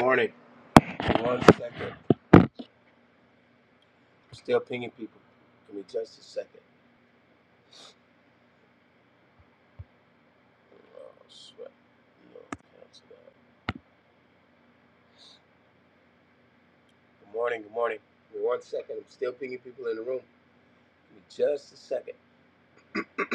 Morning. One second. Still pinging people. Give me just a second. Oh, sweat. No, cancel that. Good morning. Good morning. Give me one second. I'm still pinging people in the room. Give me just a second.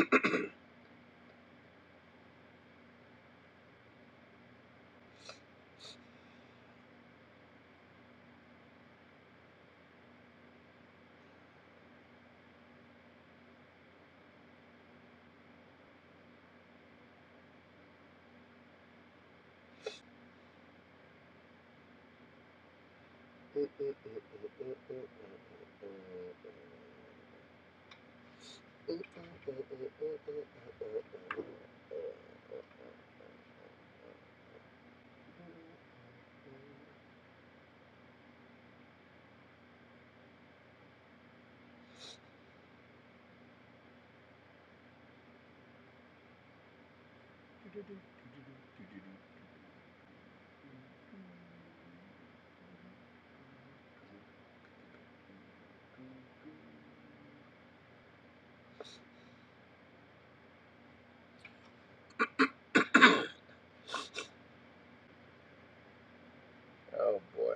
Oh boy.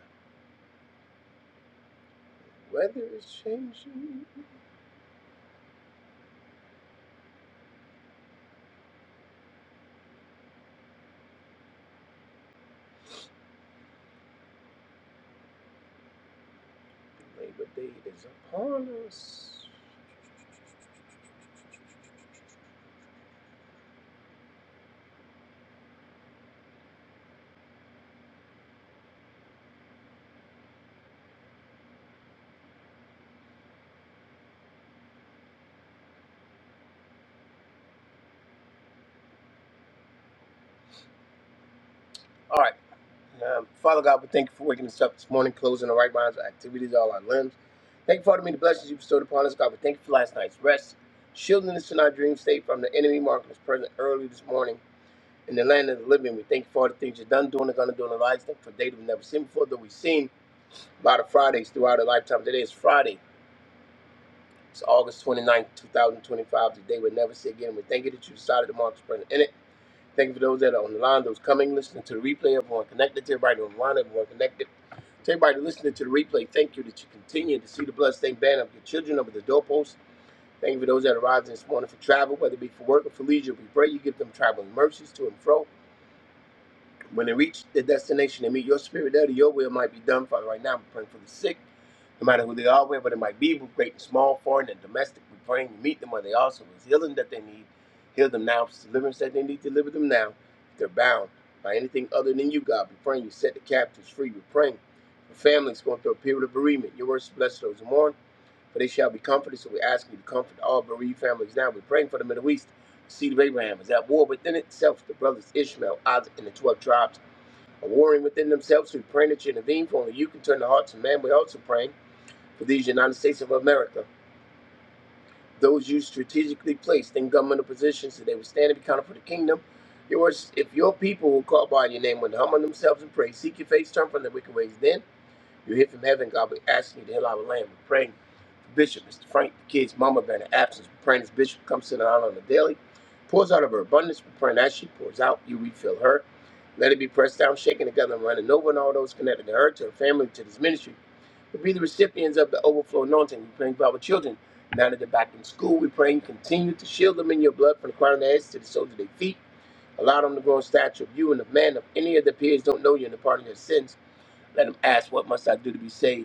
Weather is changing. Labor Day is upon us. All right. Um, Father God, we thank you for waking us up this morning, closing the right minds, our activities, all our limbs. Thank you for all the many blessings you bestowed upon us, God. We thank you for last night's rest, shielding us in our dream state from the enemy, marking us present early this morning in the land of the living. We thank you for all the things you've done, doing, and going to do in our lives. Thank you for a day that we've never seen before, that we've seen a lot of Fridays throughout our lifetime. Today is Friday. It's August twenty ninth, 2025, the day we'll never see again. We thank you that you decided to mark us present. in it. Thank you for those that are on the line, those coming, listening to the replay, everyone connected to everybody on the line, everyone connected. To everybody listening to the replay, thank you that you continue to see the bloodstained banner of your children over the doorpost. Thank you for those that arrived this morning for travel, whether it be for work or for leisure. We pray you give them traveling mercies to and fro. When they reach their destination, they meet your spirit there. Your will might be done, Father. Right now, I'm praying for the sick, no matter who they are, wherever they might be, both great and small, foreign and domestic. We're praying you meet them where they are. So it's healing that they need. Heal them now. If it's deliverance that they need, deliver them now. If they're bound by anything other than you, God, we're praying you set the captives free. We're praying for families going through a period of bereavement. Your words bless those who mourn, for they shall be comforted. So we ask you to comfort all bereaved families now. We're praying for the Middle East. The seed of Abraham is at war within itself. The brothers Ishmael, Isaac, and the 12 tribes are warring within themselves. We pray that you intervene, for only you can turn the hearts of man. We also pray for these United States of America, those you strategically placed in governmental positions, that they would stand and be counted for the kingdom. Yours, if your people will call by your name, would humble themselves and pray, seek your face, turn from their wicked ways, then you hear from heaven, God. We ask you to heal our land. We pray. Bishop, Mr. Frank, the kid's mama been in absence. we praying this bishop comes to the island on the daily, pours out of her abundance. we praying as she pours out, you refill her. Let it be pressed down, shaken together, and running over, and all those connected to her, to her family, to this ministry. We'll be the recipients of the overflow anointing. We're praying for our children. Now that they're back in school, we're praying continue to shield them in your blood from the crown of their heads to the soles of their feet. Allow them to grow in stature of you and of man. If any of their peers don't know you and the pardon of their sins, let them ask, What must I do to be saved?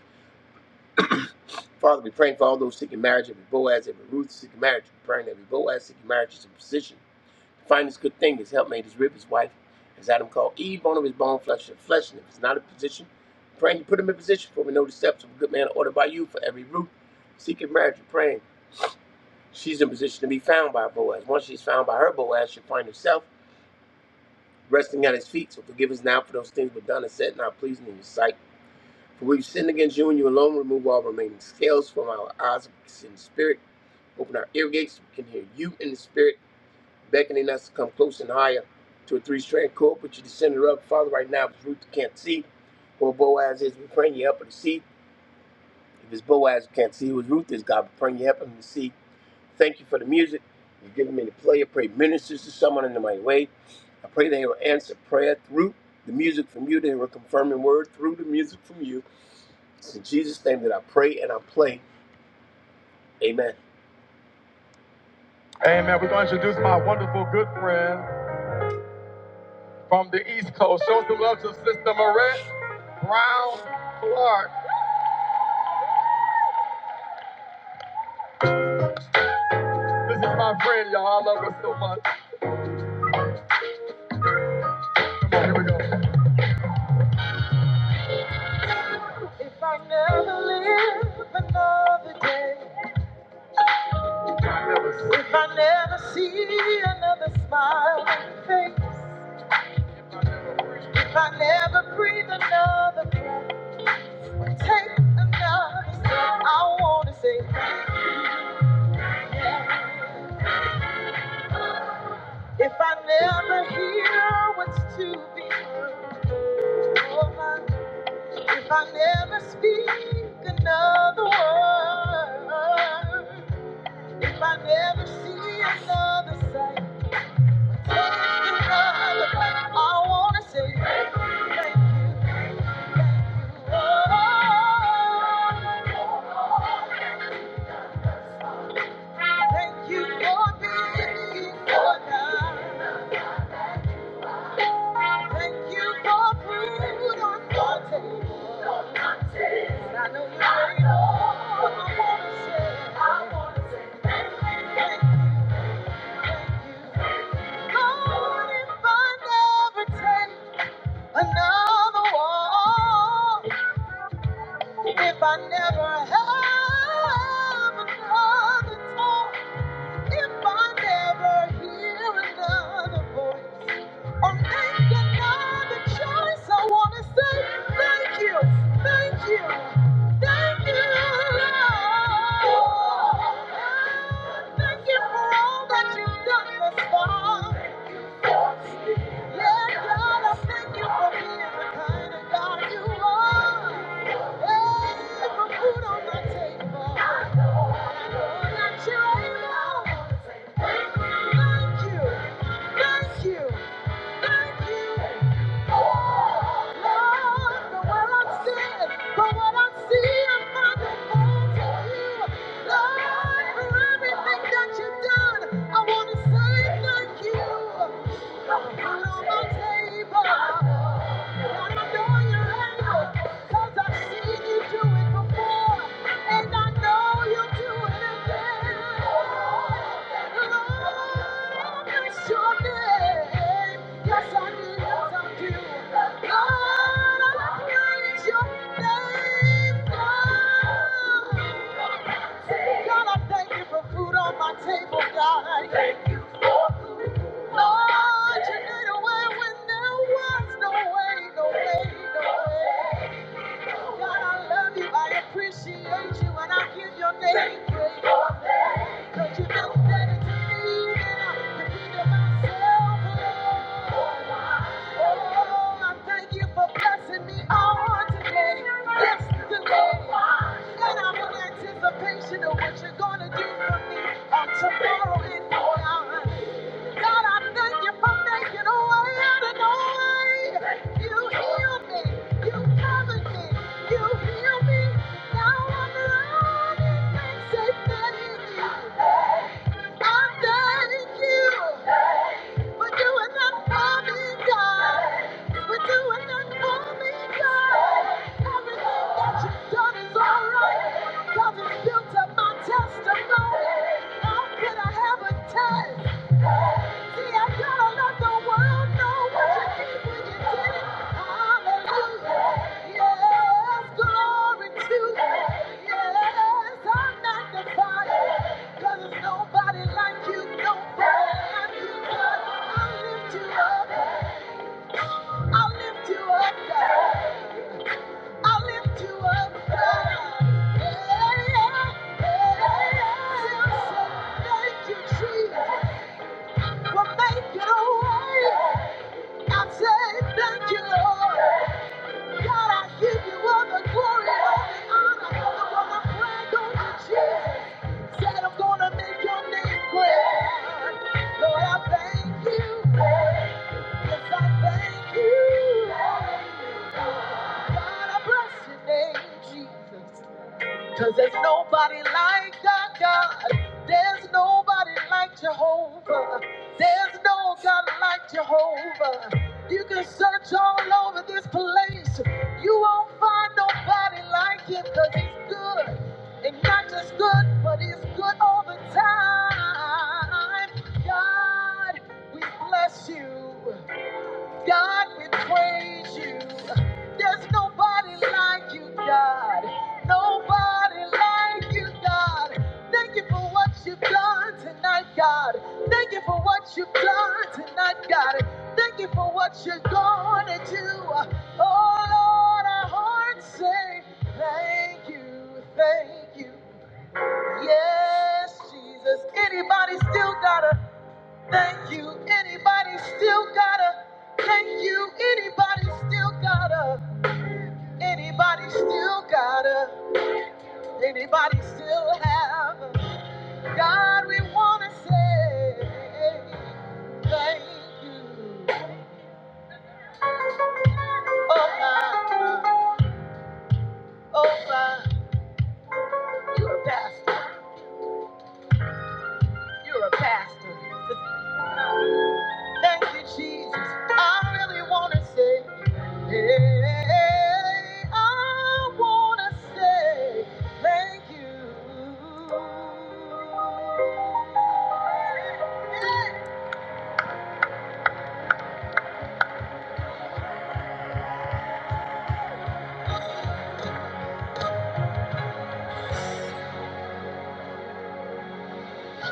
Father, we praying for all those seeking marriage, every Boaz, every Ruth seeking marriage. We're praying every Boaz seeking marriage is in position to find this good thing, his helpmate, his rib, his wife, as Adam called Eve, bone of his bone, flesh of his flesh. And if it's not in position, we're praying you put him in position for we know the steps of a good man are ordered by you for every Ruth seeking marriage. We're praying she's in position to be found by Boaz. Once she's found by her Boaz, she'll find herself resting at his feet. So forgive us now for those things we've done and said not pleasing in your sight. For we've sinned against you and you alone. Remove all remaining scales from our eyes that we spirit. Open our ear gates. so We can hear you in the spirit, beckoning us to come close and higher to a three strand cord. Put your descendant up, Father, right now. If it's Ruth who can't see, or Boaz is, we praying you help her to see. If it's Boaz who can't see, who Ruth is, God, we praying you help him to see. Thank you for the music. You've given me to play. I pray ministers to someone in the mighty way. I pray they will answer prayer through the music from you. They will confirm in word through the music from you. It's in Jesus' name that I pray and I play. Amen. Amen. We're going to introduce my wonderful good friend from the East Coast. Show some love to Sister Marette Brown Clark. This is my friend, y'all. I love her so much. Come on, here we go. If I never live another day, if I never if I never see another smiling face, if I never breathe another breath. Take another step. I wanna say, if I never hear what's to be heard, oh my, if I never speak another word, if I never see another sight, take another bite. I wanna say, thank you, thank you, oh. Thank you for being for now. Thank you for food on your table. And I know you're ready, but I wanna say I want to say thank you, thank you. thank you. Lord, if I never take another walk, if I never have another talk. If I never hear another voice or make another choice, I want to say thank you, thank you, thank you, Lord. Thank you for all that you've done thus far. Yes, God, I thank you for being the kind of God you are. Hey, put food on my table. And I know that you're able. Thank you. Thank you. Thank you. And I know you'll do it again. Lord, Lord, you made a way when there was no way, no way, no way. God, I love you. I appreciate you, and I give your name praise. Cause you've been better to me than I could be to myself. Oh, I thank you for blessing me on today, yesterday. And I'm in anticipation of what you're gonna do for me on tomorrow and beyond. God, I thank you for making a way out of no way. You healed me. You covered me. You healed me. Now I'm running and say I'm thank you doing that for me, God. For doing that for me, God. Everything that you've done is all right. God has up my testimony. How could I have a test? Thank you, Jesus, for making a way. I say thank you, Lord. God, I give you all the glory, all the honor. The one I want to pray goes to Jesus. Said I'm gonna make your name great. Lord, I thank you. Yes, I thank you. God, I bless your name, Jesus. Cause there's nobody like our God. There's nobody like Jehovah. There's no God like Jehovah. You can search all over this place. You won't find nobody like Him. 'Cause he's good. And not just good, but he's good all the time. God, we bless you. God, we praise you. There's nobody like you, God. Nobody like you, God. Thank you for what you've done tonight, God. Thank you for what you've done tonight, God. Thank you for what you're going to do. Oh, Lord, our hearts say thank you, thank you. Yes, Jesus. Anybody still got a Thank you. Anybody still gotta? Thank you. Anybody still gotta? Anybody still gotta? Anybody still have? God, we wanna say thank you. Oh my, oh my, you're a pastor. You're a pastor. The Thank you, Jesus. I really want to say, hey, I want to say thank you.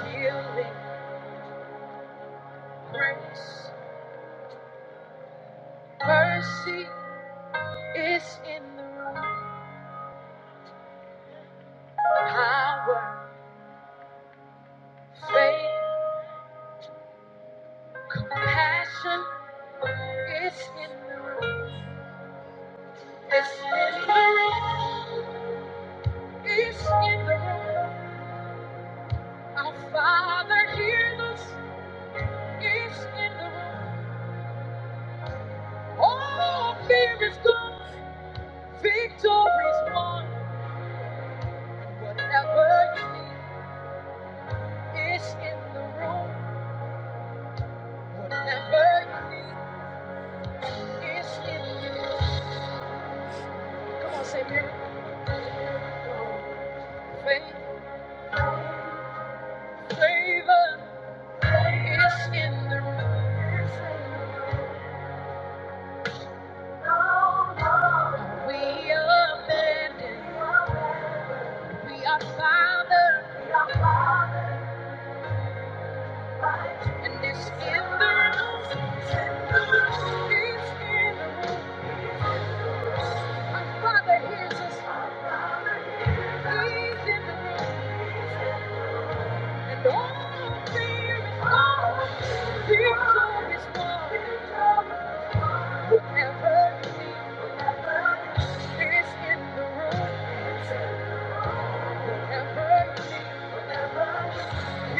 Healing, grace, mercy is in the room. Power, faith, compassion is in the room. It's in the room. It's in the room. Our Father hears us. is in the room. All fear is gone, victory's won. Whatever you need is in the room. Whatever you need is in the room. Come on, say miracle. Faith, favor is in the room. We are abandoned? we are fathered, We are fathered by you. and it's in the room. It's in the room. Our Father hears us. He's in the room.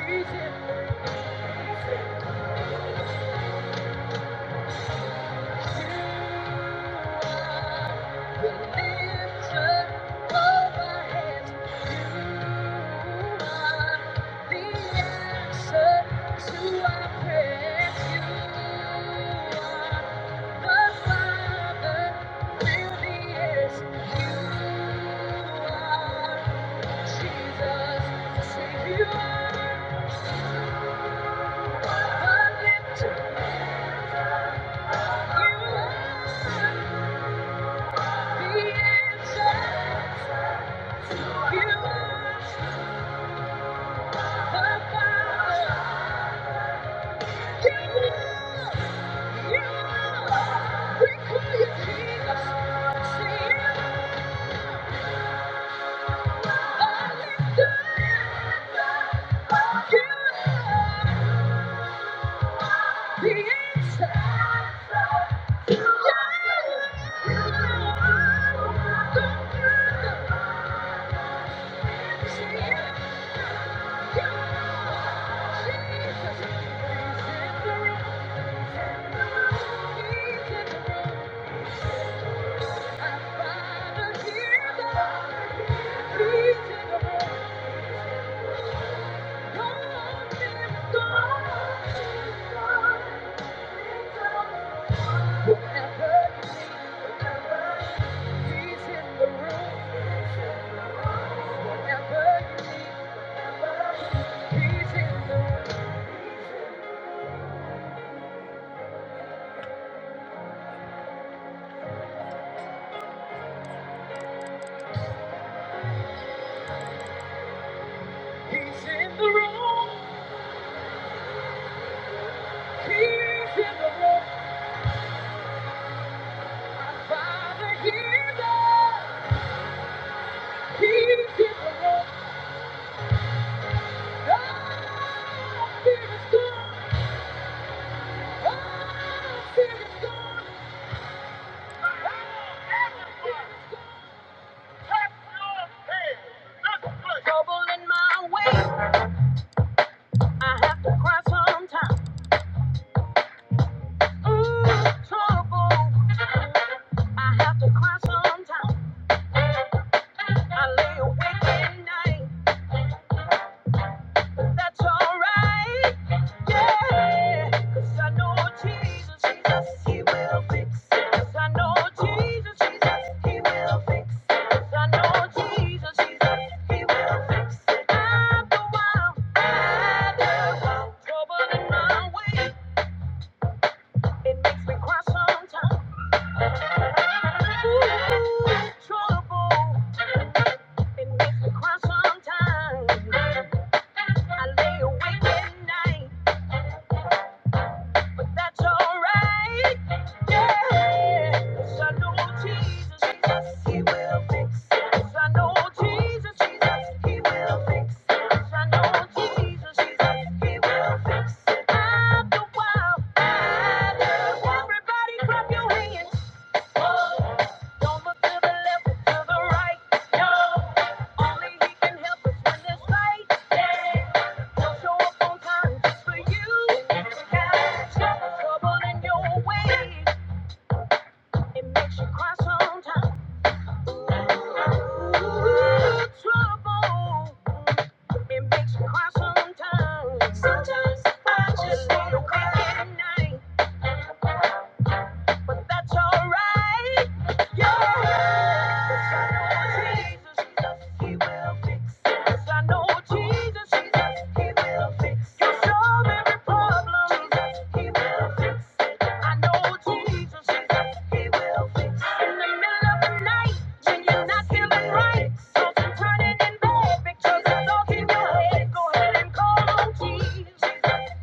He's in the room. You are the to you, the answer. You are the Father. Jesus. He's in the room. He's in the room. My father hears us. Trouble in my way, I have to cry sometimes. Mm, trouble, I have to cry sometimes. I lay awake at night. That's alright. Yeah. 'Cause I know Jesus, Jesus, He will fix it. 'Cause I know Jesus, Jesus, He will fix it. 'Cause I know Jesus, Jesus, He will fix it. I'm the one, I'm the one. Trouble in my way, it makes me cry sometimes. Ooh, trouble, it makes me cry sometimes. I lay awake at night. but that's alright. Yeah, 'Cause I know Jesus, Jesus, He will fix it. 'Cause I know Jesus, Jesus, He will fix it. 'Cause I know Jesus, Jesus, He will fix it. After a while, everybody clap your hands. Sometimes I just wanna cry at night. but that's alright. Yeah. 'Cause I know Jesus, Jesus, He will fix it. 'Cause I know Jesus, Jesus, He will fix it. You'll solve every problem. Jesus, He will fix it. I know Jesus, Jesus, He will fix it. In the middle of the night. Changing not human rights. Often turning in bad pictures of those he will hate. Go ahead and call on Jesus.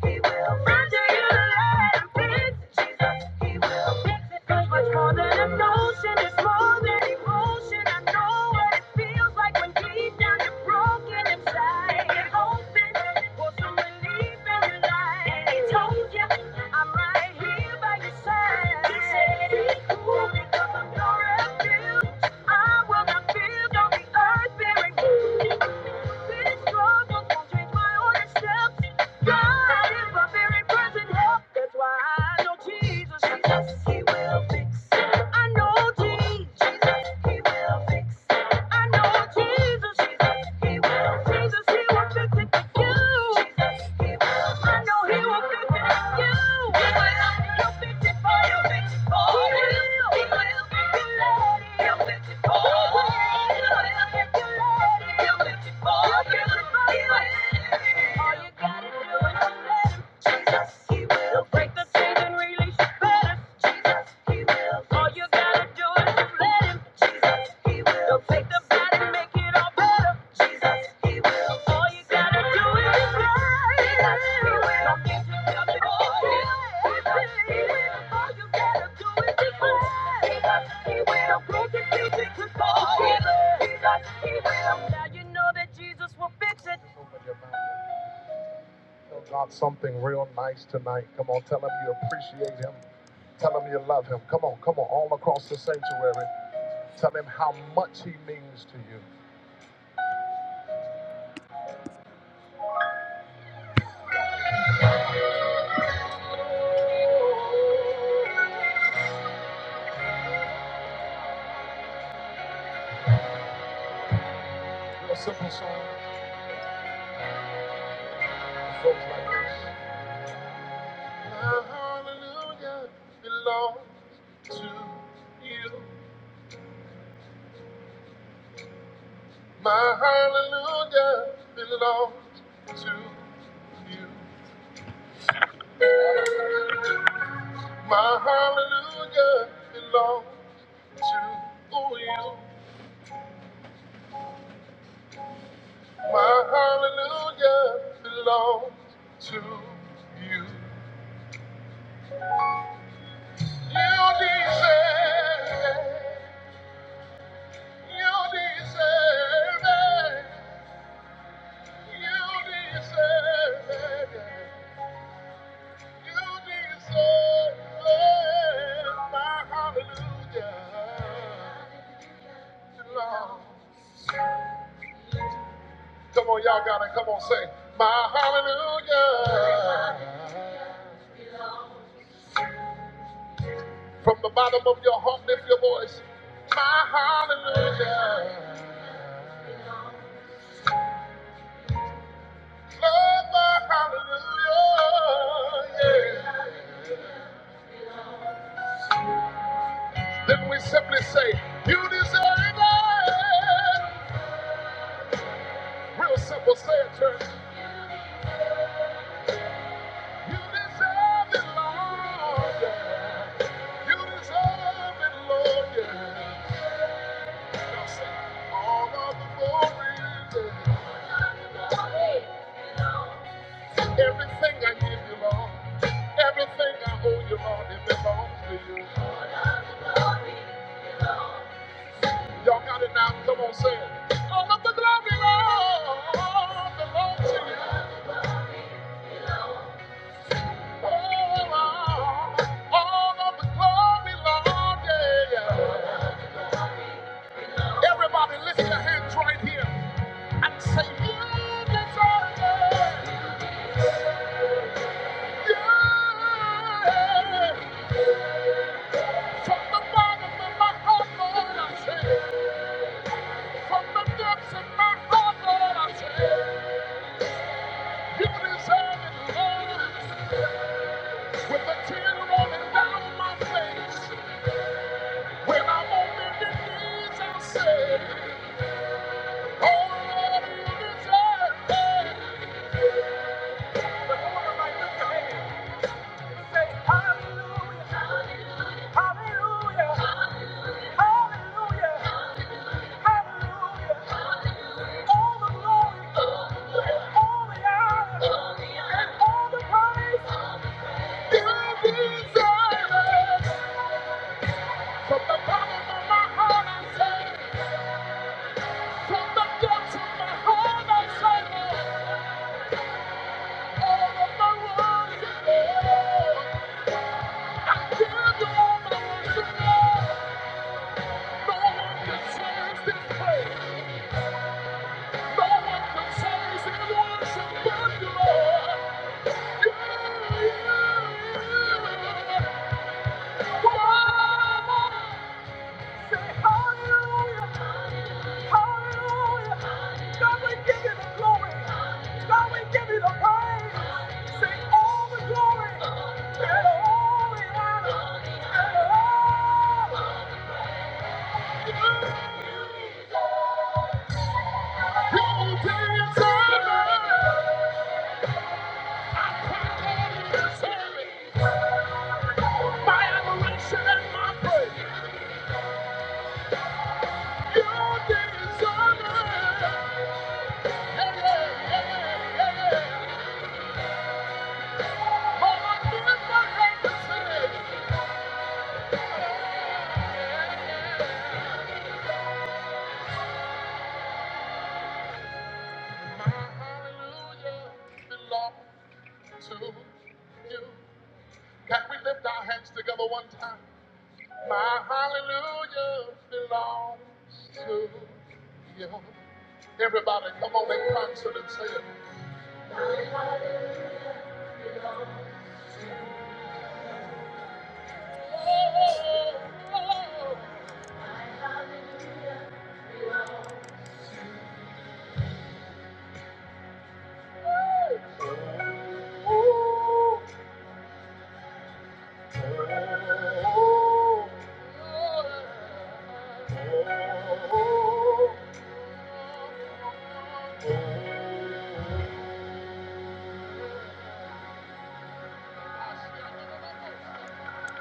He will render you the light of peace. Jesus, he will fix it. It's much more than emotion. It's more than emotion. I know what it feels like when deep down you're broken inside. hoping for some relief in your life. And he told you, I'm right here by your side. He said, be cool because I'm your refuge. I will not feel no the earth bearing fruit. This struggle won't change my order God is my very present help. That's why I know Jesus, Jesus, He will fix I know Jesus, Jesus, He will fix I know Jesus, Jesus, He will fix it for you. I know he will fix it for you. He will. He'll for you. If you let him. He'll fix it for you. He will. He will. for you. All you gotta do is let him. Jesus, he will break the chains and release the Jesus, he will. All you gotta do is let him. Jesus, he will. he the bad make it all better. Jesus, he will. All you gotta do is just he will. Don't get yourself involved. he will. All you gotta do is just he will. break the chains and control. Jesus, he Now you know that Jesus will fix it. Tell God something real nice tonight. Come on, tell him you appreciate him. Tell him you love him. Come on, come on, all across the sanctuary. Tell him how much he means to you. Real simple song. It goes like this. My hallelujah belongs to you. Jesus. From the bottom of your heart, lift your voice. Then we simply say, You deserve it. Real simple, say it. You deserve it. All of the glory, Lord, belongs to you. Everybody listen and say, "You deserve it." Yeah. From the bottom of my heart, Lord, I say, from the depths of my heart, Lord, I say, you deserve it, Lord. With a tear rolling down my face, when I'm on bended knees, I say, Oh, Lord, you deserve it. But Come on, everybody, lift your Say hallelujah, hallelujah, hallelujah, hallelujah. All the glory, all the honor, all the praise you deserve. From the bottom of my heart, I say, from the depths of my heart, I say, all of my worship, Lord. I my worship, No one deserves this praise. Thank you. Can we lift our hands together one time? My hallelujah belongs to you. Everybody, come on in concert and say it.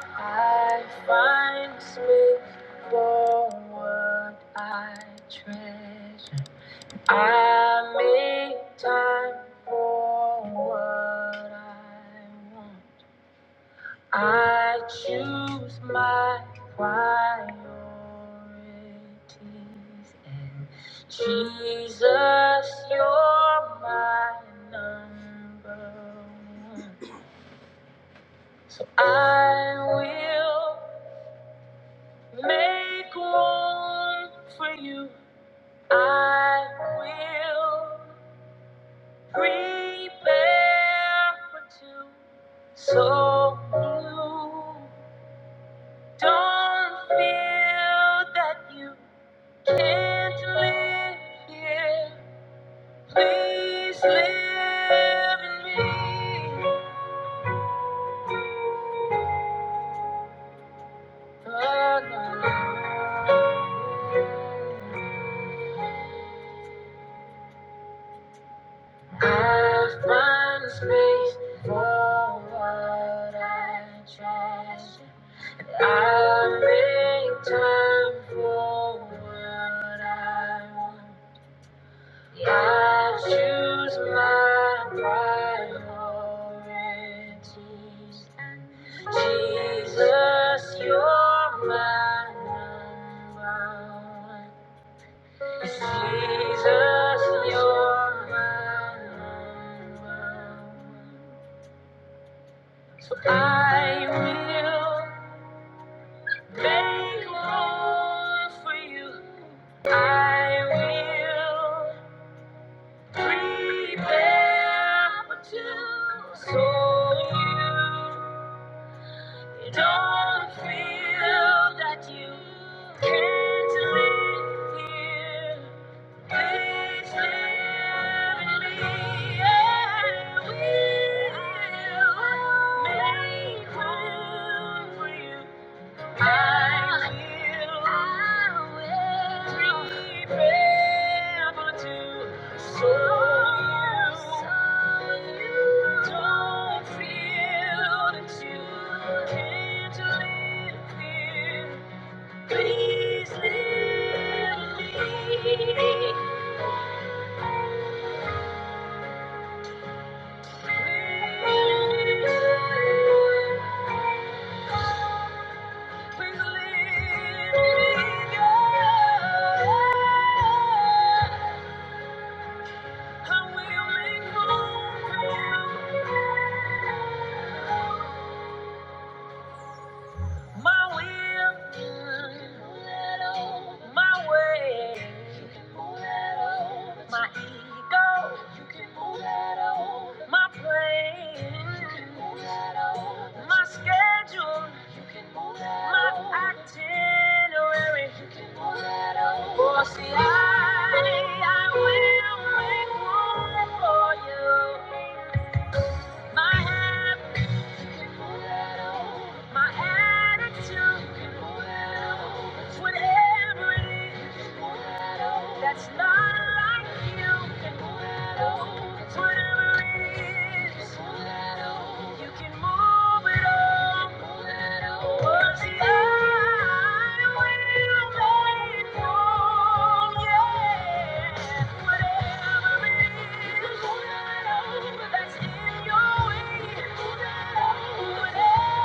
I find space for what I treasure. I make time for what I want. I choose my priorities. Jesus, you're my number one. I will. Make room for you. I will prepare for two. So you don't than to live here. Please live in me. Alone. I find space for what I trust. I make time for what I want. I choose my priorities. Jesus, you're my number one. Jesus, you're my number one. So I will. Make room for you. I will prepare for two, so you don't feel that you can't live here. Please live in me. I will make room for you. Please leave me. I will make room for you. My will, my way, my ego, my plan, my schedule, my itinerary. Oh, see, I, I will make room for you. My habits can hold it over. My attitude can hold it over. whatever it is. That's not like you. Can move, It's whatever it is. You can move it all. Words that I will make wrong. Yeah. Whatever it is. That's in your way. Whatever keep the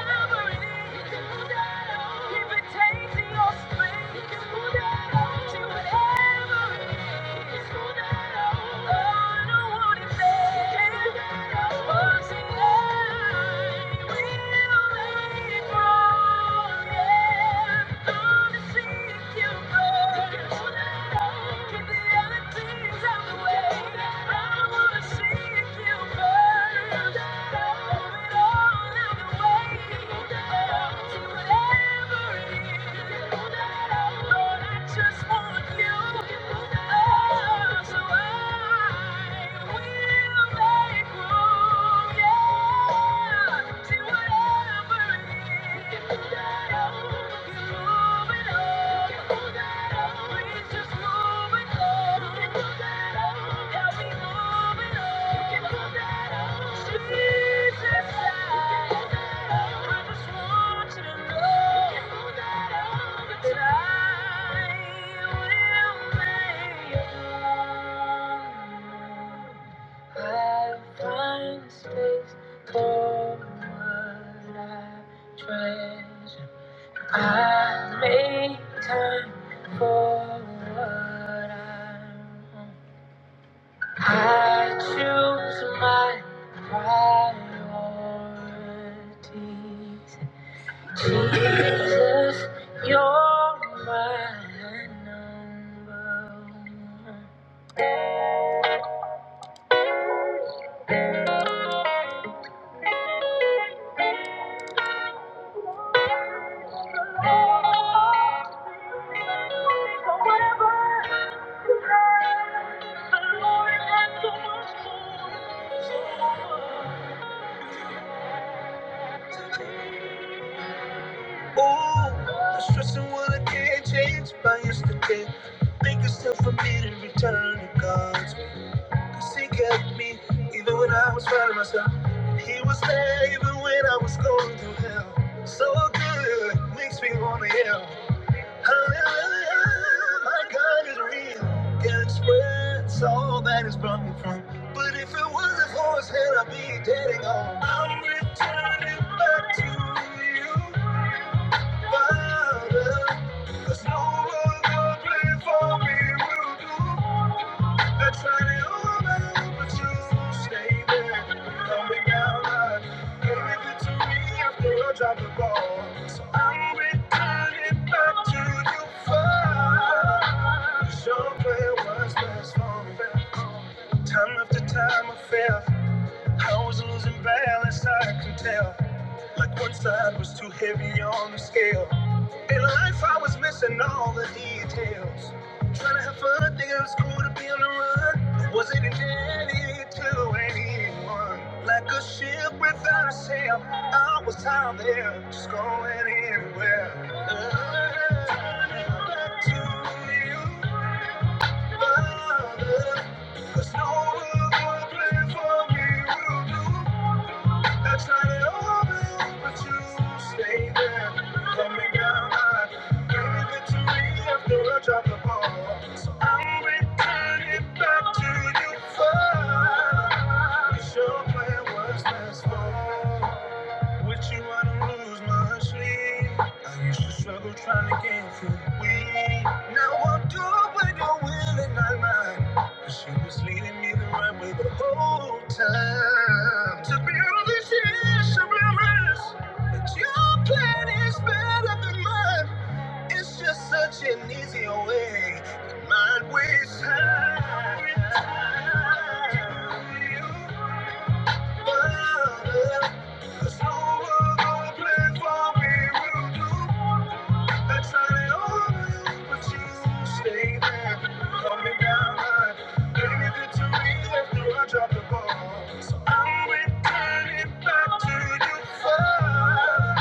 Thank you. Yeah. I find space for what I treasure. I make time for what I want. I choose my priorities. Jesus, you're my number one. For Whatever the Lord has for me. Ooh, stressing what I can't change by yesterday. Make yourself for me to return to God's because He kept me even when I was finding myself. He was there even when I was going through hell. So good, makes me wanna yell. Hallelujah, my God is real. Can't express all that has brought me from. But if it wasn't for His hand, I'd be dead and gone. I'm returning back to you. Drop the ball, so I'm returning back to you first. Your plan was best for me. Time after time I fail. I was losing balance, I can tell. Like one side was too heavy on the scale. In life, I was missing all the details. Trying to have fun, thinking it was cool to be on the run. Wasn't indebted to anyone. Like a ship without a sail, I was out there, just going anywhere. Turning back to you. There's no plan for me will do. That's not it all, but you stay there. Coming down high, gaining victory after I drop the ball. So I'm returning back to you. First, 'Cause your plan was last fall. With you, I don't lose my sleep. I used to struggle trying to get through the week. Now I'm doing your will and not mine. Cause you was leading me the right way the whole time. Took me all these years to realize that your plan is better than mine. It's just such an easier way. And mine wastes time. There's no other place for me will do. I turn it on, but you stay there. Calm me down, I gave it to after I drop the ball. So I'm returning back to you first.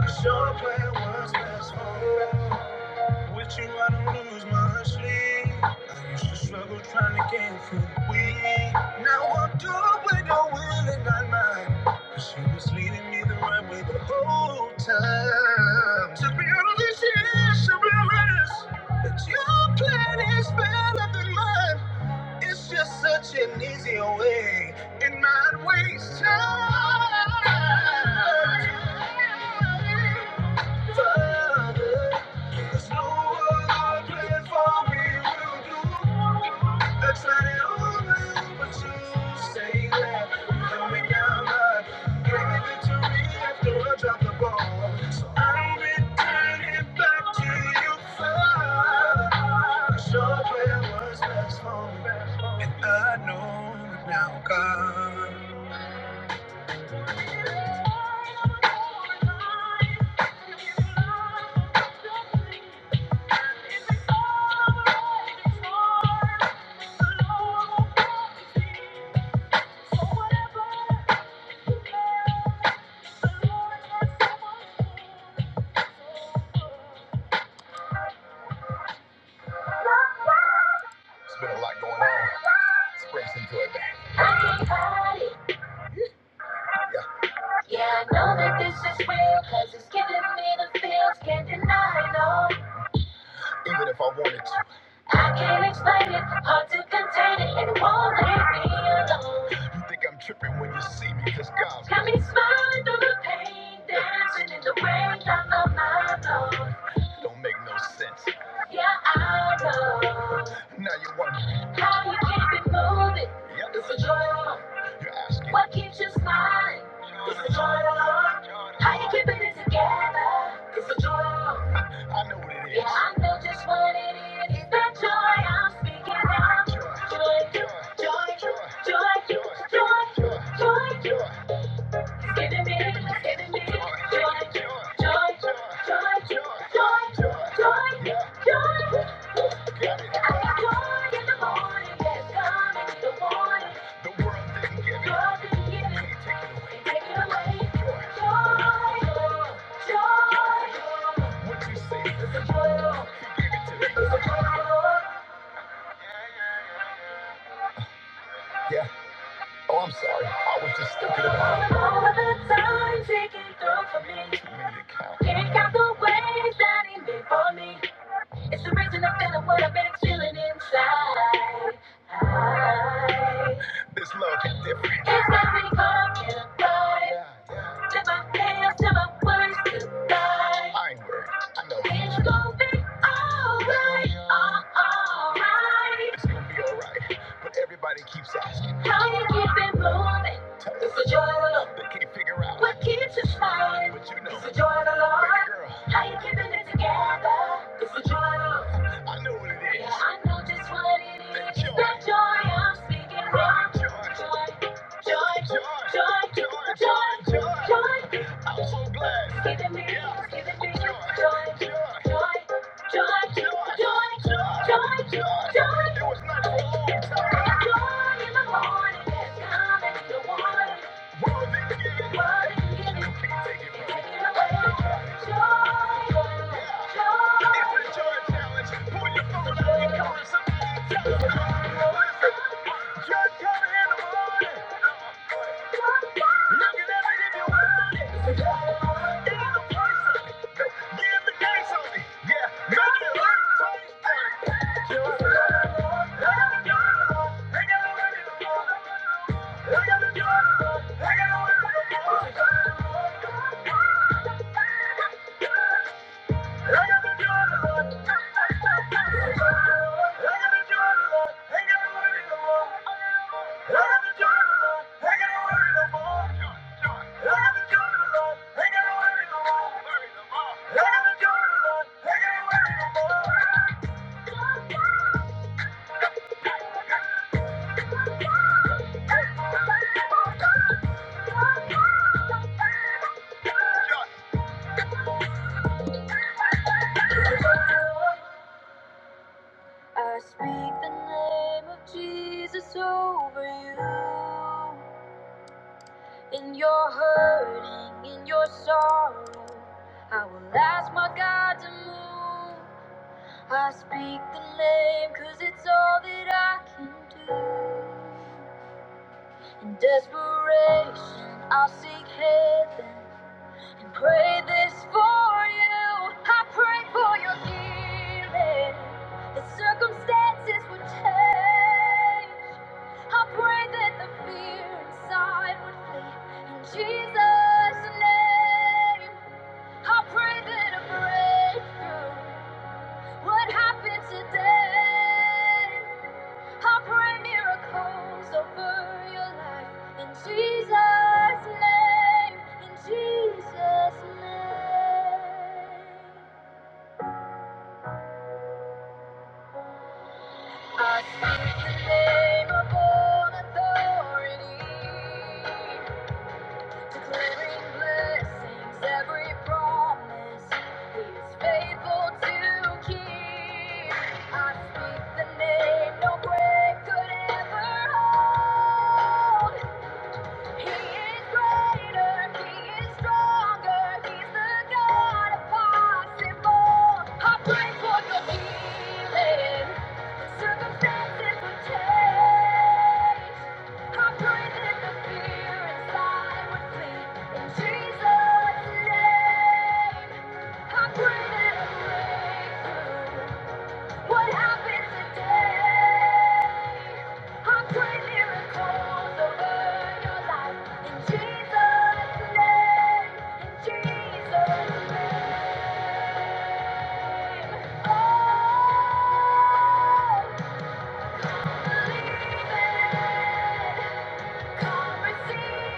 'Cause Your plan was best for all. With you, I don't lose my sleep. I used to struggle trying to get through the week. Now I'm doing it, I'm willing, not mine. She was leading me the right way the whole time. To be honest, yeah, she realized that your plan is better than mine. It's just such an easier way, and not waste time. Father, there's no other plan for me will do. I tried it all night, but you say that you held me down, but gave me victory after I dropped the ball. So I'm returning it back to you, Father. 'Cause your prayer was best for me. It's been a lot going on. Spring some joy back. I can Yeah, I know that this is real, cause it's giving me the feels, can't deny, no. even if I wanted to. I can't explain it, hard to contain it, and it won't leave me alone. You think I'm tripping when you see me, cause God's got me smiling through the pain, dancing in the rain, down on my nose. Don't make no sense. Yeah, I know. Now you wonder how you keep it moving. Yep. It's a drama. You're asking. What keeps you smiling? It's a drama. How you keeping it together? It's a joy. I know what it is. Yeah, I know just what it is. It's that joy I'm speaking out. Joy, joy, joy, joy, joy, joy, joy. It's giving me, it's giving me joy, joy, joy, joy, joy, joy, joy. I got joy in the morning that's coming in the morning. Joy to be given. Take it away. Joy, joy, joy. It's a joy. It's the reason I'm feeling what I've been feeling inside. This love. It's what we call get a vibe. my hands to my words goodbye. I ain't worried. I know. alright. It's gonna be alright. But everybody keeps asking, How you keep it moving? It's the joy of the Lord. They can't figure out what keeps you smiling. But you know, it's the joy of the Lord. How you keeping it together? It's the joy of the Lord. Yeah, I know just what it is. The joy. That joy I'm speaking from. Joy, joy, joy, joy, joy, joy. joy. I'm so glad. It's giving me, yeah. it's giving me joy, joy, joy, joy, joy, joy, joy, joy. It was not for a long time. Joy in the morning, it's coming in the water, World is giving. World is giving. You can't take it from me. Take it Joy, joy, joy. In your hurting, in your sorrow, I will ask my God to move. I speak the name, cause it's all that I can do. In desperation, I'll seek heaven and pray this for you. I pray for your healing, the circumstances would change. I pray that the fear inside would flee in Jesus' name. I pray that a breakthrough would happen today. I pray miracles over your life in Jesus' name. In Jesus' name. I speak the name of all authority. Declaring blessings, every promise. He is faithful to keep. I speak the name no grave could ever hold. He is greater, he is stronger, he's the God of possible. I pray for your healing. Circumstances will change. I pray that the fear inside would flee in Jesus' name. I pray that a breakthrough. What happened today? I am praying miracles over your life. In Jesus' name, in Jesus' name. Oh, believe it. Impossible.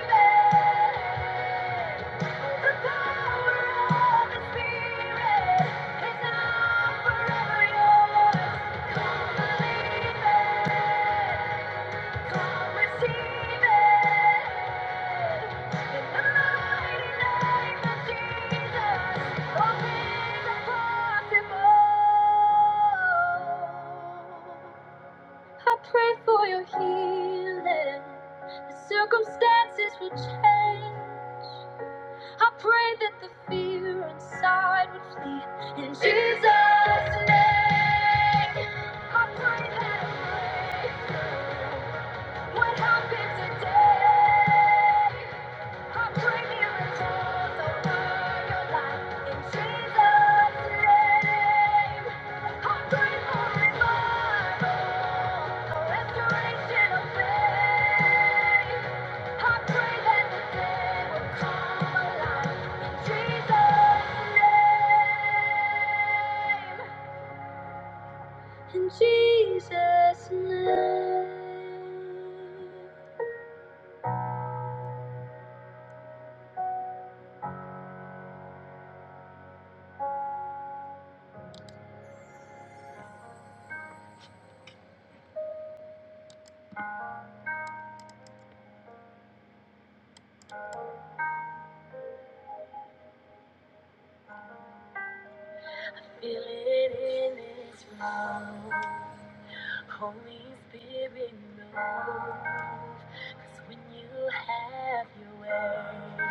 I pray for your healing. The circumstances will change. I pray that the fear inside would flee in Jesus' name. I pray that a breakthrough would happen today. Holy Spirit, no. Yes, When you have your way,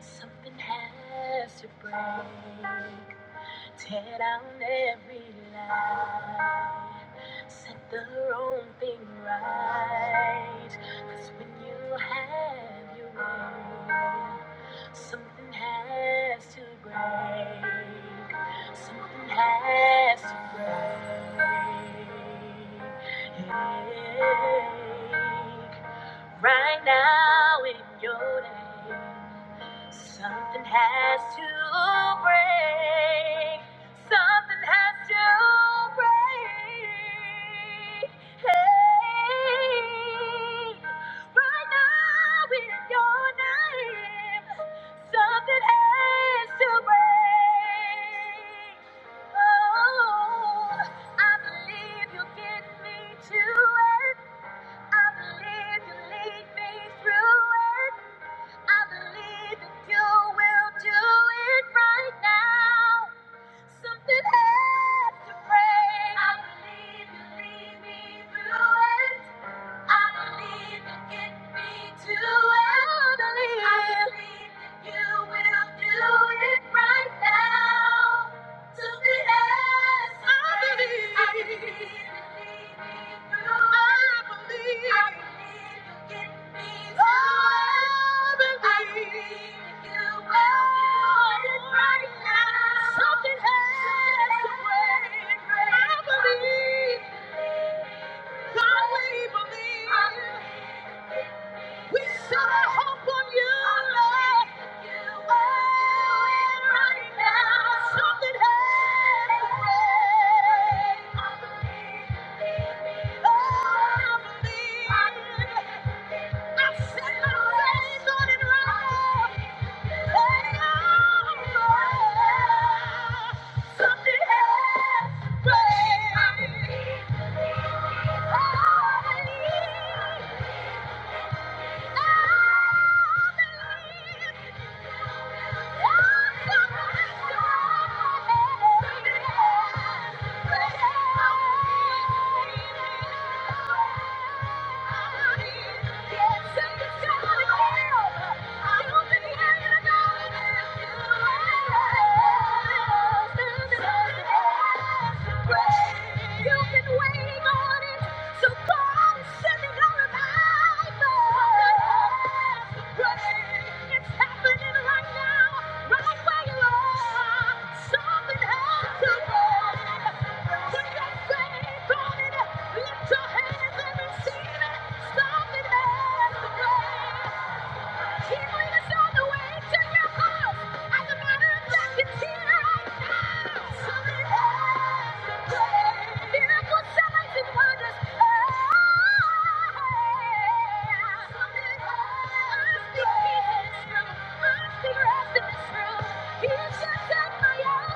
something has to break. Tear down every lie, set the wrong thing right. 'Cause when you have your way, something has to break. Something has to break. Right now in your day, something has to break. Something has to break. Hey, right now in your name, something has to break. Oh, I believe you will get me to I believe you lead me through it. I believe that you will do it right now. Something has to break. I believe you lead me through it. I believe you get me to I I believe you will do it right now to the end. I I believe I believe I believe me to I I believe you will do it right now. Something has to break. I believe. God, we believe. We set our hope on you, Lord. You are it right now. Something has to break. Oh, I believe. I set my faith on it right now. Hey, oh, Lord. Something has to break. Oh, I believe. You've been waiting on it, so God is sending a revival. Lift your hands and receive it. Something has to break. He bring us on the way to your house. As a matter of fact, it's here right now. Something has been done. Miracles, signs, and wonders. Ah, something has been done. I speak peace in this room. I speak rest in this room. Something happened.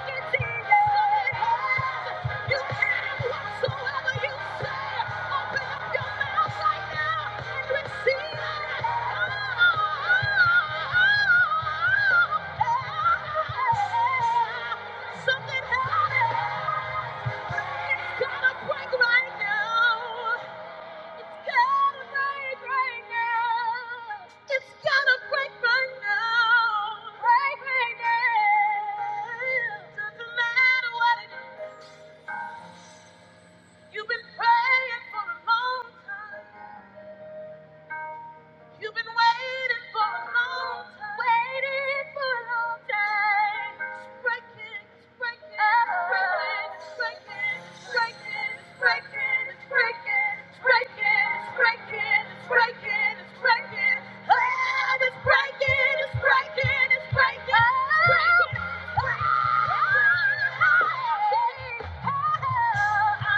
It's gonna break right now. It's gotta break right now. It's gotta break right now. Break right now. Doesn't matter what it is. You've been praying for a long time. You've been waiting for a long time. Waiting for a long time. It's breaking, it's breaking, it's breaking, it's breaking, it's breaking, it's breaking, it's breaking, it's breaking, it's breaking, it's breaking, it's breaking. Oh, it's breaking, it's breaking, it's breaking, it's breaking. Oh,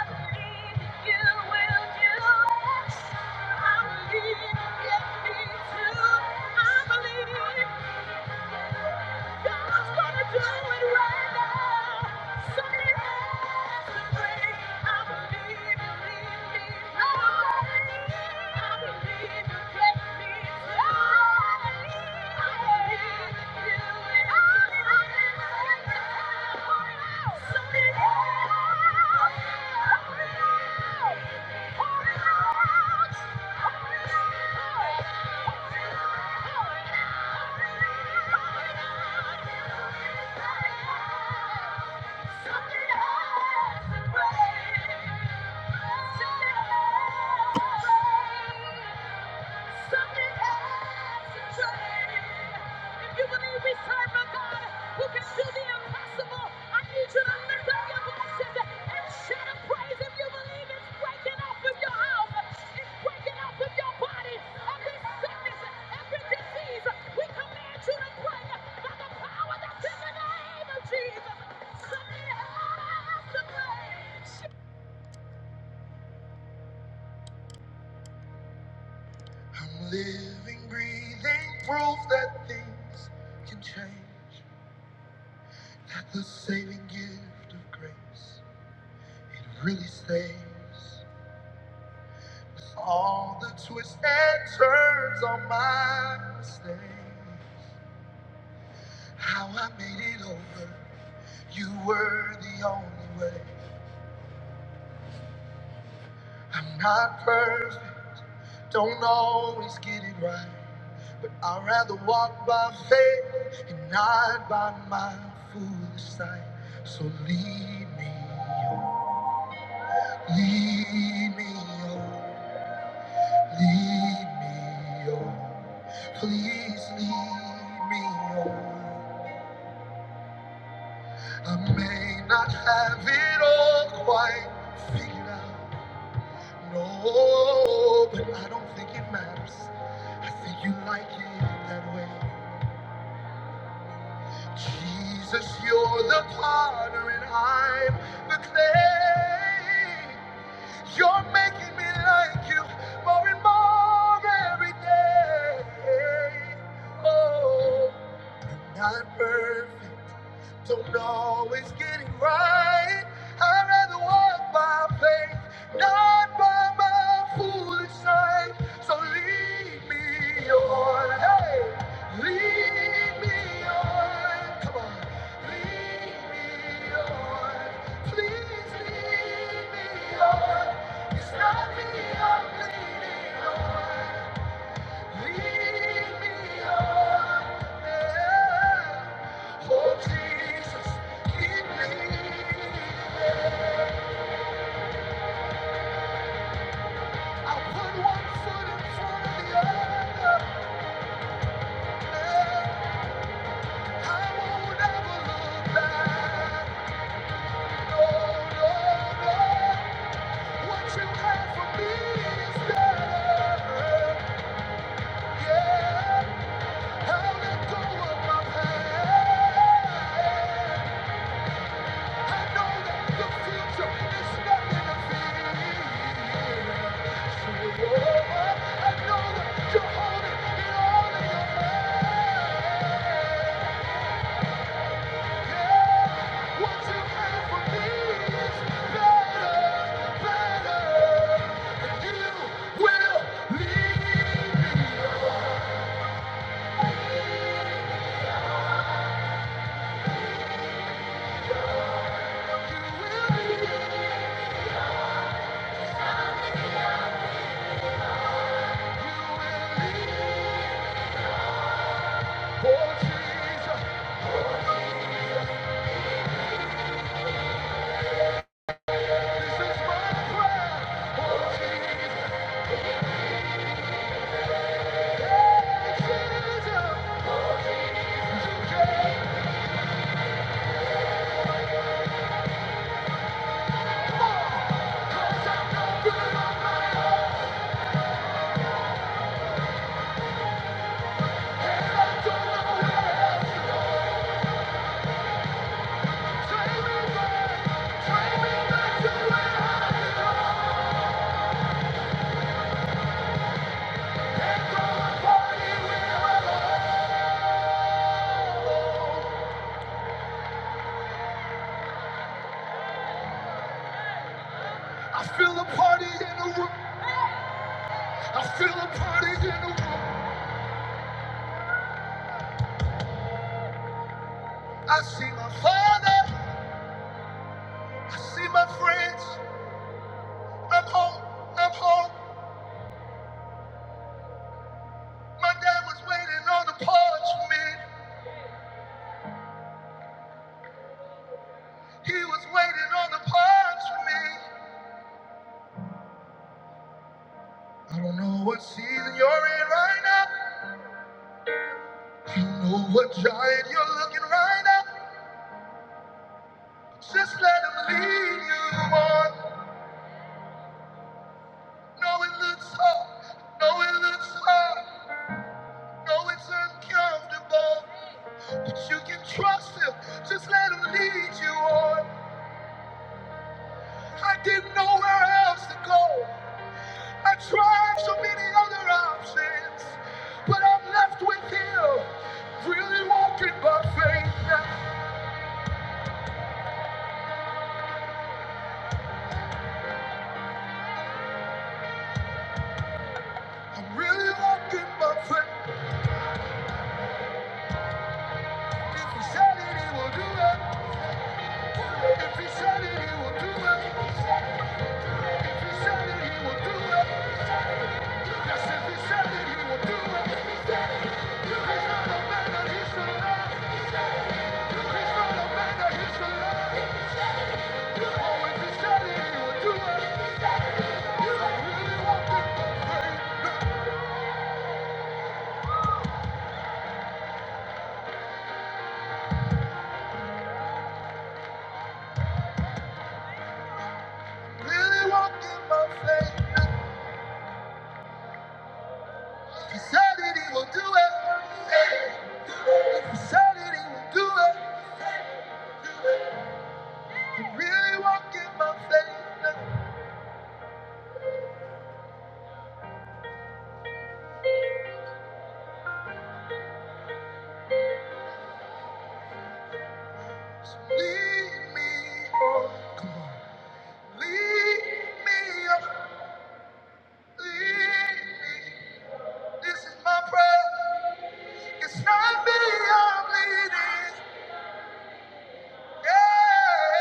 I believe you will do it. I believe you. Something has to break. Something has to change. If you believe we serve a God who can do the impossible, I need you to lift up your voices and shout a praise if you believe it's breaking off of your house, it's breaking off of your body, every sickness, every disease. We command you to break by the power that's in the name of Jesus. Something has to change. I'm living, breathing proof that things can change. The saving gift of grace, it really stays. With all the twists and turns on my mistakes. how I made it over, you were the only way. I'm not perfect, don't always get it right, but I'd rather walk by faith and not by my foolish sight. So lead me, on, lead me, on. Lead me on, please lead me on. I may not have it all quite figured out. No, but I don't think it matters. I think you like it that way. Jesus, you're the potter and I'm the clay. You're making me like you more and more every day. Oh, I'm not perfect. Don't always get it right. I'd rather walk by faith, not by my foolish sight. So lead me on. hey. Lead me on. Come on. Lead me on. Please lead me on. It's not me I'm leaning on. Lead me on. Yeah. Oh, Jesus, keep leading. I put one foot in front of the other. Yeah. I won't ever look back. Thank you in it. you're holding it all in your hand. What you have for me is better, better, and you will leave me. Oh Jesus, this is my prayer. Oh Jesus, hey, Jesus, you get more. 'Cause I'm no good on my own, and I don't know where to go. Take me back, take me back to where I belong. I feel a party in the room. I feel a party in the room. I see my father. I see my friends. I'm home. I'm home. I'm a partner. Just let him lead you on. No, it looks hard. No, it looks hard. No, it's uncomfortable. But you can trust him. Just let him lead you on. I didn't know where else to go. I tried so many other options. But I'm left with him. Really walking by faith now. I'm really walking by faith. If he said it, he will do it. If he said it, he will do it. If he said it, he will do it. Yes, if he said it, he will do it. He's not a man that he should lie. He's not a man that he should lie. Oh, if he said it, he will do it. I'm really walking by faith. Really walking by faith. If he said it, he will do it. If he said it, he will do it. Really walk in my faith. Lead me, lead me, lead me. This is my prayer. It's not me I'm leading. Yeah.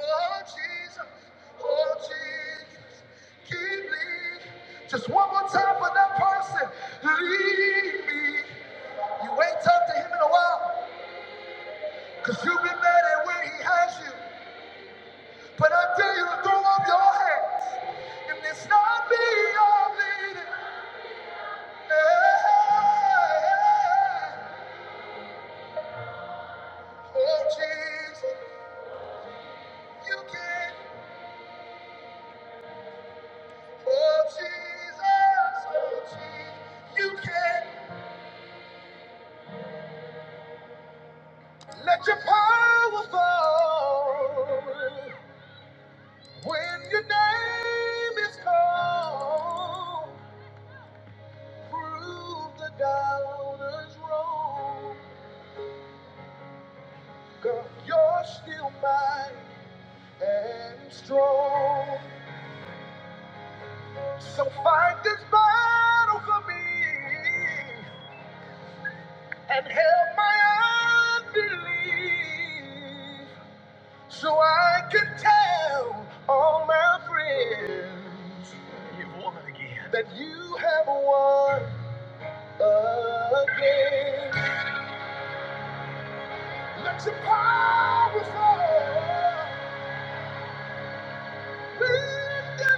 Oh Jesus, oh Jesus, keep leading. Just one more time for that person. Lead me. You ain't talked to him in a while, cause you've been mad at where he has you. But I tell you to throw up your hands and it's not me I'm leading. Hey, Oh Jesus, you can. Oh Jesus, oh Jesus, you can. Let your power fall when your name is called. Prove the doubters wrong. God, you're still mine. and strong. So fight this battle for me and help my unbelief so I can tell all my friends that you have won again. Let your power fall. Let the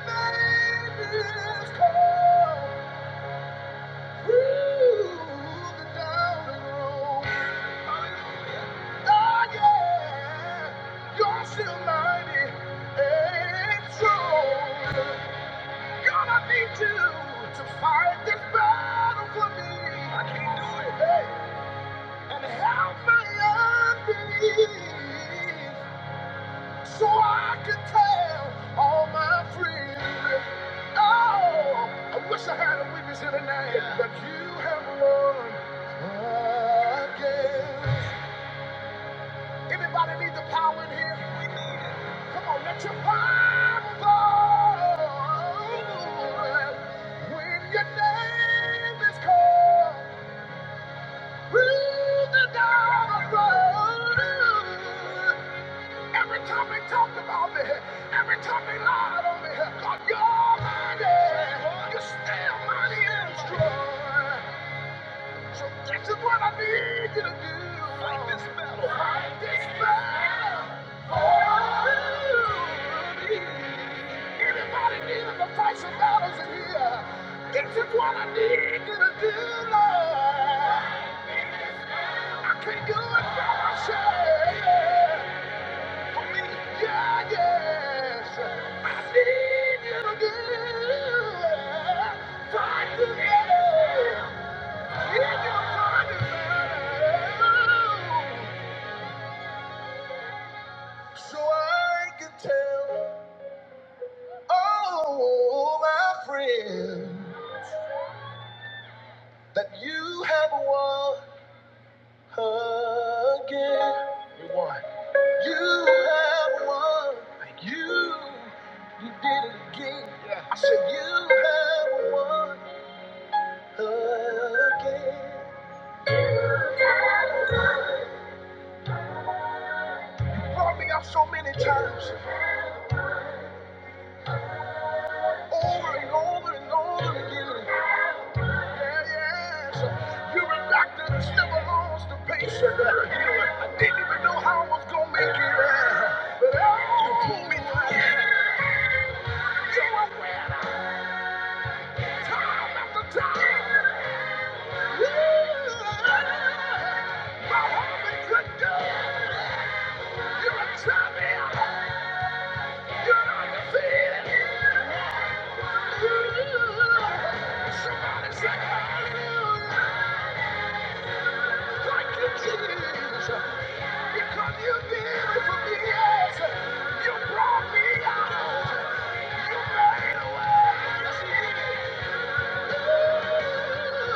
nations come. Ooh, the down road. Oh yeah, you're still mighty and strong. God, need you to fight this battle for me. I can't do it. Hey, and help my unbelief so I can tell all my friends. Oh, I wish I had a witness here tonight, but you have won again. Anybody need the power in here? We need it. Come on, let your power go. When your name is called, through the dark road. Every time they talked about me, every time they lied on me, God, you're mighty. Oh, You're still mighty and strong. So this is what I need you to do. Fight this battle. Fight this battle. for me. Anybody needing to fight some battles in here? This is what I need you to do, Lord. I can't do it by myself. Yeah, yes. I need you to do. Fight together. If you're fighting, So I can tell Oh, my friend, that you have won again. You have won. You, you did it again. I said you have won. again. Brought me up so many times, over and over and over again. Yeah, yes. You're a doctor that never lost a patient. I didn't even know how I was gonna make it. yeah. But oh, you pulled me through. yeah. You were where I time after time. Yeah. My heart been good. You're a champion. You're undefeated. Somebody say hallelujah. Thank you, Jesus. Because you did it for me, yes. You brought me out. You made a way. Yes, you did. Ooh,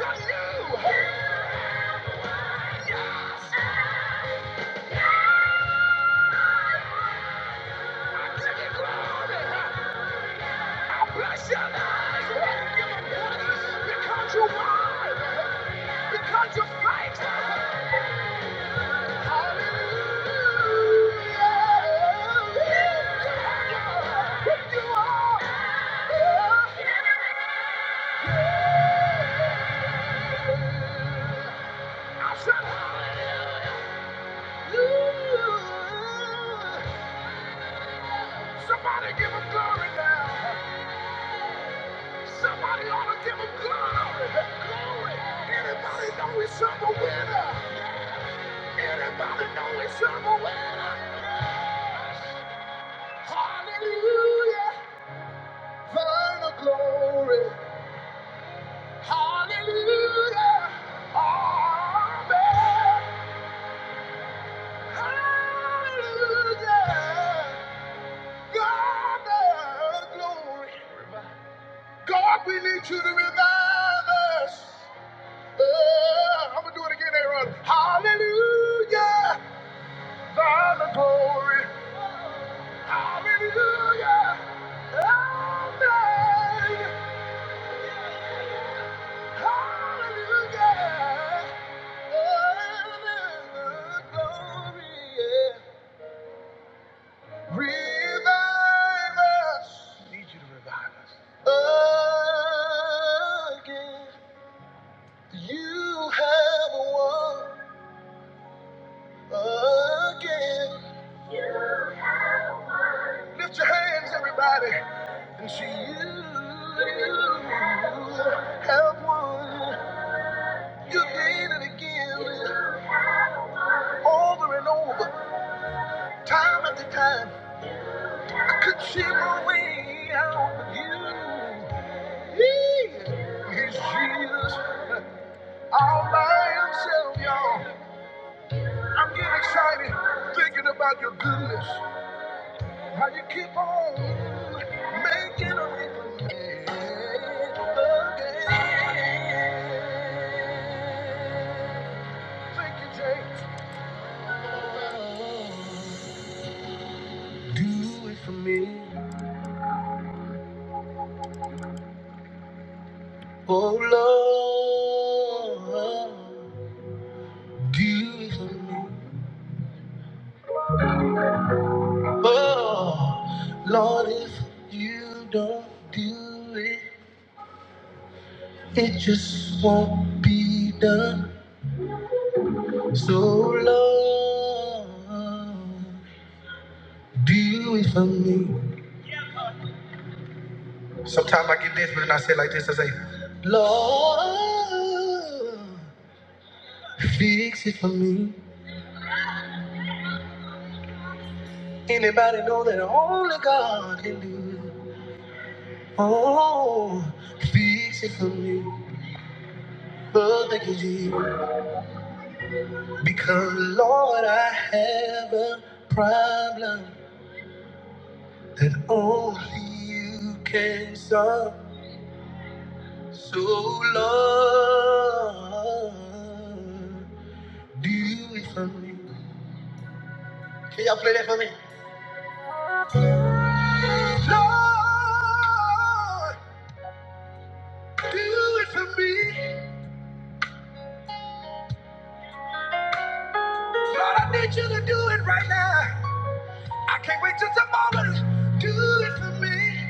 God, you. Yes. I give you glory. Bless your lives. Why you giving praise? Because you wise. Because you fight. Hallelujah. Lift you up. I said hallelujah. Somebody give him glory now. Somebody ought to give him glory. Glory. Anybody know he's a winner? Anybody know he's a winner? Yes. Hallelujah. Burn the glory. Hallelujah. Amen. Hallelujah. God the glory. God, we need you to revive us. Uh, I'm gonna do it again, Aaron. Hallelujah, Father glory. Hallelujah, Amen. Hallelujah, Amen. Glory. yeah. Revive us. Need you to revive us again. You have won again. Lift your hands, everybody. And she, you, you have won. You did it again, over and over, time after time. I could see my way out, but you, he is Jesus. All by himself, y'all. I'm getting excited thinking about your goodness. How you keep on making a way for me. Again. Thank you, James. Do it for me. Do it for me. Oh, Lord, if you don't do it, it just won't be done. So, Lord, do it for me. Sometimes I get desperate and I say like this I say, Lord, fix it for me. Anybody know that only God can do it? Oh, fix it for me. Oh, thank you, Jesus. Because, Lord, I have a problem that only you can solve. So, Lord, do it for me. Can y'all play that for me? Lord, do it for me. Lord, I need you to do it right now. I can't wait till tomorrow. Do it for me.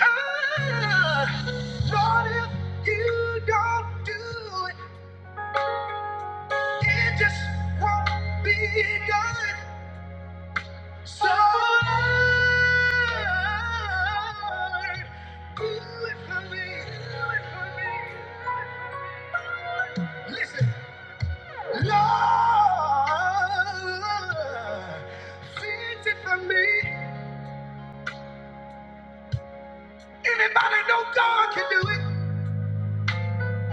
Ah, Lord, if you don't do it, it just won't be done. So, Lord, do it for me. Do it for me. Listen, Lord, fix it for me. Anybody know God can do it?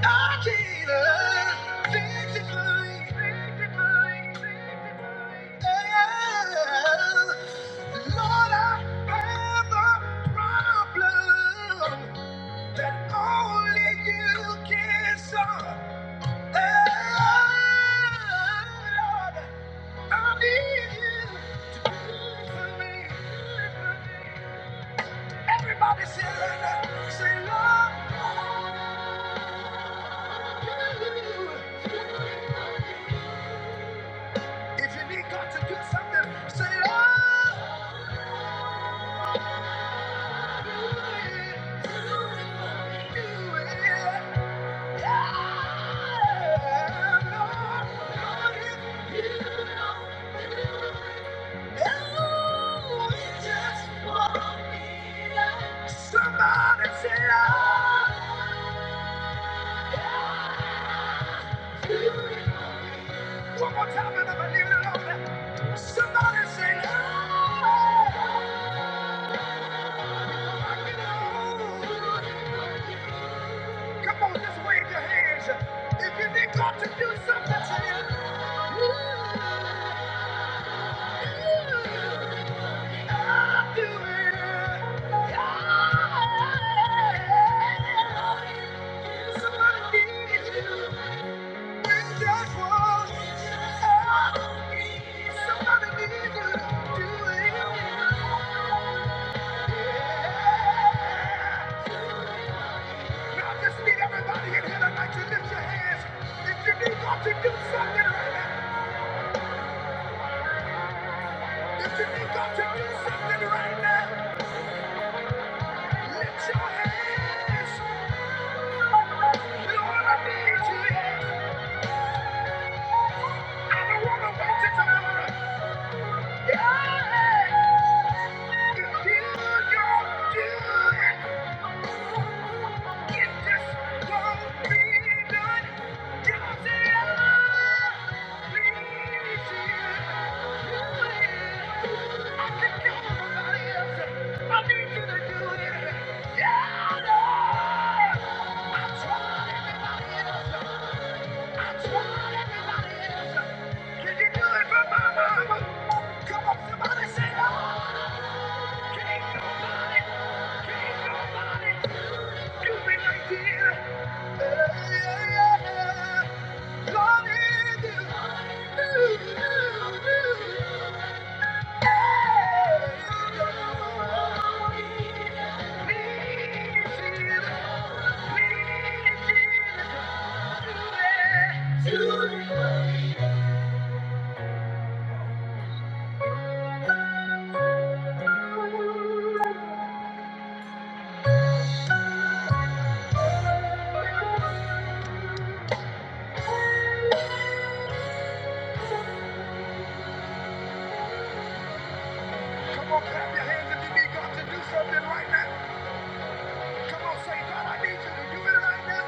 I can't. uh, Fix it for me. Fix it for me. Lord, I have a problem that only you can solve. Oh, Lord, I need you to be for Everybody say, Lord, say, Lord, if you need God to do something, say, Lord, do it, do it, do it. Somebody say, "Lord." One more time, I'm gonna Somebody say, "Lord." Come on, just wave your hands. If you need God to do something to you, I'll do it. Yeah. Somebody needs you. When that was, oh, somebody needs you to do it. Yeah. Now I just need everybody in here tonight to lift your hands. If you need God to do something right now, if you need God to do something right now, lift your hands. Lord, I need you. I don't want to wait till tomorrow. I tried everybody else. I tried everybody else. Can you do it for my mama? Come on, somebody say, oh, can't nobody, can't nobody do me like you. Yeah, Lord, you do. Please, Jesus, please, Jesus, do it, do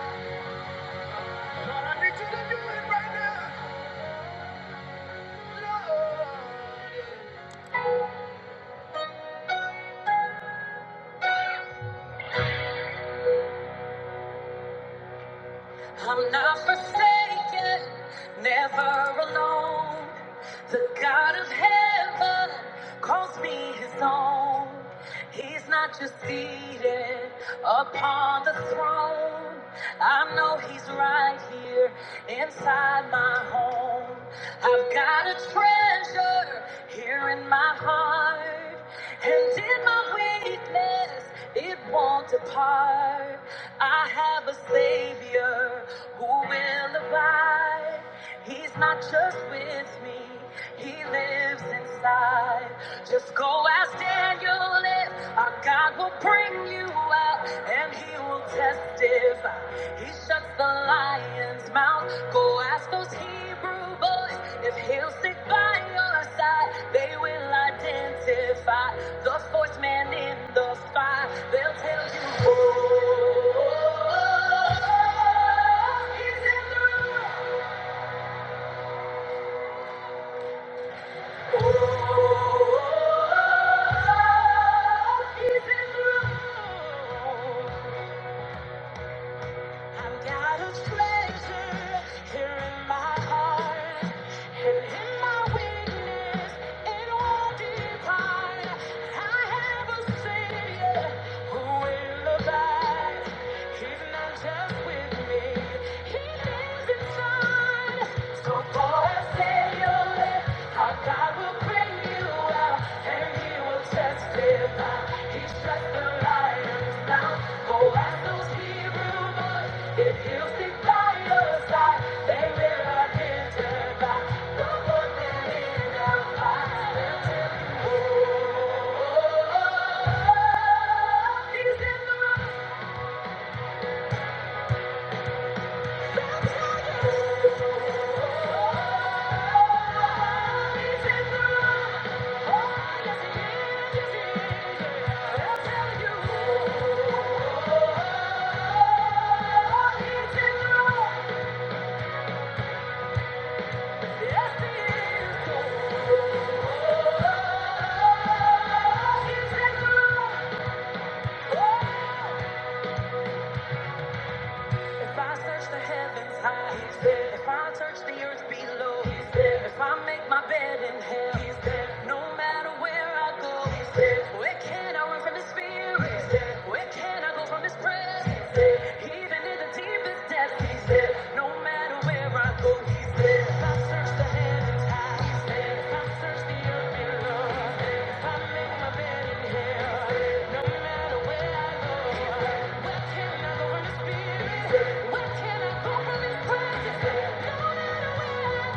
it. Just Oh, he's in the room. Thank you. If I search the heavens high, He's there. if I search the earth below, He's there. if I make my bed in hell, He's there. no matter where I go, He's there. where can I run from His spirit? He's there. Where can I go from His presence? He's there. Even in the deepest depths, He's there. No matter where can I go from his presence? No matter where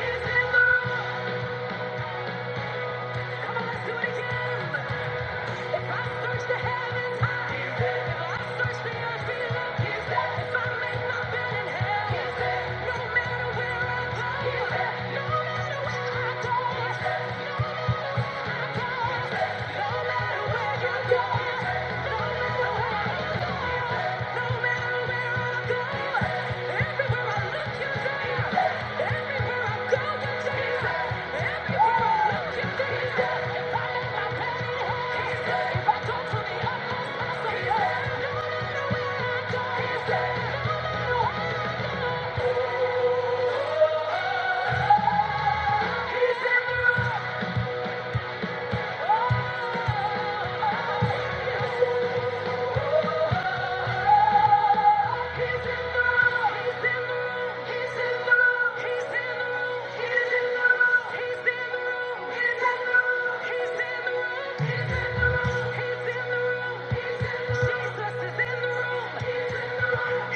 Oh! no matter where I go, no matter where I go, no matter where you go, no matter where Thank you. He's in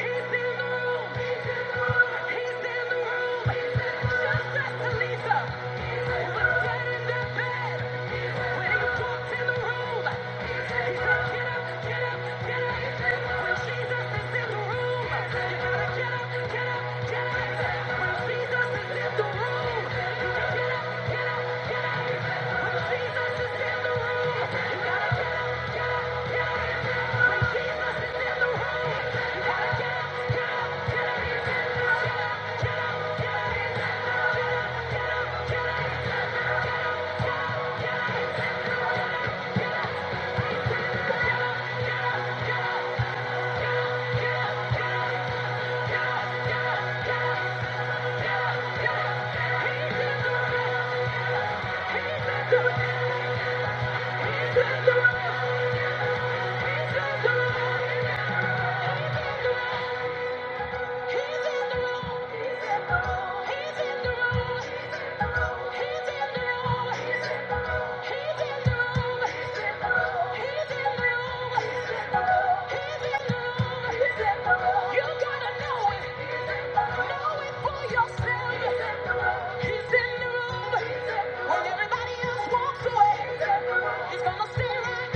the room. Get up, get up, get up. You gotta know it. right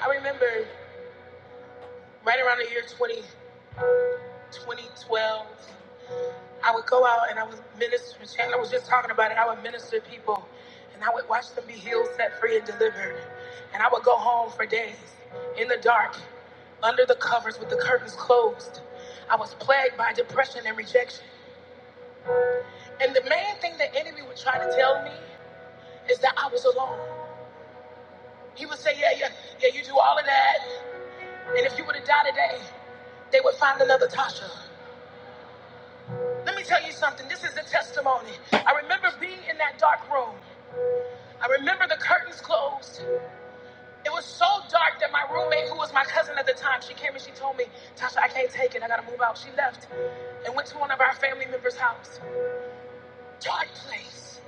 I remember right around the year 20, 2012. I would go out and I would minister. Chandler was just talking about it. I would minister to people and I would watch them be healed, set free, and delivered. And I would go home for days in the dark, under the covers with the curtains closed. I was plagued by depression and rejection. And the main thing the enemy would try to tell me is that I was alone. He would say, Yeah, yeah, yeah, you do all of that. And if you were to die today, they would find another Tasha. Let me tell you something. This is a testimony. I remember being in that dark room. I remember the curtains closed. It was so dark that my roommate, who was my cousin at the time, she came and she told me, Tasha, I can't take it. I gotta move out. She left and went to one of our family members' house. Dark place.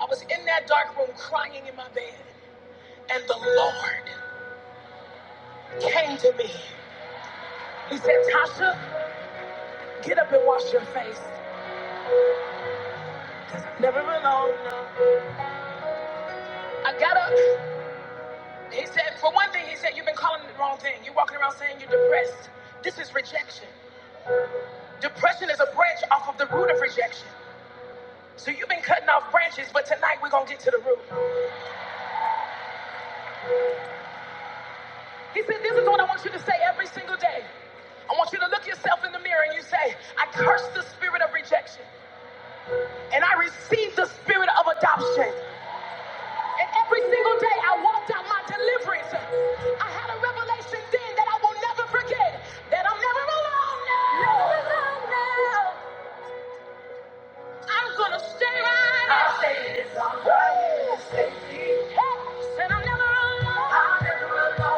I was in that dark room crying in my bed, and the Lord came to me. He said, Tasha, get up and wash your face. Never alone. I got up. He said, for one thing, he said, you've been calling it the wrong thing. You're walking around saying you're depressed. This is rejection. Depression is a branch off of the root of rejection. So you've been cutting off branches, but tonight we're going to get to the root. He said, This is what I want you to say every single day. I want you to look yourself in the mirror and you say, I curse the spirit of rejection and I receive the spirit of adoption. And every single day I walked out my deliverance. I had a revelation then that I will never forget that I'm never alone now. Never alone now. And I said, I'll never alone.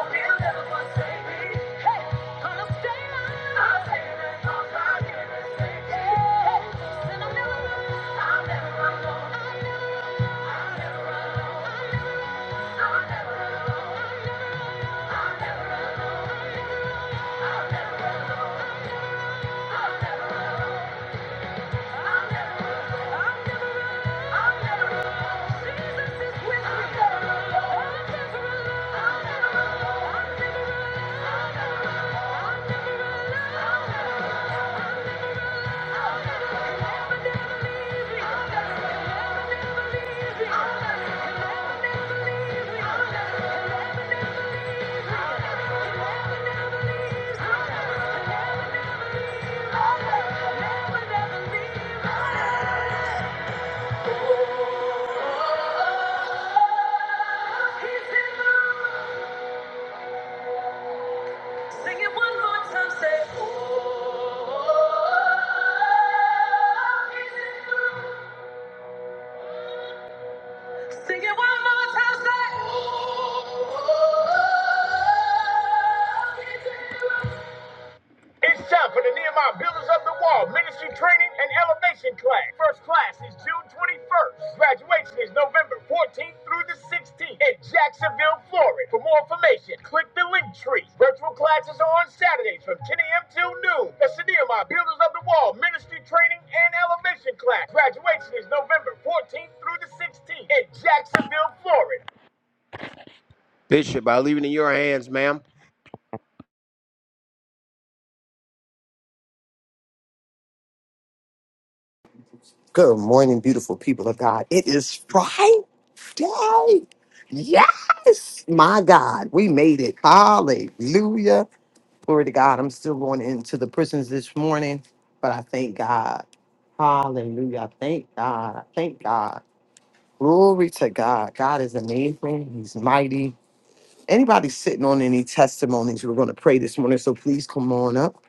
Sing it one more time, say, oh. Sing it one more time, Ministry Training and Elevation Class. First class is June 21st. Graduation is November 14th through the 16th in Jacksonville, Florida. For more information, click the link tree. Virtual classes are on Saturdays from 10 a.m. till noon. That's the Nehemiah Builders of the Wall Ministry Training and Elevation Class. Graduation is November 14th through the 16th in Jacksonville, Florida. Good morning, beautiful people of God. It is Friday. Yes, my God, we made it. Hallelujah. Glory to God. I'm still going into the prisons this morning, but I thank God. Hallelujah. I thank God. I thank God. Glory to God. God is amazing. He's mighty. Anybody sitting on any testimonies, we're going to pray this morning. So please come on up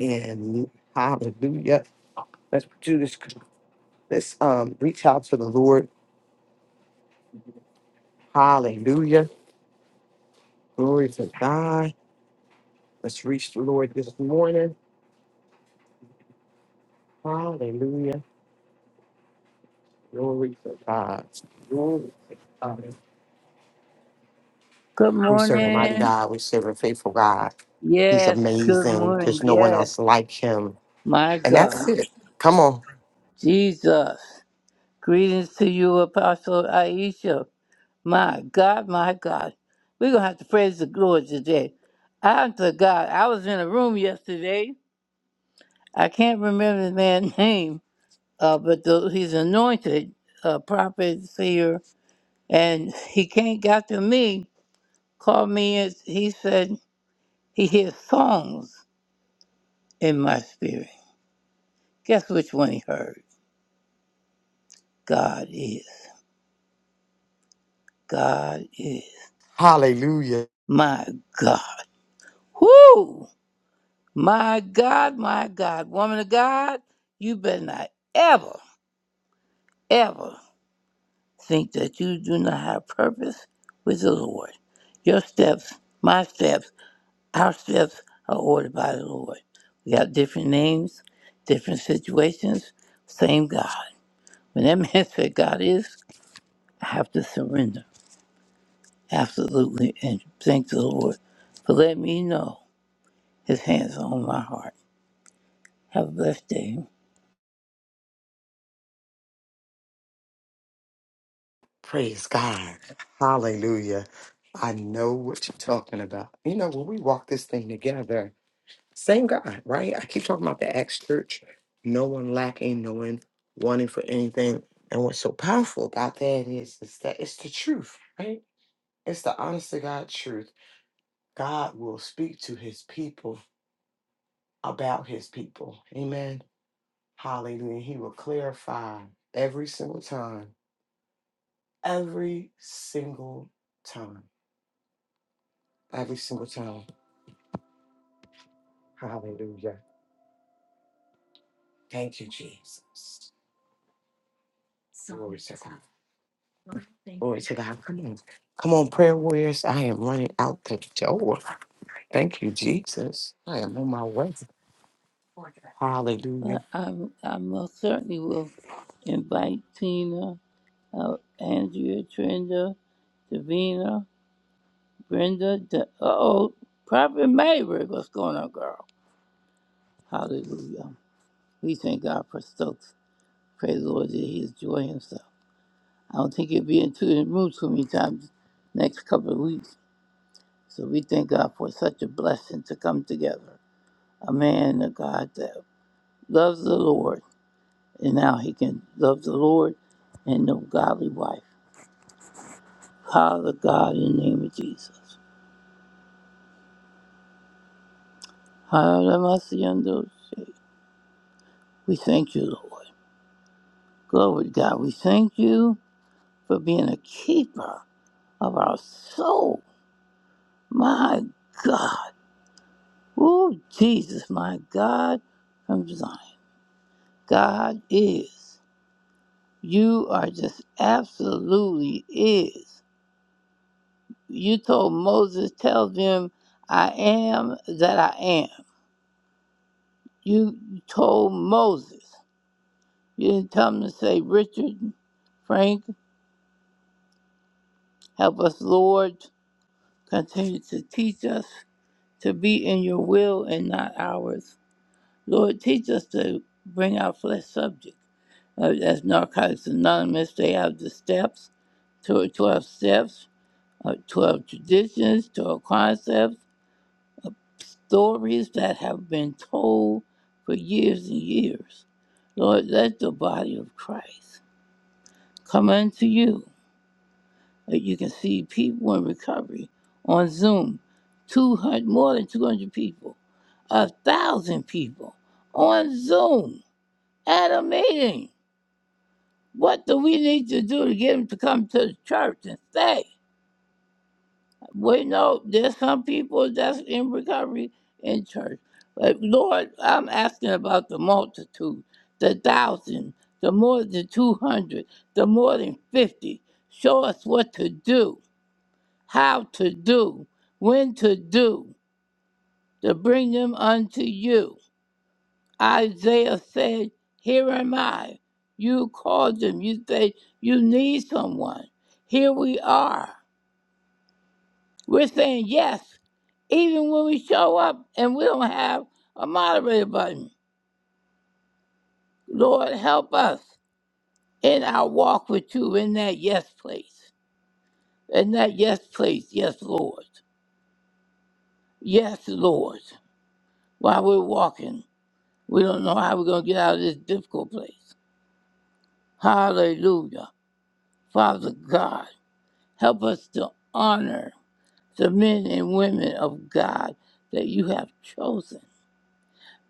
and hallelujah. Let's do this. Let's um, reach out to the Lord Hallelujah. Glory to God. Let's reach the Lord this morning. Hallelujah. Glory to God. Glory to God. Good morning. God, we serve a faithful God. He's Yes, good amazing. morning. There's no one Yes, else like him. my And God. that's it. Come on. Jesus. Greetings to you, Apostle Aisha. My God, my God. We're going to have to praise the Lord today. I'm to God. I was in a room yesterday. I can't remember the man's name, uh, but the, he's anointed, uh, prophet, seer, and he came, got to me, called me, and he said he hears songs in my spirit. Guess which one he heard? God is. God is. Hallelujah. My God. Whoo! My God, my God. Woman of God, you better not ever, ever think that you do not have purpose with the Lord. Your steps, my steps, our steps are ordered by the Lord. We got different names, different situations, same God. When that man said God is, I have to surrender. Absolutely. And thank the Lord for letting me know his hands are on my heart. Have a blessed day. Praise God. Hallelujah. I know what you're talking about. You know, when we walk this thing together, Same God, right? I keep talking about the Acts church, no one lacking, no one wanting for anything. And what's so powerful about that is, is that it's the truth, right? It's the honest to God truth. God will speak to his people about his people. Amen. Hallelujah. He will clarify every single time, every single time, every single time. Hallelujah. Thank you, Jesus. Glory to God. Glory to God. Come on. Come on, prayer warriors. I am running out the door. Thank you, Jesus. I am on my way. Hallelujah. But i I most certainly will invite Tina, uh, Andrea, Trenda, Davina, Brenda, De- oh, Prophet Mayberry. What's going on, girl? Hallelujah. We thank God for Stokes. Praise the Lord that he is joy himself. I don't think he'll be in two in room too many times next couple of weeks. So we thank God for such a blessing to come together. a man of God that loves the Lord, and now he can love the Lord and no godly wife. Father God, in the name of Jesus. Hallelujah. We thank you, Lord. Glory to God. We thank you for being a keeper of our soul. My God. Oh, Jesus, my God from Zion. God is. You are just absolutely is. You told Moses, tell them, I am that I am. You told Moses. You didn't tell him to say, Richard, Frank, help us, Lord. Continue to teach us to be in your will and not ours. Lord, teach us to bring our flesh subject. Uh, as Narcotics Anonymous, they have the steps, 12 steps, uh, 12 traditions, 12 concepts. stories that have been told for years and years. Lord, let the body of Christ come unto you that you can see people in recovery on Zoom. 200, more than 200 people, a thousand people on Zoom at a meeting. What do we need to do to get them to come to the church and stay? Wait, no, there's some people that's in recovery in church. But Lord, I'm asking about the multitude, the thousand, the more than 200, the more than 50. Show us what to do, how to do, when to do, to bring them unto you. Isaiah said, Here am I. You called them. You say, You need someone. Here we are. We're saying yes. even when we show up and we don't have a moderator button. Lord, help us in our walk with you in that yes place. In that yes place, yes, Lord. Yes, Lord. While we're walking, we don't know how we're going to get out of this difficult place. Hallelujah. Father God, help us to honor the men and women of God that you have chosen.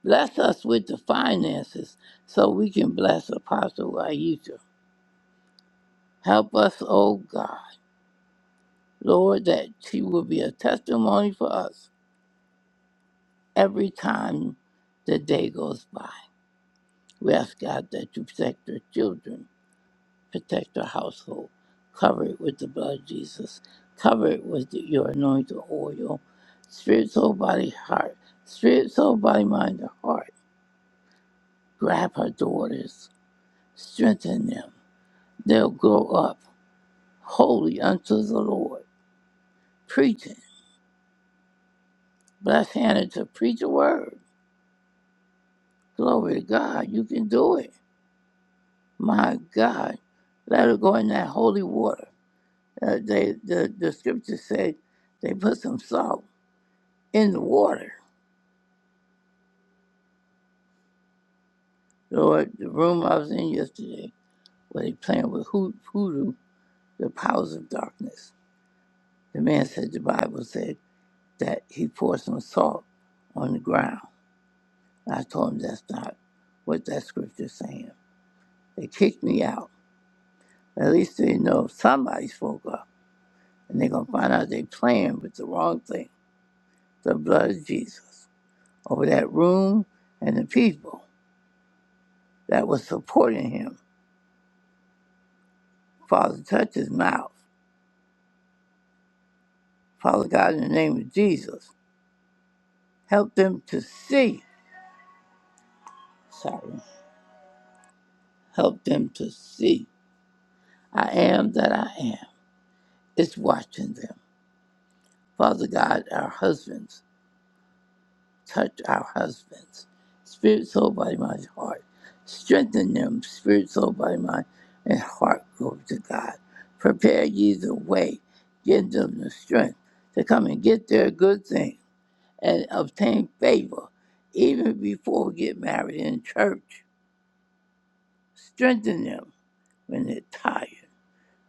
Bless us with the finances so we can bless Apostle Aisha Help us, O God, Lord, that she will be a testimony for us every time the day goes by. We ask God that you protect her children, protect her household, cover it with the blood of Jesus, cover it with your anointed oil, spirit, soul, body, heart, spirit, soul, body, mind, and heart. Grab her daughters, strengthen them. They'll grow up holy unto the Lord, preaching. Bless Hannah to preach a word Glory to God. You can do it. My God. Let her go in that holy water. Uh, they, the, the scripture said they put some salt in the water. Lord, the room I was in yesterday where they playing with hoo- hoodoo, the powers of darkness. The man said the Bible said that he poured some salt on the ground. I told him that's not what that scripture's saying. They kicked me out. At least they know somebody spoke up. and they're gonna find out they playing with the wrong thing. The blood of Jesus over that room and the people that was supporting him. Father, touch his mouth. Father God, in the name of Jesus, help them to see. Sorry, help them to see. I am that I am. It's watching them. Father God, our husbands. Touch our husbands, spirit, soul, body, mind, heart. Strengthen them, spirit, soul, body, mind, and heart. Glory to God. Prepare ye the way. Give them the strength to come and get their good thing and obtain favor even before we get married in church. Strengthen them when they're tired.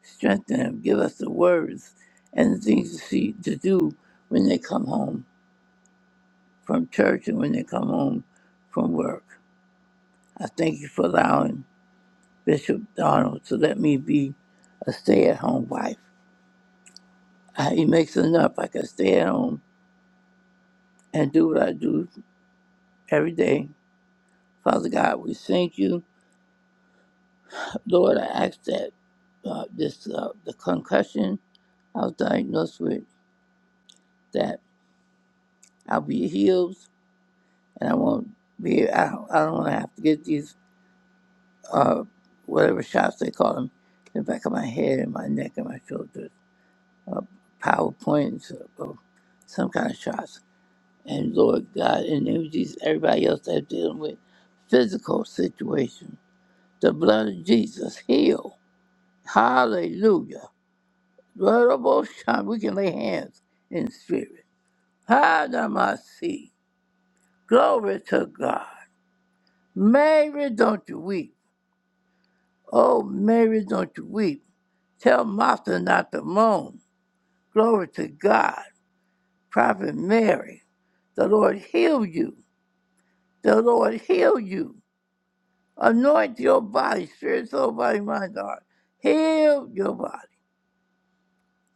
Strengthen them. Give us the words and the things to, see, to do when they come home from church and when they come home from work I thank you for allowing Bishop Donald to let me be a stay at home wife. Uh, He makes enough I can stay at home and do what I do every day. Father God, we thank you. Lord, I ask that uh, this uh, the concussion I was diagnosed with, that I'll be healed and I won't be, I, don't- I don't want to have to get these, uh, whatever shots they call them, in the back of my head and my neck and my shoulders, uh, PowerPoints, uh, some kind of shots. And Lord God, in the name of Jesus, everybody else that's dealing with physical situation, the blood of Jesus heal. Hallelujah. Blood of both time. we can lay hands in spirit. Hadamasi. Glory to God. Mary, don't you weep. Oh, Mary, don't you weep. Tell Martha not to moan. Glory to God. Prophet Mary, the Lord heal you. The Lord heal you. Anoint your body, spirit, soul, body, mind, heart. Heal your body.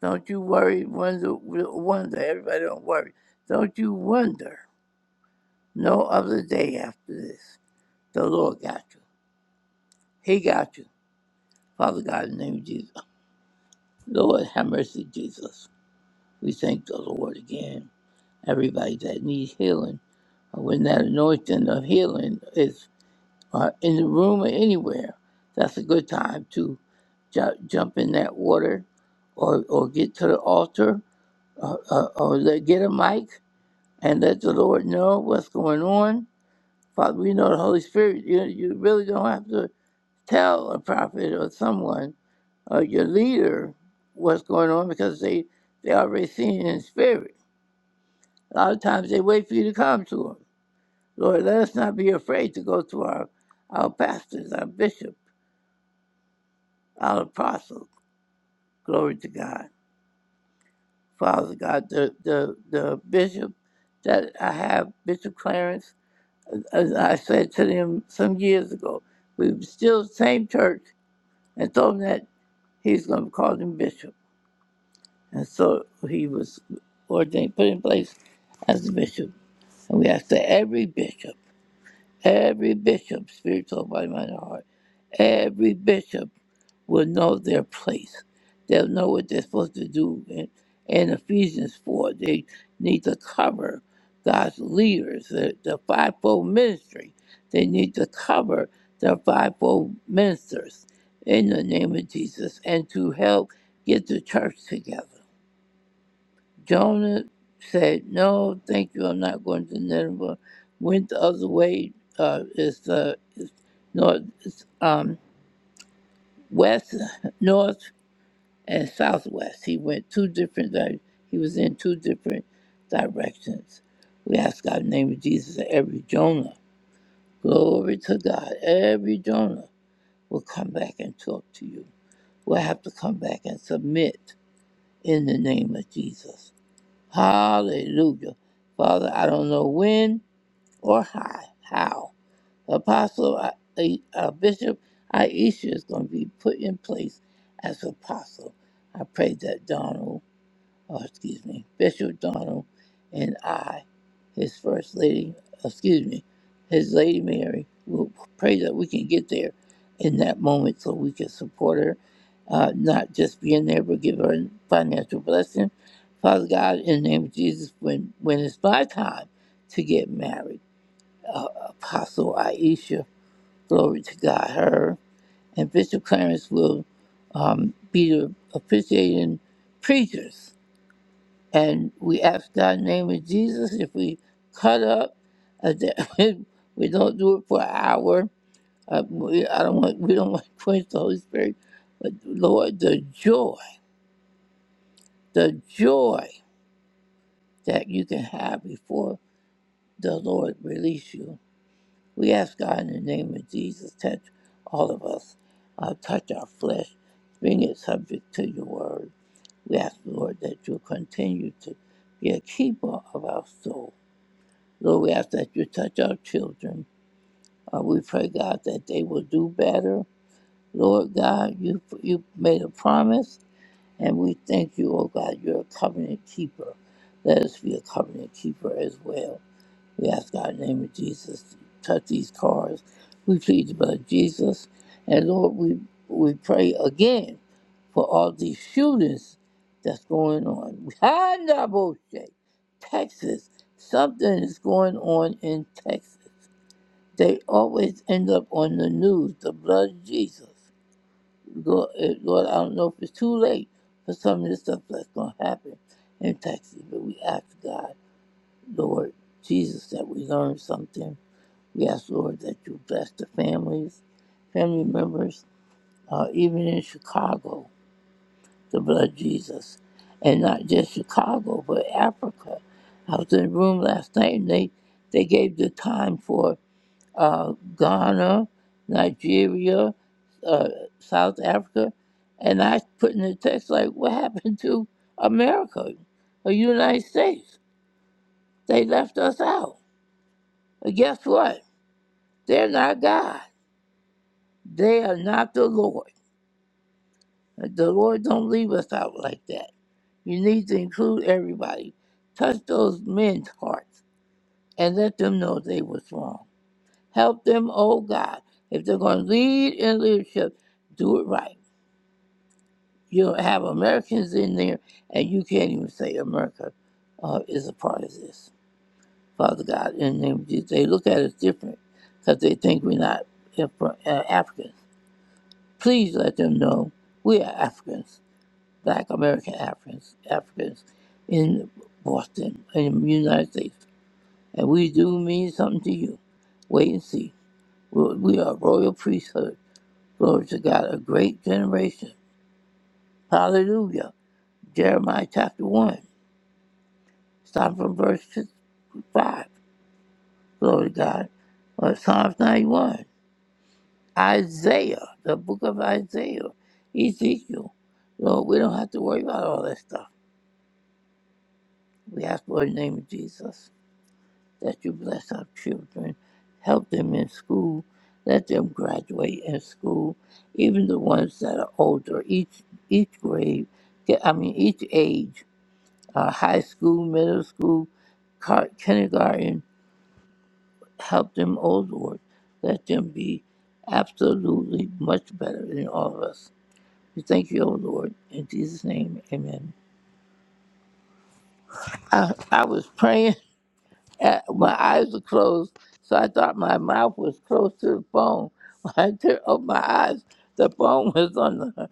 Don't you worry, wonder, wonder. Everybody don't worry. Don't you wonder. No other day after this. The Lord got you. He got you. Father God, in the name of Jesus. Lord, have mercy, Jesus. We thank the Lord again. Everybody that needs healing, when that anointing of healing is uh, in the room or anywhere, that's a good time to ju- jump in that water or, or get to the altar or, or, or let, get a mic and let the Lord know what's going on. Father, we know the Holy Spirit. You, you really don't have to tell a prophet or someone or your leader what's going on because they, they already seen it in spirit. A lot of times they wait for you to come to them. Lord, let us not be afraid to go to our, our pastors, our bishop, our apostles Glory to God. Father God, the, the, the bishop that I have, Bishop Clarence, as I said to him some years ago, we were still the same church and told him that he's going to call him bishop. And so he was ordained, put in place as the bishop. And we ask that every bishop, every bishop, spiritual body, mind, and heart, every bishop will know their place. They'll know what they're supposed to do. And, and Ephesians 4, they need to cover God's leaders, the, the fivefold ministry. They need to cover their fivefold ministers in the name of Jesus and to help get the church together. Jonah said, No, thank you, I'm not going to Nineveh. Went the other way, uh, is the north, um, west, north. and Southwest. He went two different. Di- he was in two different directions. We ask God in the name of Jesus that every Jonah, glory to God, every Jonah will come back and talk to you. We'll have to come back and submit in the name of Jesus. Hallelujah. Father, I don't know when or how. how. Apostle, I, I- uh, Bishop Aisha is going to be put in place as apostle. I pray that Donald oh, excuse me, Bishop Donald and I, his First Lady, excuse me, his Lady Mary, will pray that we can get there in that moment so we can support her, uh, not just being there, but give her a financial blessing. Father God, in the name of Jesus, when, when it's my time to get married, uh, Apostle Aisha, glory to God, her, and Bishop Clarence will um, be the officiating preachers and we ask God in the name of Jesus if we cut up, uh, that we don't do it for an hour. Uh, we, I don't want, we don't want to quench the Holy Spirit. But Lord, the joy, the joy that you can have before the Lord release you. We ask God in the name of Jesus, touch all of us, uh, touch our flesh, bring it subject to your word. We ask, Lord, that you continue to be a keeper of our souls Lord, we ask that you touch our children. Uh, we pray, God, that they will do better. Lord God, you you made a promise, and we thank you, oh God, you're a covenant keeper. Let us be a covenant keeper as well. We ask God in the name of Jesus to touch these cars. We plead the blood of Jesus. And Lord, we we pray again for all these shootings that's going on. Handa Boshe, Texas. Something is going on in Texas. They always end up on the news, the blood of Jesus. Lord, eh, Lord, I don't know if it's too late for some of this stuff that's going to happen in Texas, but we ask God, Lord Jesus, that we learn something. We ask, Lord, that you bless the families, family members, uh, even in Chicago, the blood of Jesus. And not just Chicago, but Africa. I was in a room last night and they, they gave the time for uh, Ghana, Nigeria, uh, South Africa, and I put in the text like, "What happened to America, the United States? They left us out." But guess what? They're not God. They are not the Lord. The Lord don't leave us out like that. You need to include everybody. Touch those men's hearts and let them know they was wrong. Help them, oh God. If they're going to lead in leadership, do it right You'll have Americans in there, and you can't even say America uh, is a part of this. Father God, in the name of Jesus, they look at us different because they think we're not Af- uh, Africans. Please let them know we are Africans, Black American Africans, Africans in Boston, in the United States, and we do mean something to you. Wait and see. We're- We are a royal priesthood. Glory to God, a great generation. Hallelujah. Jeremiah chapter 1. Start from verse 5. Glory to God. Or Psalms 91. Isaiah, the book of Isaiah, Ezekiel. Lord, we don't have to worry about all that stuff. We ask for the name of Jesus that you bless our children, help them in school, let them graduate in school, even the ones that are older, each each grade, I mean each age, uh, high school, middle school, car- kindergarten, Help them, O Lord. Let them be absolutely much better than all of us. We thank you, O Lord. In Jesus' name, amen. I, I was praying, and my eyes were closed, so I thought my mouth was close to the phone. When I turned open my eyes, the phone was on the,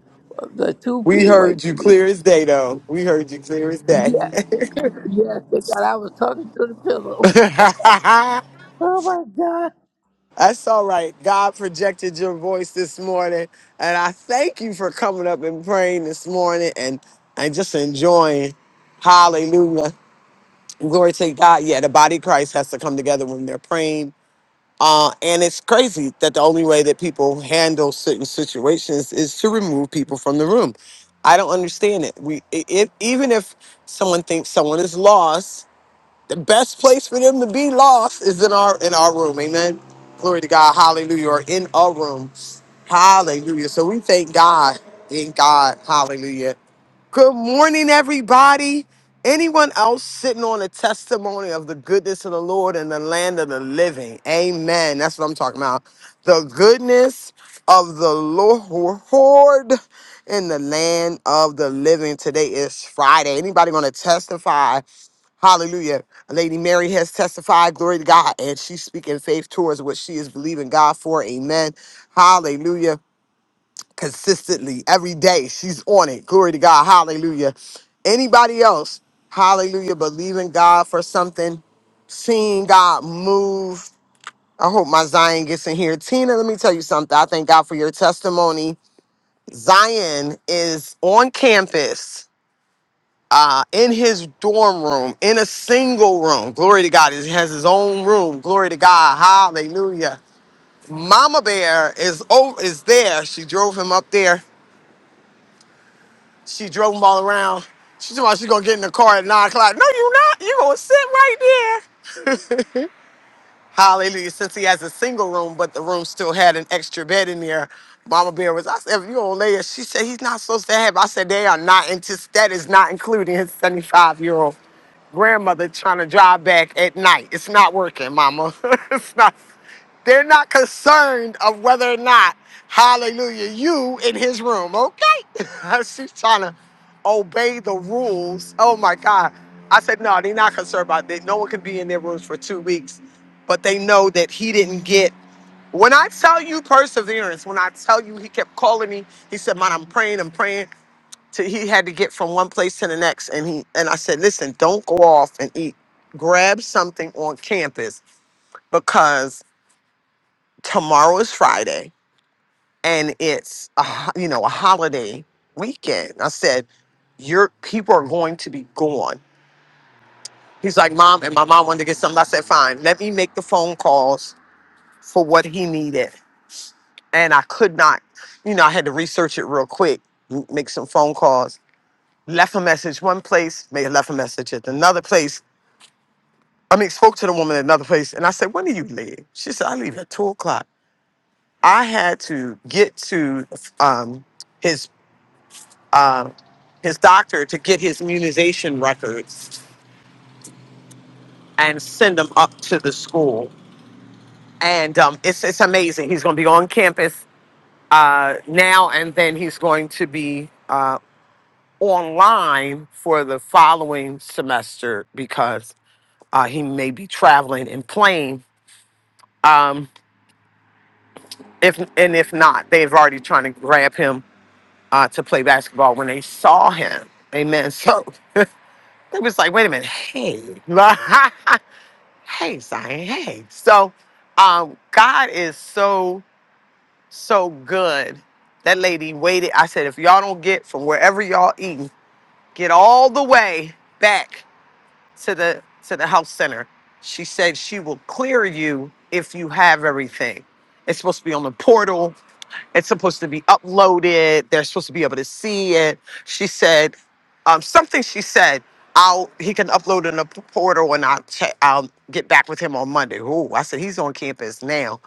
the two We feet away heard you from me. clear as day, though. We heard you clear as day. Yeah, yes, thank God I was talking to the pillow. Oh my God. That's all right. God projected your voice this morning, and I thank you for coming up and praying this morning and, and just enjoying. Hallelujah. Glory to God. Yeah, the body of Christ has to come together when they're praying Uh, and it's crazy that the only way that people handle certain situations is to remove people from the room. I don't understand it. We, i if even if someone thinks someone is lost, the best place for them to be lost is in our in our room. Amen. Glory to God. Hallelujah. Or in our room. Hallelujah. So we thank God. In God. Hallelujah Good morning, everybody. Anyone else sitting on a testimony of the goodness of the Lord in the land of the living? Amen. That's what I'm talking about. The goodness of the Lord in the land of the living. Today is Friday. Anybody going to testify? Hallelujah. Lady Mary has testified, glory to God, and she's speaking faith towards what she is believing God for. Amen. Hallelujah consistently every day. She's on it. Glory to God. Hallelujah. Anybody else, hallelujah, believing God for something, seeing God move. I hope my Zion gets in here. Tina, let me tell you something. I thank God for your testimony. Zion is on campus, uh, in his dorm room, in a single room. Glory to God. He has his own room. Glory to God. Hallelujah. Mama Bear is oh, is there. She drove him up there She drove them all around. She told me she's gonna get in the car at nine o'clock. No, you not. you gonna sit right there. Hallelujah. Since he has a single room, but the room still had an extra bed in there. Mama Bear was, I said, if you don't lay it, she said he's not supposed to have. I said, they are not into that is not including his 75 year old grandmother trying to drive back at night. It's not working, mama. it's not they're not concerned of whether or not, hallelujah, you in his room, okay? She's trying to obey the rules. Oh my God. I said, no, they're not concerned about that. No one can be in their rooms for two weeks but they know that he didn't get. When I tell you perseverance, when I tell you he kept calling me, he said, "Man, I'm praying, I'm praying." To he had to get from one place to the next, and he and I said, "Listen, don't go off and eat. Grab something on campus because tomorrow is Friday and it's a, ho- you know a holiday weekend." I said, "Your people are going to be gone." He's like, "Mom," and my mom wanted to get something. I said, "Fine, let me make the phone calls for what he needed." and I could not, you know, I had to research it real quick, m- make some phone calls, left a message one place, made left a message at another place. I mean, spoke to the woman at another place, and I said, "When do you leave?" She said, "I leave at two o'clock." I had to get to um, his uh, his doctor to get his immunization records and send them up to the school. And um, it's it's amazing. He's going to be on campus uh, now, and then he's going to be. uh, online for the following semester because uh, he may be traveling and playing. Um, if and if not, they've already trying to grab him uh, to play basketball when they saw him. Amen. So it was like, wait a minute, hey, hey, Zion, hey. So um, God is so so good. That lady waited. I said, if y'all don't get from wherever y'all eating, get all the way back to the to the health center. She said she will clear you if you have everything. It's supposed to be on the portal. It's supposed to be uploaded. They're supposed to be able to see it. She said um, something. She said, "I'll he can upload in the p- portal, and I'll check. I'll get back with him on Monday." Oh, I said he's on campus now.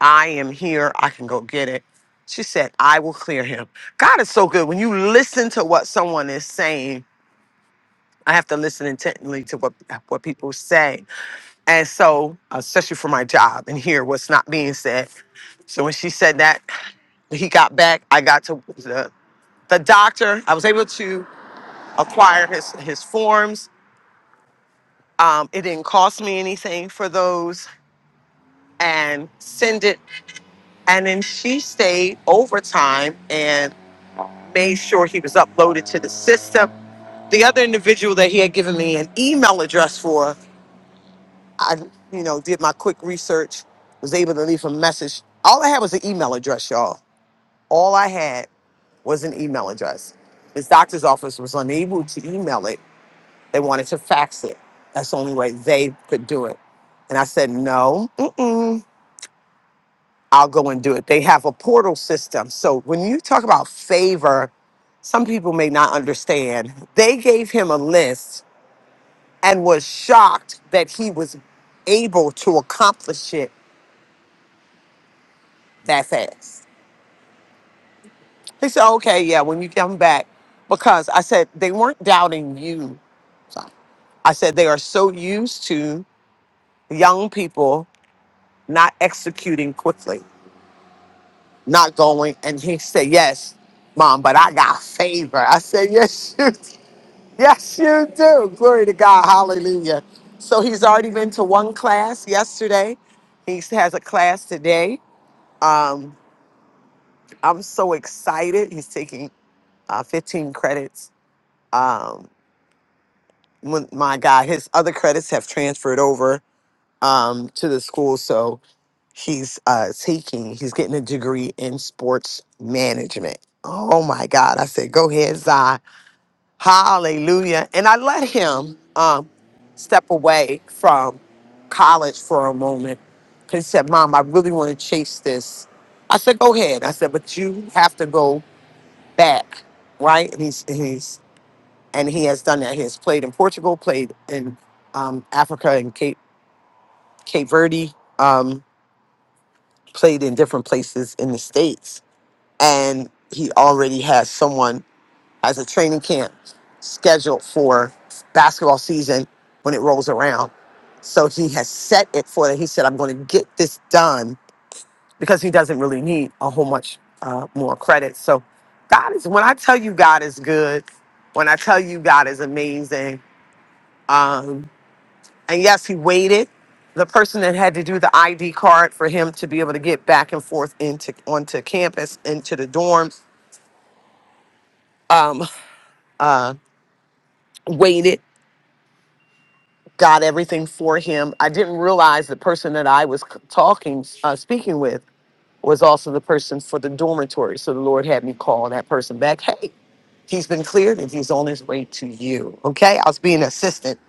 I am here. I can go get it. She said, "I will clear him." God is so good when you listen to what someone is saying I have to listen intently to what what people say, and so especially for my job and hear what's not being said. So when she said that, he got back. I got to the, the doctor. I was able to acquire his his forms. Um, it didn't cost me anything for those, and send it. And then she stayed overtime and made sure he was uploaded to the system. The other individual that he had given me an email address for I, you know, did my quick research, was able to leave a message. All I had was an email address, y'all. All I had was an email address. His doctor's office was unable to email it. They wanted to fax it. That's the only way they could do it. And I said, no, mm-mm, I'll go and do it. They have a portal system. So when you talk about favor, some people may not understand. They gave him a list and was shocked that he was able to accomplish it that fast. He said, okay, yeah, when you come back, because I said they weren't doubting you. Sorry. I said they are so used to young people not executing quickly, not going. And he said, yes, mom, but I got favor. I said, yes, you, yes, you do. Glory to God. Hallelujah. So he's already been to one class yesterday. He has a class today. Um, I'm so excited. He's taking uh, 15 credits um, when my guy, his other credits have transferred over um, to the school, so he's uh, taking, he's getting a degree in sports management. Oh my God! I said, go ahead, Zai, hallelujah, and I let him um, step away from college for a moment. He said, Mom, I really want to chase this. I said, Go ahead. I said, But you have to go back, right? And he's, and he's and he has done that. He has played in Portugal, played in um, Africa and Cape Cape Verde, um, played in different places in the states, and he already has someone has a training camp scheduled for basketball season when it rolls around. So he has set it for that. He said, "I'm going to get this done because he doesn't really need a whole much uh, more credit." So God is when I tell you God is good, when I tell you God is amazing. Um, And yes, he waited. The person that had to do the ID card for him to be able to get back and forth into onto campus, into the dorms, um, uh, waited, got everything for him. I didn't realize the person that I was c- talking, uh, speaking with, was also the person for the dormitory. So the Lord had me call that person back. Hey, he's been cleared and he's on his way to you. Okay, I was being assistant.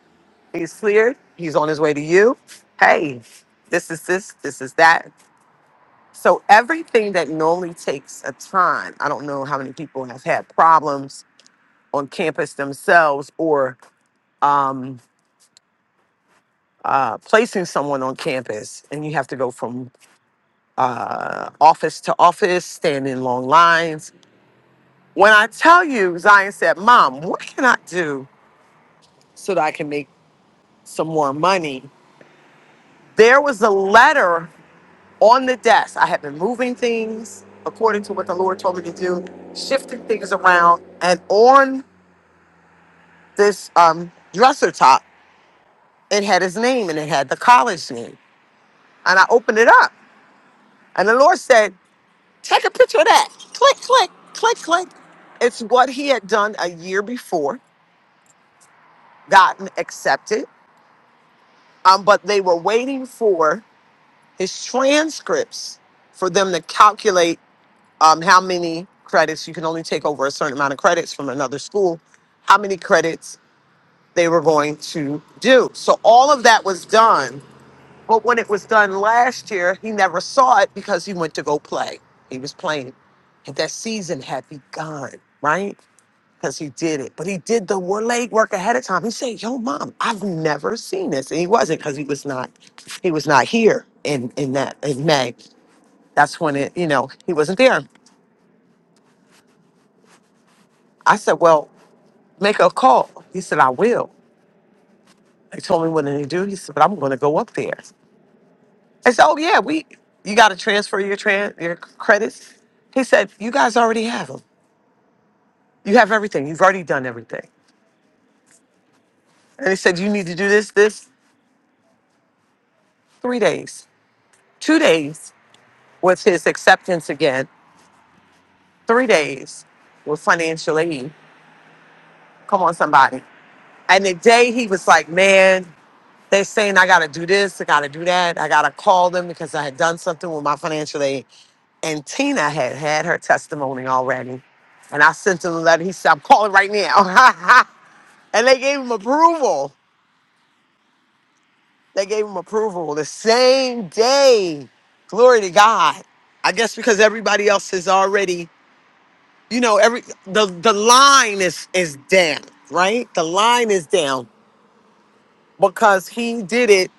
He's cleared. He's on his way to you. Hey, this is this. This is that So everything that normally takes a time, I don't know how many people have had problems on campus themselves or um, uh, placing someone on campus, and you have to go from uh, office to office, stand in long lines. When I tell you, Zion said, "Mom, what can I do so that I can make some more money?" There was a letter on the desk. I had been moving things according to what the Lord told me to do, shifting things around, and on this um, dresser top. It had his name and it had the college name. And I opened it up. And the Lord said, Take a picture of that. Click, click, click, click. It's what he had done a year before, gotten accepted. Um, but they were waiting for his transcripts for them to calculate um, how many credits you can only take over a certain amount of credits from another school, how many credits they were going to do. So all of that was done But when it was done last year, he never saw it because he went to go play. He was playing. And that season had begun, right? Because he did it. But he did the wor- leg work ahead of time. He said, Yo, mom, I've never seen this. And he wasn't because he was not he was not here in in that in May. That's when it, you know, he wasn't there. I said, Well, make a call. He said, I will. They told me what to do. He said, But I'm gonna go up there. I said, "Oh yeah, we you got to transfer your tran your credits." He said, "You guys already have them. You have everything. You've already done everything." And he said, "You need to do this this three days, two days with his acceptance again, three days with financial aid. Come on, somebody." And the day he was like, "Man." They are saying I gotta do this, I gotta do that. I gotta call them because I had done something with my financial aid. And Tina had had her testimony already. And I sent him a letter. He said, I'm calling right now. and they gave him approval. They gave him approval the same day. Glory to God. I guess because everybody else is already, you know, every the the line is is down, right? The line is down because he did it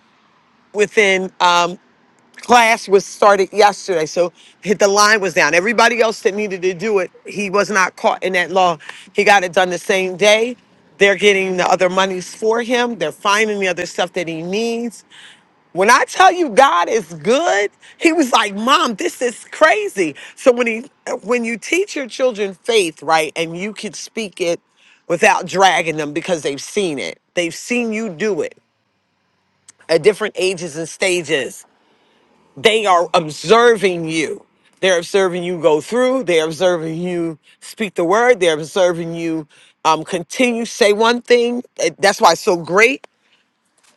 within. um, class was started yesterday, so hit the line was down. Everybody else that needed to do it, he was not caught in that law. He got it done the same day. They're getting the other monies for him. They're finding the other stuff that he needs. When I tell you God is good, he was like, "Mom, this is crazy." So when he when you teach your children faith, right, and you can speak it without dragging them because they've seen it. They've seen you do it at different ages and stages they are observing you. They're observing you go through. They're observing you speak the word. They're observing you um, continue say one thing. Eh, That's why it's so great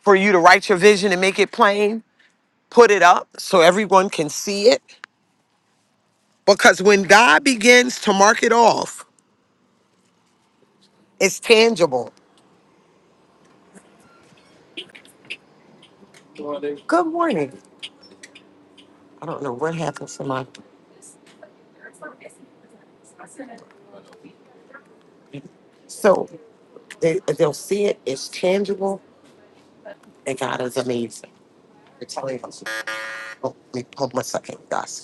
for you to write your vision and make it plain. Put it up so everyone can see it. Because when God begins to mark it off, it's tangible. Good morning. I don't know what happened to my. So they, they'll see it. It's tangible, and God is amazing. It's telling us. Oh, let me hold my second, guys.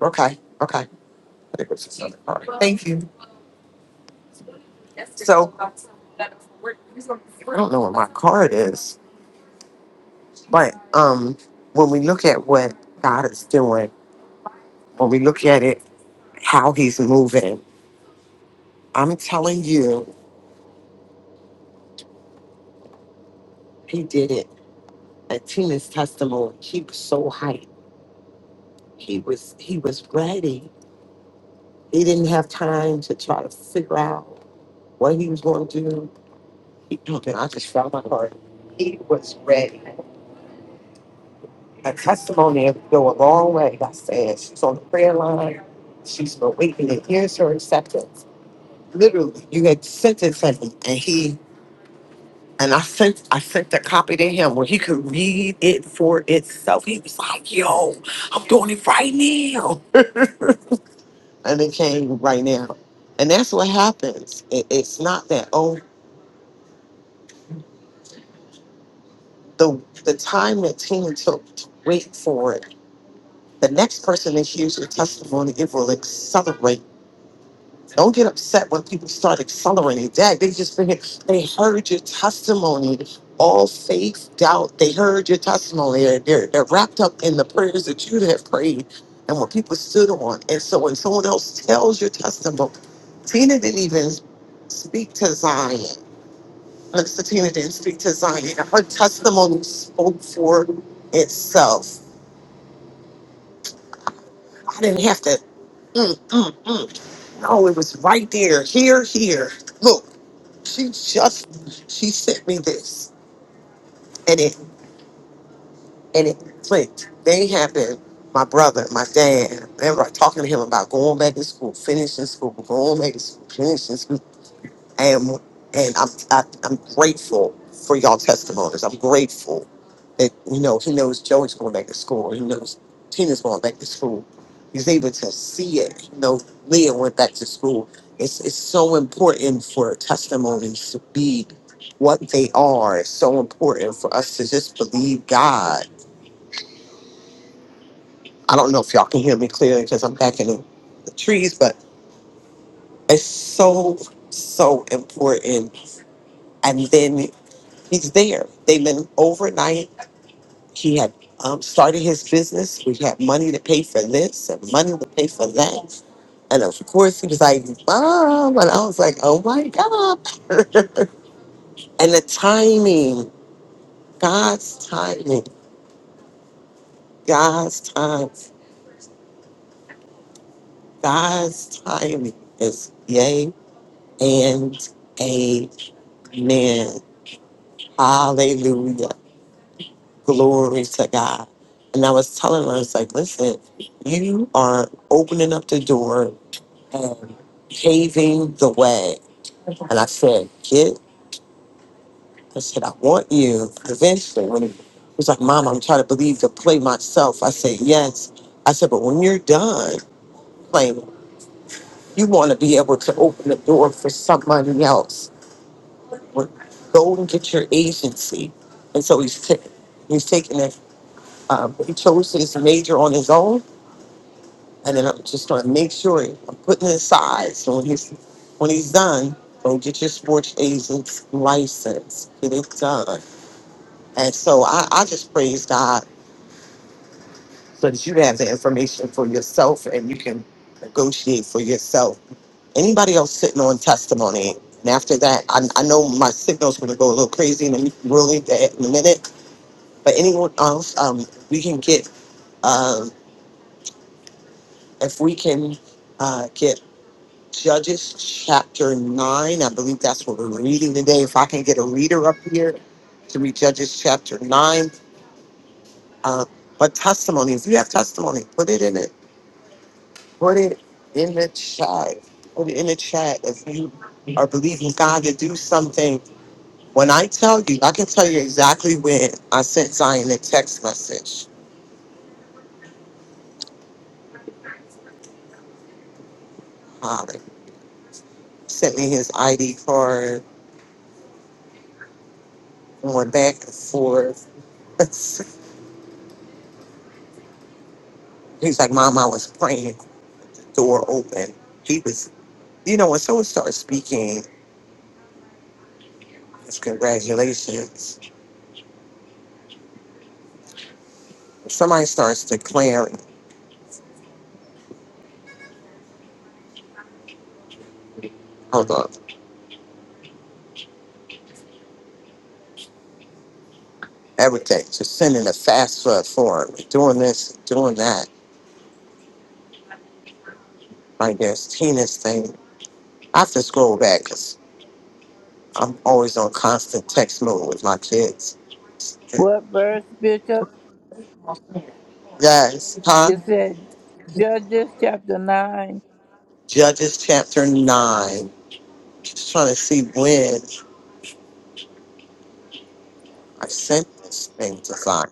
Okay, okay. I think it this other part. Thank you. Where it is. But um when we look at what God is doing, when we look at it, how he's moving, I'm telling you, he did it. At Tina's testimony, he was so hyped. He was he was ready. He didn't have time to try to figure out what he was going to do. He, oh, man, I just felt my heart. He was ready. Her testimony will go a long way. Like I said she's on the prayer line. She's been waiting to hear her acceptance. literally you had sent it to him and he and I sent I sent the copy to him where he could read it for itself. He was like, yo, I'm doing it right now. And it came right now. And that's what happens. It, it's not that oh the the time that team took to wait for it, the next person that hears your testimony, it will accelerate Don't get upset when people start accelerating that. They just been here. They heard your testimony. All faith, doubt, they heard your testimony. They're, they're, they're wrapped up in the prayers that you have prayed and what people stood on. And so when someone else tells your testimony, Tina didn't even speak to Zion. Minister Tina didn't speak to Zion. Her testimony spoke for itself. I didn't have to, mm, mm, mm. No, it was right there. Here, here. Look. She just she sent me this and it and it clicked. They have been my brother, my dad, remember I talking to him about going back to school, finishing school, going back to school, finishing school. And and I'm I, I'm grateful for y'all testimonies. I'm grateful that you know he knows Joey's going back to school. He knows Tina's going back to school. He's able to see it. You know, Leah went back to school. It's it's so important for testimonies to be what they are. It's so important for us to just believe God. I don't know if y'all can hear me clearly because I'm back in the, the trees, but it's so so important. And then he's there. They've been overnight. He had um, started his business. We had money to pay for this and money to pay for that. And of course, he was like, Mom. And I was like, Oh my God. And the timing, God's timing, God's time, God's timing is yay and amen. Hallelujah. Glory to God. And I was telling her, I was like, Listen, you are opening up the door and paving the way And I said, kid, I said, I want you eventually. When he was like, Mom, I'm trying to believe to play myself. I said, Yes. I said, but when you're done playing, you want to be able to open the door for somebody else. Well, Go and get your agency. And so he's, ta- he's taking it. Um, he chose his major on his own. And then I'm just going to make sure I'm putting it aside. So when he's, when he's done, go get your sports agent's license. Get it done And so I, I just praise God so that you have the information for yourself and you can negotiate for yourself. Anybody else sitting on testimony? And after that, I, I know my signal's going to go a little crazy in a, really in a minute, but anyone else, um, we can get, um, if we can uh, get Judges chapter 9, I believe that's what we're reading today. If I can get a reader up here to read Judges chapter 9, uh, but testimony, if you have testimony, put it in it Put it in the chat. Put it in the chat if you are believing God to do something. When I tell you, I can tell you exactly when I sent Zion a text message. Holly sent me his ID card and went back and forth. He's like, Mom, I was praying. Door open. He was, you know, when someone starts speaking, it's congratulations. If somebody starts declaring, hold on, everything, just sending a fast food form, doing this, doing that like this heinous thing. I have to scroll back because I'm always on constant text mode with my kids. What verse, Bishop? Yes, huh? You said Judges chapter 9. Judges chapter 9. Just trying to see when I sent this thing to Zion.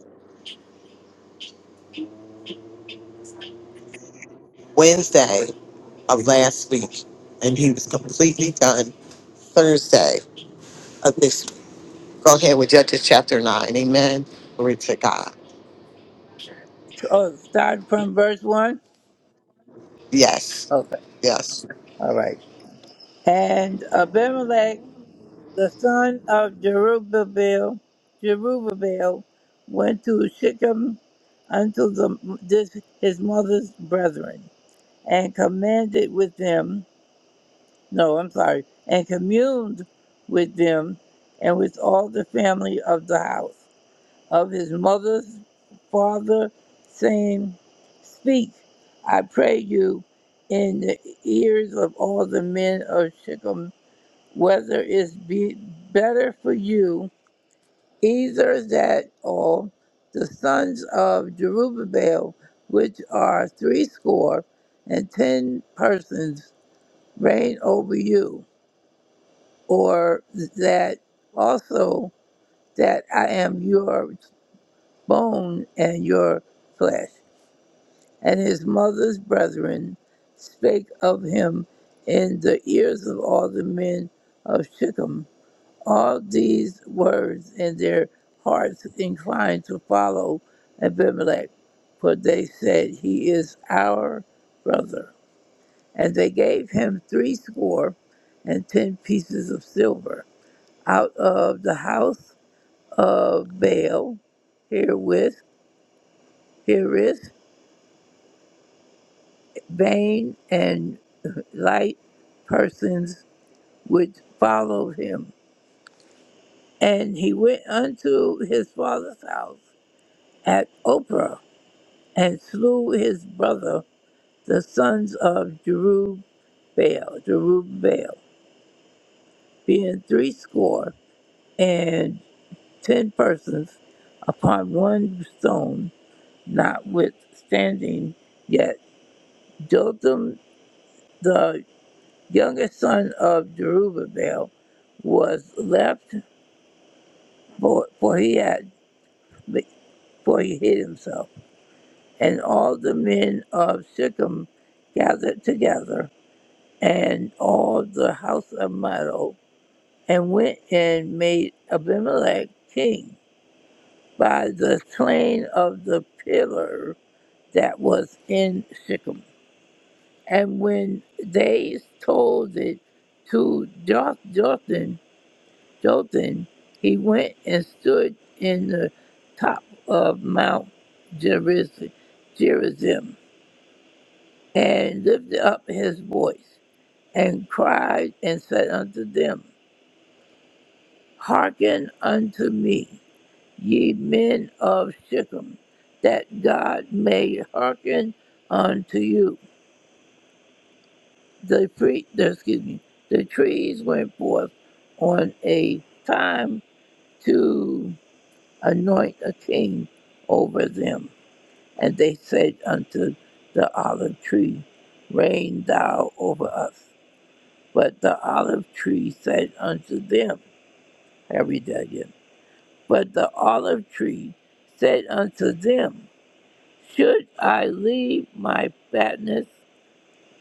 Wednesday of last week, and he was completely done Thursday of this. week. Go ahead with Judges chapter 9. Amen. Glory to God. Oh, starting from verse 1? Yes, Okay. yes, All right. And Abimelech, the son of Jerubbaal, Jerubbaal went to Shechem unto the, this, his mother's brethren, and commanded with them, no, I'm sorry, and communed with them and with all the family of the house. of his mother's father, saying, Speak, I pray you, in the ears of all the men of Shechem, whether it's be better for you, either that all the sons of Jerubbaal, which are threescore and ten persons, reign over you, or that also that I am your bone and your flesh. and his mother's brethren spake of him in the ears of all the men of Shechem. All these words in their hearts inclined to follow Abimelech, for they said, He is our brother. And they gave him threescore and ten pieces of silver out of the house of Baal herewith, herewith vain and light persons which followed him. And he went unto his father's house at Oprah and slew his brother, the sons of Jerubbaal, Jerubbaal, being threescore and ten persons upon one stone, notwithstanding yet Jotham, the youngest son of Jerubbaal, was left for, for he had for he hid himself. And all the men of Shechem gathered together, and all the house of Milo, and went and made Abimelech king by the slain of the pillar that was in Shechem. And when they told it to Joth- Jotham, Jordan, he went and stood in the top of Mount Gerizim, Gerizim, and lifted up his voice, and cried, and said unto them, Hearken unto me, ye men of Shechem, that God may hearken unto you. The pre, the- excuse me, the trees went forth on a time to anoint a king over them. And they said unto the olive tree, Reign thou over us. But the olive tree said unto them, I read that again. But the olive tree said unto them, Should I leave my fatness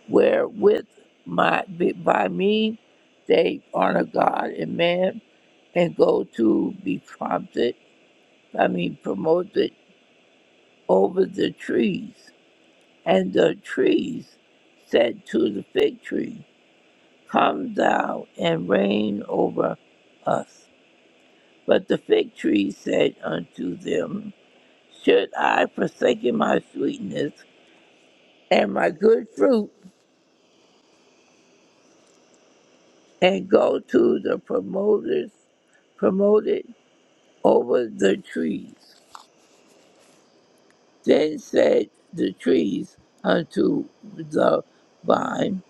wherewith my by me they honor God and man, and go to be prompted, I mean promoted over the trees? And the trees said to the fig tree, Come thou and reign over us. But the fig tree said unto them, Should I forsake my sweetness and my good fruit, and go to the promoters, promoted over the trees? Then said the trees unto the vine,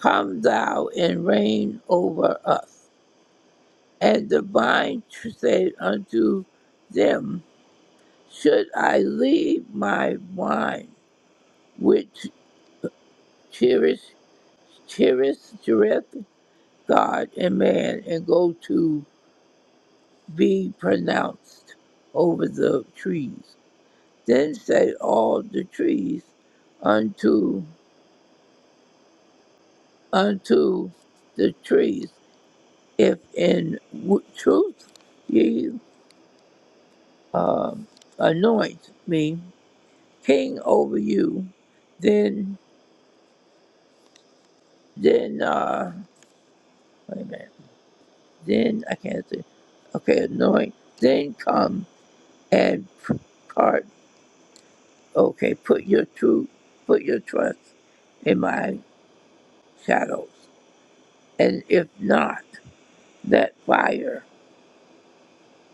Come thou and reign over us. and the vine said unto them, Should I leave my wine, which cheereth, cheereth, cheereth God and man, and go to be pronounced over the trees? Then said all the trees unto unto the trees, If in w- truth ye uh, anoint me king over you, then Then, uh, wait a minute. Then, I can't see. Okay, anoint. Then come and p- part. Okay, put your true, put your trust in my shadows. And if not, let fire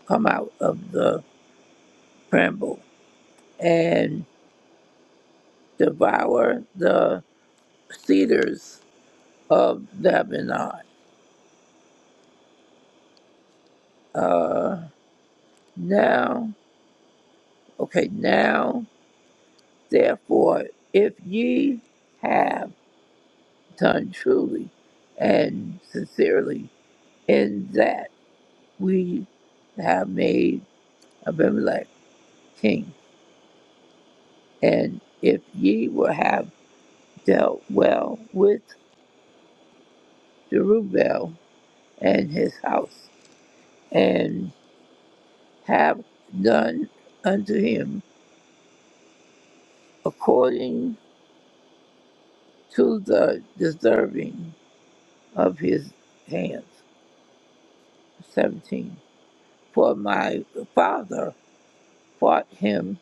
come out of the bramble and devour the cedars of Lebanon. Uh, now, okay, now, therefore, if ye have done truly and sincerely, in that we have made Abimelech king. And if ye will have dealt well with Jerubbaal and his house, and have done unto him according to the deserving of his hands. 17. For my father fought him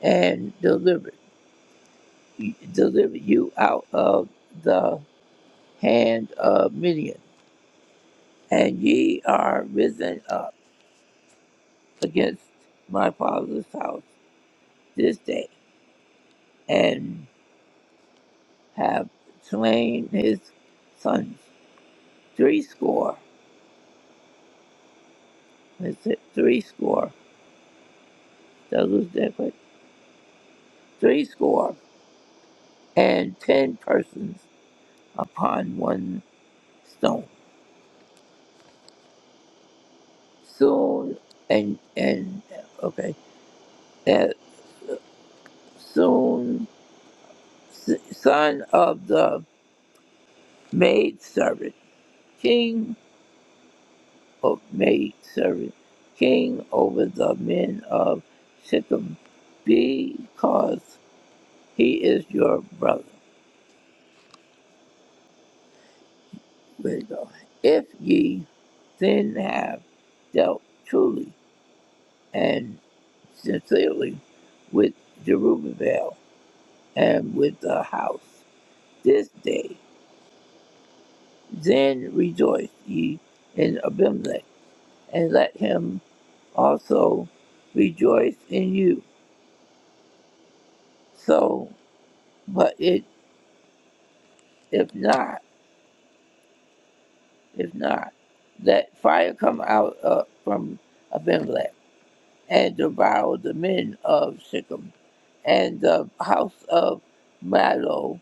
and delivered. deliver you out of the hand of Midian, and ye are risen up against my father's house this day, and have slain his sons three score. Is it three score? Did I lose that quick? Three score and ten persons upon one stone. Soon and and okay, that soon s- son of the maidservant, king of maidservant, king over the men of Shechem, because he is your brother. If ye then have dealt truly and sincerely with Jerubbaal and with the house this day, then rejoice ye in Abimelech, and let him also rejoice in you. So But it, if not, if not, that fire come out uh, from Abimelech and devour the men of Shechem and the house of Milo,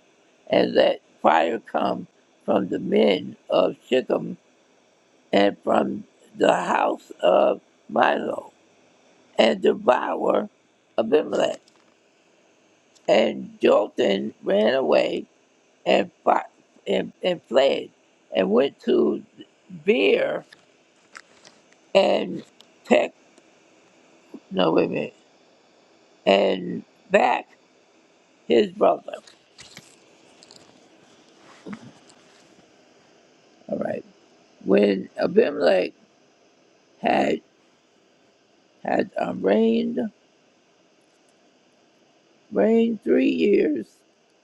and that fire come from the men of Shechem and from the house of Milo and devour Abimelech. And Jotham ran away and, fought, and, and fled and went to Beer and Peck, no, wait a minute, and back his brother. All right. When Abimelech had had um, reigned reigned three years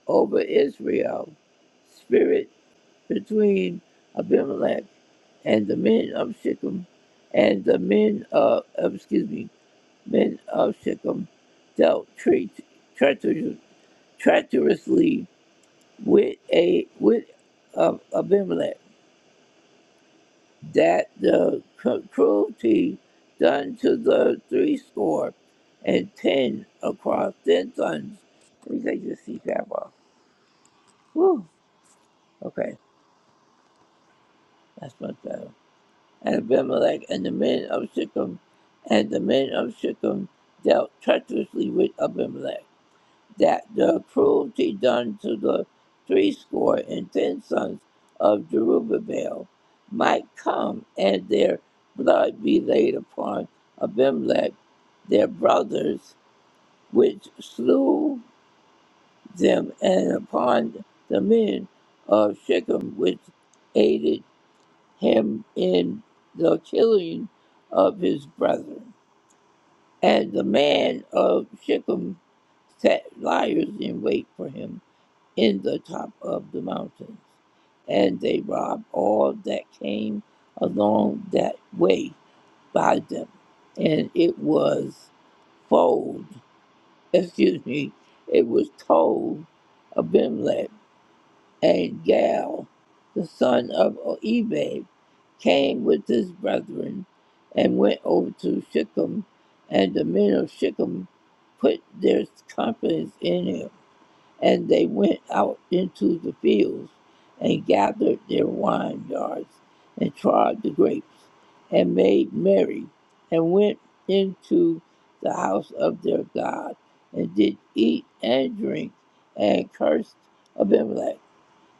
over Israel, spirit between Abimelech and the men of Shechem, and the men of, of- excuse me, men of Shechem dealt tre- treacherous- treacherously with a with um, Abimelech. that the cruelty done to the three score and ten across ten tons. Let me take this CPAP off. Whew. Okay, that's much better. And Abimelech and the men of Shechem, and the men of Shechem dealt treacherously with Abimelech. that the cruelty done to the threescore and ten sons of Jerubbaal might come, and their blood be laid upon Abimelech, their brothers, which slew them, and upon the men of Shechem, which aided him in the killing of his brethren. And the man of Shechem set liars in wait for him in the top of the mountains, and they robbed all that came along that way by them. And it was told, excuse me, it was told Abimelech and Gal, the son of Ebed, came with his brethren and went over to Shechem, and the men of Shechem put their confidence in him and they went out into the fields and gathered their vineyards and trod the grapes and made merry and went into the house of their God and did eat and drink and cursed Abimelech.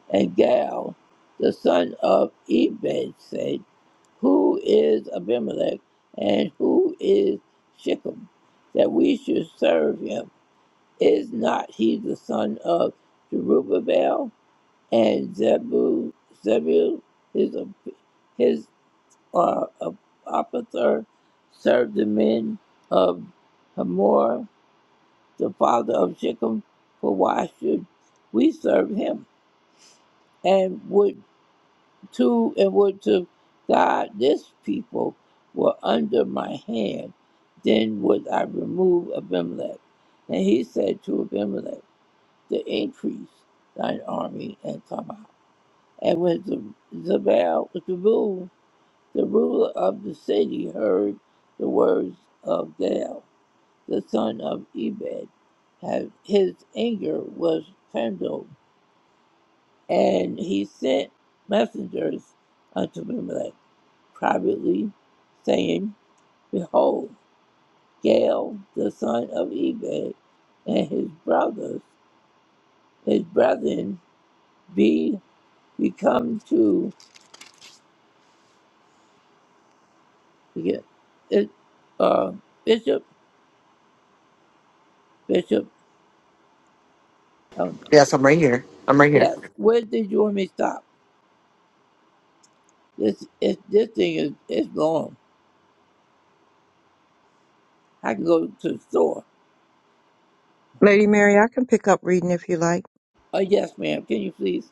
And Gal, the son of Ebed, said, Who is Abimelech and who is Shechem that we should serve him? Is not he the son of Jerubbaal and Zebu, Zebul, his, op- his uh, op- operator, served the men of Hamor, the father of Shechem, for why should we serve him? And would to and would to God this people were under my hand, then would I remove Abimelech. And he said to Abimelech, to increase thine army and come out. And when Z- Zabal, the ruler, the ruler of the city, heard the words of Gael, the son of Ebed, had- his anger was kindled, and he sent messengers unto Abimelech privately, saying, Behold, Gael, the son of Ebed, and his brothers, his brethren, be become to. Yeah. It, uh, Bishop, Bishop, um, yes, I'm right here. I'm right here. yes. Where did you want me to stop? This, it, this thing is it's long. I can go to the store. Lady Mary, I can pick up reading if you like. Oh yes, ma'am. Can you please?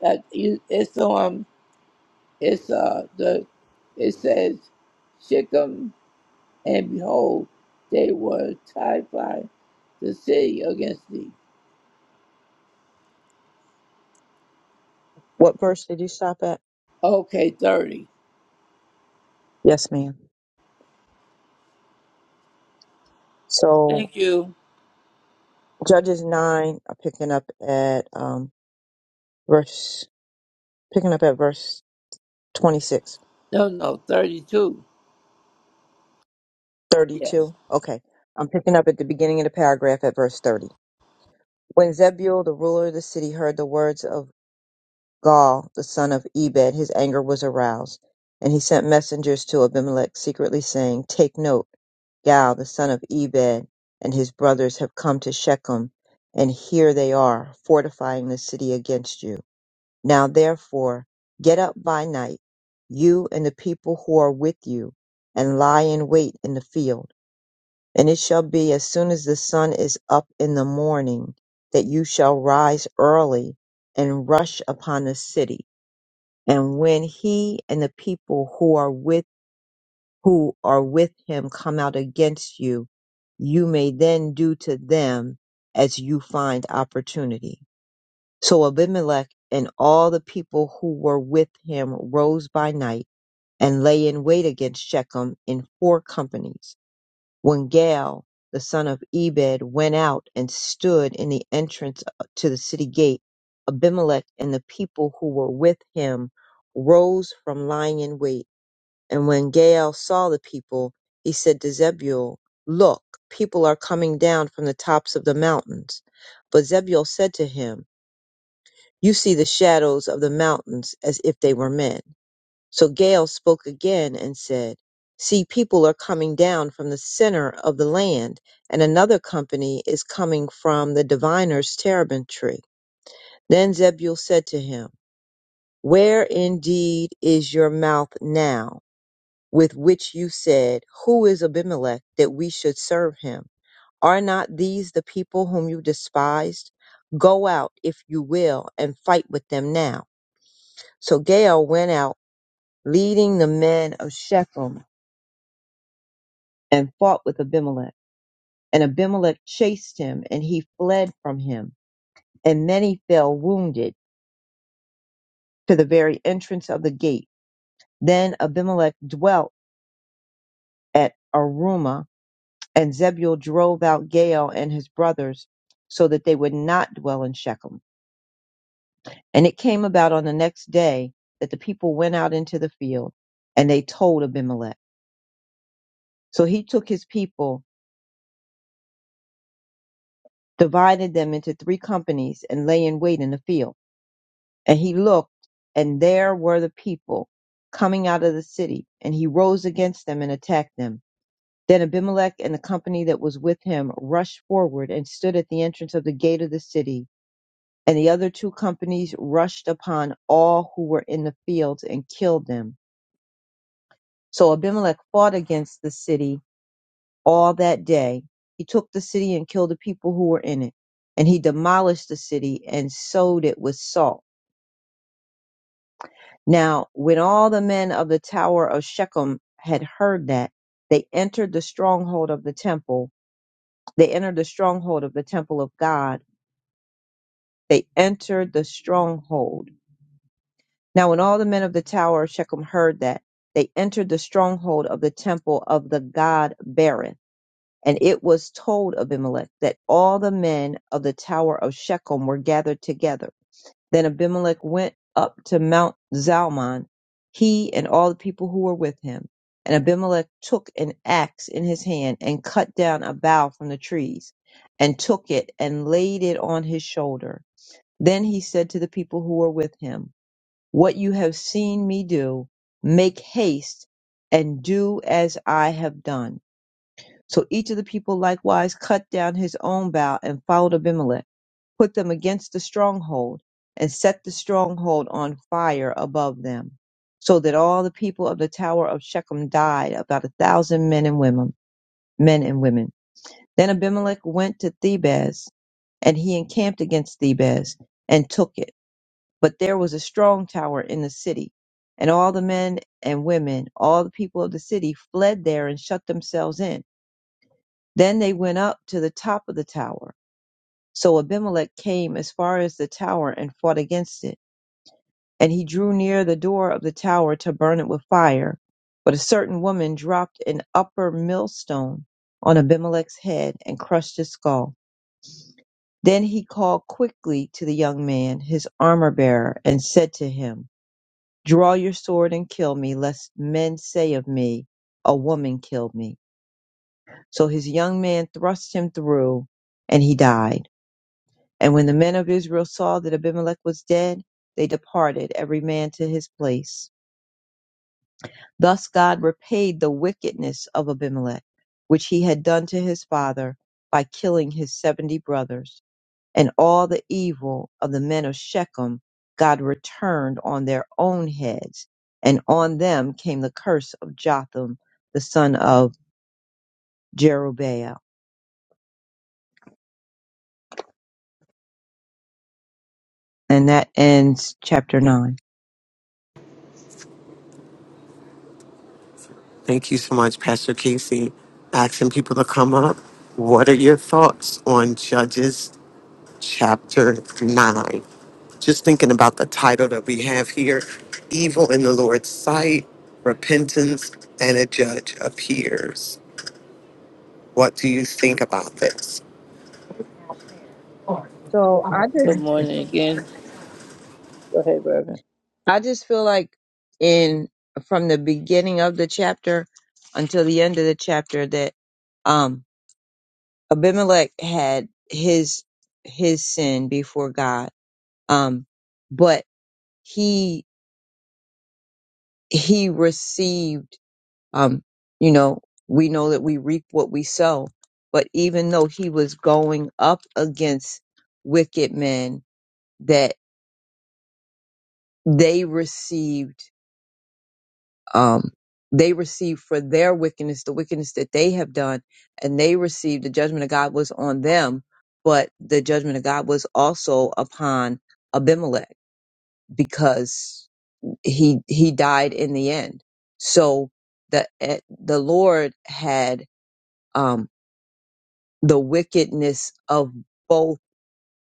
That you, it's um, it's uh the, it says, Shechem, and behold, they were terrified the city against thee. What verse did you stop at? Okay, thirty. Yes, ma'am. So Thank you. Judges nine, I'm picking up at um verse picking up at verse 26, No, no, thirty-two. thirty-two. Yes. Okay. I'm picking up at the beginning of the paragraph at verse 30. When Zebul, the ruler of the city, heard the words of Gaul, the son of Ebed, his anger was aroused, and he sent messengers to Abimelech secretly saying, "Take note Gal, the son of Ebed, and his brothers have come to Shechem, and here they are, fortifying the city against you. Now therefore, get up by night, you and the people who are with you, and lie in wait in the field. And it shall be as soon as the sun is up in the morning, that you shall rise early and rush upon the city. And when he and the people who are with who are with him come out against you, you may then do to them as you find opportunity. So Abimelech and all the people who were with him rose by night and lay in wait against Shechem in four companies. When Gaal, the son of Ebed, went out and stood in the entrance uh, to the city gate, Abimelech and the people who were with him rose from lying in wait and when Gael saw the people, he said to Zebul, Look, people are coming down from the tops of the mountains. But Zebul said to him, You see the shadows of the mountains as if they were men. So Gael spoke again and said, See, people are coming down from the center of the land, and another company is coming from the diviner's terebinth tree. Then Zebul said to him, Where indeed is your mouth now? with which you said, Who is Abimelech that we should serve him? Are not these the people whom you despised? Go out, if you will, and fight with them now. So Gael went out, leading the men of Shechem, and fought with Abimelech. And Abimelech chased him, and he fled from him. And many fell wounded to the very entrance of the gate. Then Abimelech dwelt at Arumah And Zebul drove out Gaal and his brothers, so that they would not dwell in Shechem. And it came about on the next day that the people went out into the field, and they told Abimelech. So he took his people, divided them into three companies, and lay in wait in the field. And he looked, and there were the people coming out of the city, and he rose against them and attacked them. Then Abimelech and the company that was with him rushed forward and stood at the entrance of the gate of the city And the other two companies rushed upon all who were in the fields and killed them. So Abimelech fought against the city all that day. He took the city and killed the people who were in it. And he demolished the city and sowed it with salt. Now, when all the men of the tower of Shechem had heard that, they entered the stronghold of the temple. They entered the stronghold of the temple of God. They entered the stronghold Now when all the men of the tower of Shechem heard that, they entered the stronghold of the temple of the god Berith. And it was told Abimelech that all the men of the tower of Shechem were gathered together. Then Abimelech went up to Mount Zalmon, he and all the people who were with him. And Abimelech took an axe in his hand and cut down a bough from the trees and took it and laid it on his shoulder. Then he said to the people who were with him, what you have seen me do, make haste and do as I have done. So each of the people likewise cut down his own bough and followed Abimelech, put them against the stronghold, and set the stronghold on fire above them, so that all the people of the tower of Shechem died, about a thousand men and women. Men and women. Then Abimelech went to Thebes, and he encamped against Thebes and took it but there was a strong tower in the city, and all the men and women, all the people of the city fled there and shut themselves in. Then they went up to the top of the tower. So Abimelech came as far as the tower and fought against it. And he drew near the door of the tower to burn it with fire. But a certain woman dropped an upper millstone on Abimelech's head and crushed his skull. Then he called quickly to the young man, his armor bearer, and said to him, draw your sword and kill me, lest men say of me, a woman killed me. So his young man thrust him through, and he died. And when the men of Israel saw that Abimelech was dead, they departed, every man to his place. Thus God repaid the wickedness of Abimelech, which he had done to his father, by killing his seventy brothers. and all the evil of the men of Shechem God returned on their own heads, and on them came the curse of Jotham, the son of Jerubbaal. And that ends chapter nine. Thank you so much, Pastor Casey. Asking people to come up. What are your thoughts on Judges chapter 9? Just thinking about the title that we have here Evil in the Lord's Sight, Repentance, and a Judge Appears. What do you think about this? So I just Good morning again. Go ahead, Reverend. I just feel like in from the beginning of the chapter until the end of the chapter that um Abimelech had his his sin before God. Um but he he received Um, you know, we know that we reap what we sow. But even though he was going up against wicked men that they received, um, they received for their wickedness, the wickedness that they have done, and they received the judgment of God was on them, but the judgment of God was also upon Abimelech because he he died in the end. So the eh, the Lord had um the wickedness of both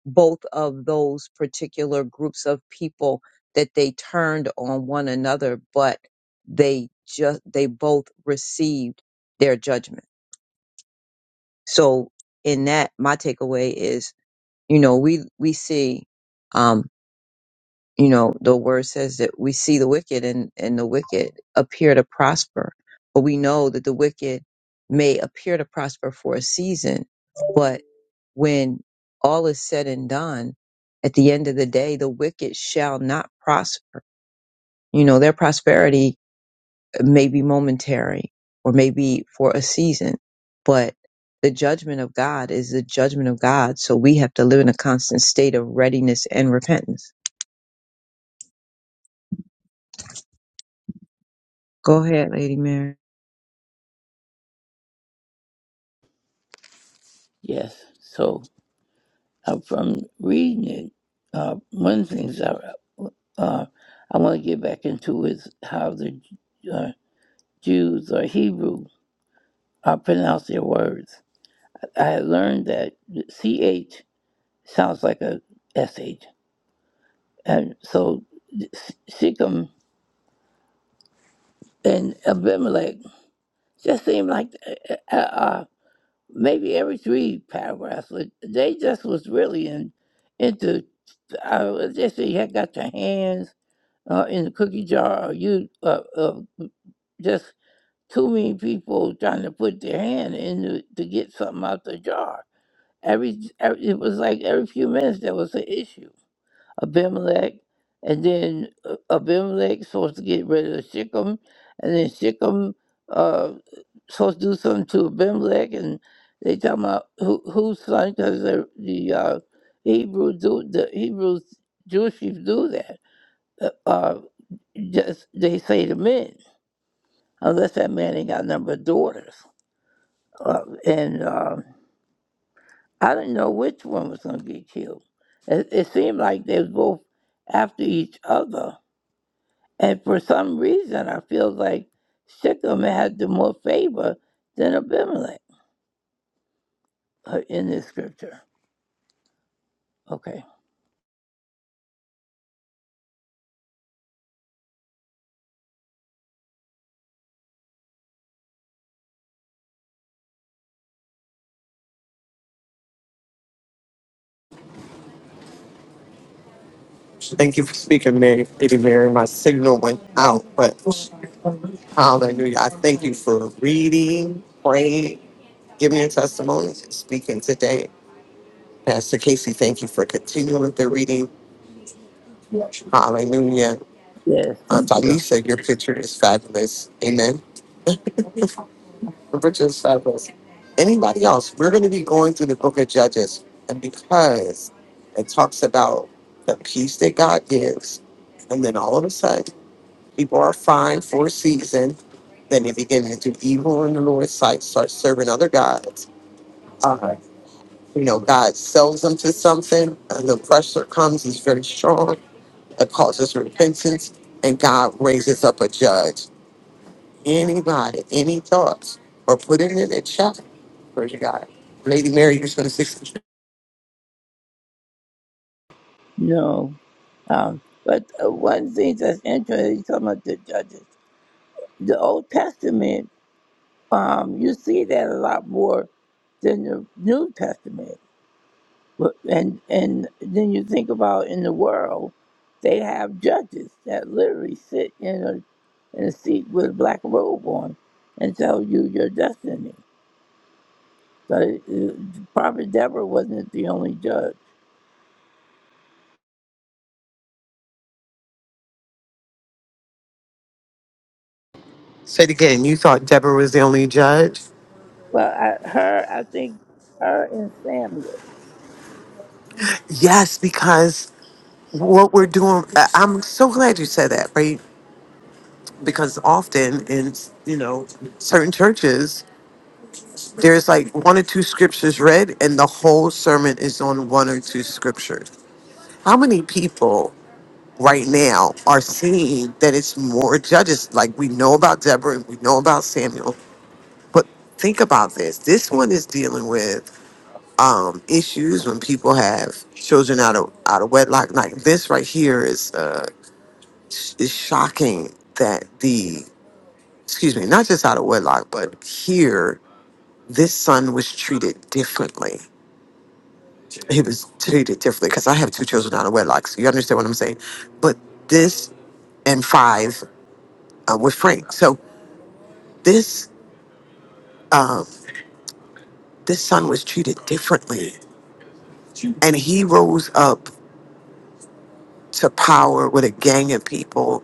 both of those particular groups of people that they turned on one another but they just they both received their judgment so in that my takeaway is you know we we see um you know the word says that we see the wicked and and the wicked appear to prosper but we know that the wicked may appear to prosper for a season but when all is said and done at the end of the day the wicked shall not prosper you know their prosperity may be momentary or may be for a season but the judgment of god is the judgment of god so we have to live in a constant state of readiness and repentance go ahead lady mary Yes. So uh, from reading it, uh, one of the things I, uh, I want to get back into is how the uh, Jews or Hebrew uh, pronounce their words. I had learned that CH sounds like a S H, And so Shechem and Abimelech just seemed like uh, uh, uh, maybe every three paragraphs, like, they just was really in, into, uh, just, say, you had got your hands uh, in the cookie jar. You uh, uh, just too many people trying to put their hand in to, to get something out the jar. Every, every it was like every few minutes there was an issue. Abimelech, and then uh, Abimelech supposed to get rid of Shechem, and then Shechem uh, supposed to do something to Abimelech, and they talking about who whose son because the the uh, Hebrew do the Hebrews Jewish people do that. Uh, uh, just they say to men, unless that man ain't got a number of daughters. Uh, and um, I didn't know which one was going to get killed. It, it seemed like they was both after each other. And for some reason, I feel like Shechem had the more favor than Abimelech uh, in this scripture. Okay. Thank you for speaking, Mary. Lady Mary, my signal went out, but hallelujah. I thank you for reading, praying, giving your testimony, and speaking today Pastor Casey, thank you for continuing with the reading. Hallelujah. Yes, Uh, thank you. Talisa, your picture is fabulous. Amen. Your picture is fabulous. Anybody else? We're going to be going through the book of Judges. And because it talks about the peace that God gives, and then all of a sudden, people are fine for a season. Then they begin to do evil in the Lord's sight, start serving other gods. Uh, you know, God sells them to something, and the pressure comes, he's very strong It causes repentance, and God raises up a judge. Anybody, any thoughts, or put it in the chat. Praise God. Lady Mary, you're going to say No. Um, but uh, one thing that's interesting, you talking about the judges. The Old Testament Um, you see that a lot more than the New Testament. But- And and then you think about in the world, they have judges that literally sit in a in a seat with a black robe on and tell you your destiny. So uh, Prophet Deborah wasn't the only judge. it again. You thought Deborah was the only judge? Well, I, her, I think her and Samuel. Yes, because what we're doing, I- I'm so glad you said that, right? Because often in, you know, certain churches, there's like one or two scriptures read, and the whole sermon is on one or two scriptures. How many people? right now are seeing that it's more judges. Like we know about Deborah, we know about Samuel, but think about this. This one is dealing with um, issues when people have children out of out of wedlock. Like this right here is uh, sh- is shocking that the excuse me, not just out of wedlock, but here this son was treated differently. He was treated differently because I have two children out of wedlock, so you understand what I'm saying. But this and five uh, with Frank. So This um, this son was treated differently, and he rose up to power with a gang of people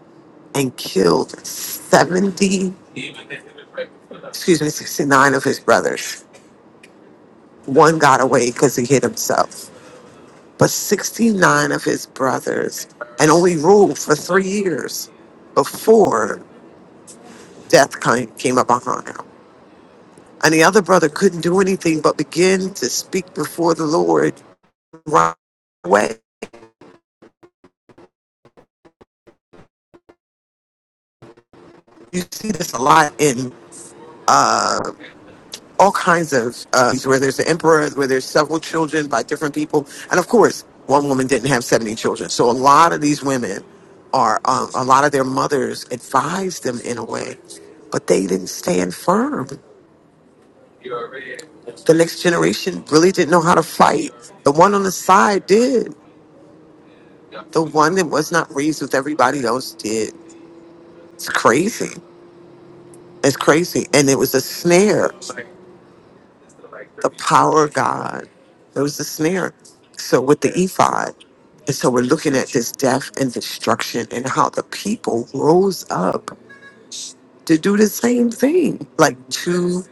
and killed seventy, excuse me, sixty nine of his brothers. One got away because he hit himself, but sixty nine of his brothers, and only ruled for three years before death came came upon him. And the other brother couldn't do anything but begin to speak before the Lord right away. You see this a lot in all kinds of uh, where there's the emperor, where there's several children by different people, and of course, one woman didn't have seventy children. So a lot of these women are um, a lot of their mothers advised them in a way, but they didn't stand firm. The next generation really didn't know how to fight. The one on the side did. The one that was not raised with everybody else did. It's crazy. It's crazy, and it was a snare the power of God. It was a snare. So with the ephod, And so we're looking at this death and destruction and how the people rose up to do the same thing. Like two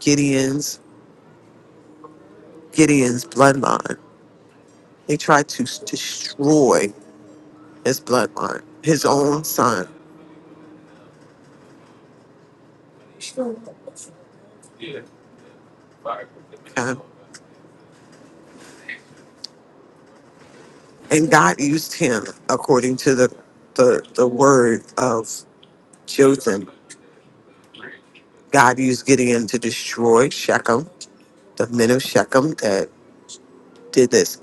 Gideon's, Gideon's bloodline. They tried to s- destroy his bloodline, his own son. okay? And God used him according to the, the, the word of Jotham. God used Gideon to destroy Shechem, the men of Shechem that did this.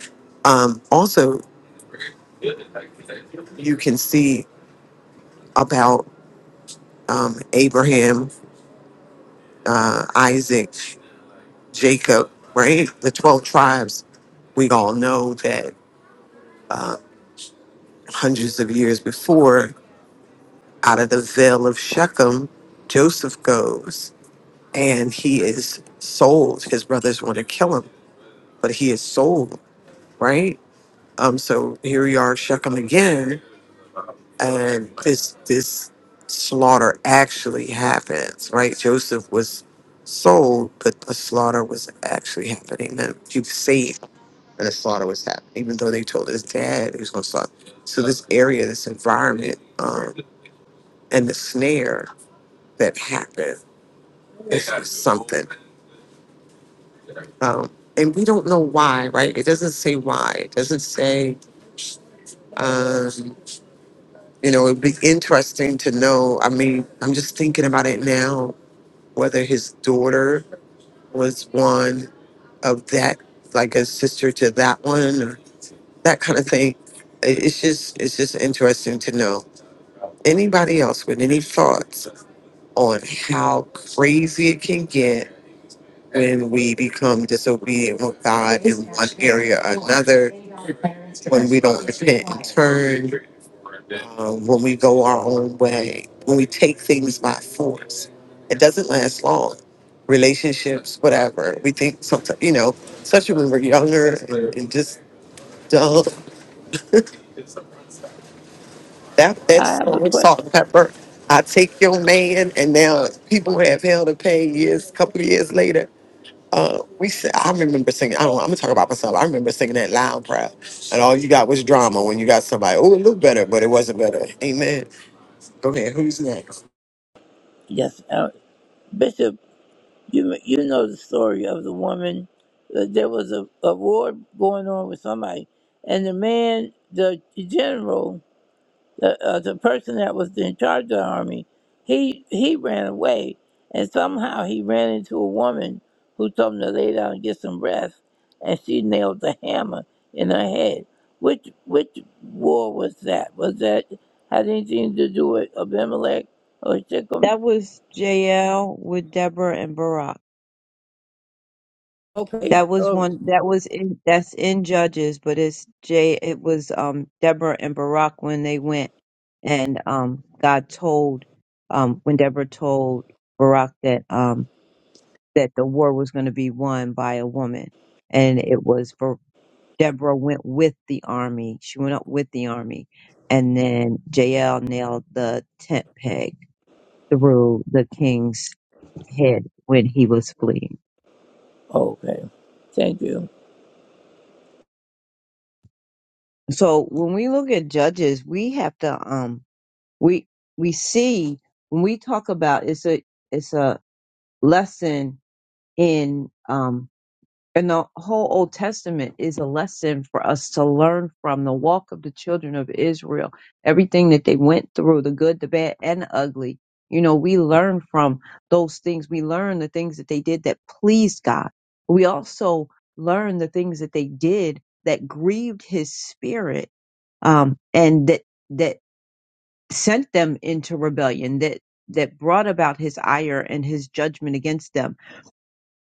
Um, also, you can see about um, Abraham, uh, Isaac, Jacob, right? The 12 tribes. We all know that hundreds of years before, out of the veil of Shechem, Joseph goes and he is sold. His brothers want to kill him, but he is sold, right? Um, so here we are, Shechem again and this this slaughter actually happens, right? Joseph was sold, but the slaughter was actually happening. And he was saved, and the slaughter was happening, even though they told his dad he was going to slaughter. So this area, this environment, um, and the snare that happened is something. Um, and we don't know why, right? It doesn't say why. It doesn't say. Um, you know, it'd be interesting to know. I mean, I'm just thinking about it now whether his daughter was one of that, like a sister to that one, or that kind of thing. It- It's just, it's just interesting to know. Anybody else with any thoughts on how crazy it can get when we become disobedient with God in one area or another, when we don't repent and turn? um, when we go our own way, when we take things by force. It doesn't last long. Relationships, whatever. We think sometimes, you know, especially when we're younger and and just dumb. That I that's have so a much salt question. and pepper. I take your man, and now people have hell to pay years, couple of years later. Uh, we s- I remember singing. I don't. I'm gonna talk about myself. I remember singing that loud and proud, and all you got was drama when you got somebody. Oh, it looked better, but it wasn't better. Amen. Go ahead. Who's next? Yes, uh, Bishop. You you know the story of the woman. Uh, there was a, a war going on with somebody, and the man, the general, the uh, the person that was in charge of the army, he he ran away, and somehow he ran into a woman who told him to lay down and get some rest, and she nailed the hammer in her head. Which which war was that? Was that had anything to do with Abimelech or Shechem? That was Jael with Deborah and Barak. Okay. That was Oh, one that was in that's in Judges, but it's J it was um Deborah and Barak when they went and um God told um when Deborah told Barak that um that the war was going to be won by a woman and it was for Deborah went with the army. She went up with the army and then Jael nailed the tent peg through the king's head when he was fleeing. okay. Thank you. so when we look at judges we have to um we we see when we talk about it's a it's a lesson in um and the whole Old Testament is a lesson for us to learn from the walk of the children of Israel. Everything that they went through, the good, the bad, and the ugly. You know, we learn from those things. We learn the things that they did that pleased God. We also learn the things that they did that grieved his spirit um, and that that sent them into rebellion, that that brought about his ire and his judgment against them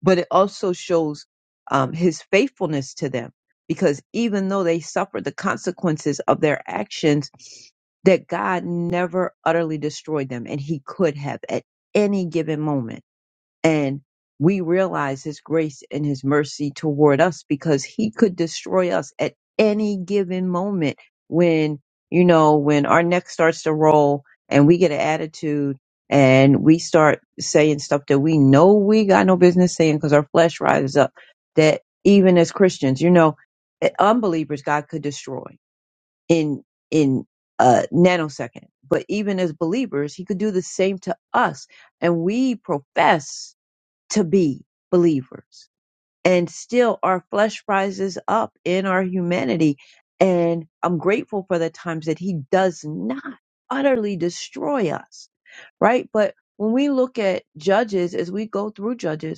but it also shows um, his faithfulness to them because even though they suffered the consequences of their actions that god never utterly destroyed them and he could have at any given moment and we realize his grace and his mercy toward us because he could destroy us at any given moment when you know when our neck starts to roll and we get an attitude and we start saying stuff that we know we got no business saying because our flesh rises up that even as christians you know eh, unbelievers god could destroy in in a nanosecond but even as believers he could do the same to us and we profess to be believers. And still our flesh rises up in our humanity. And I'm grateful for the times that he does not utterly destroy us, right? But when we look at judges, as we go through judges,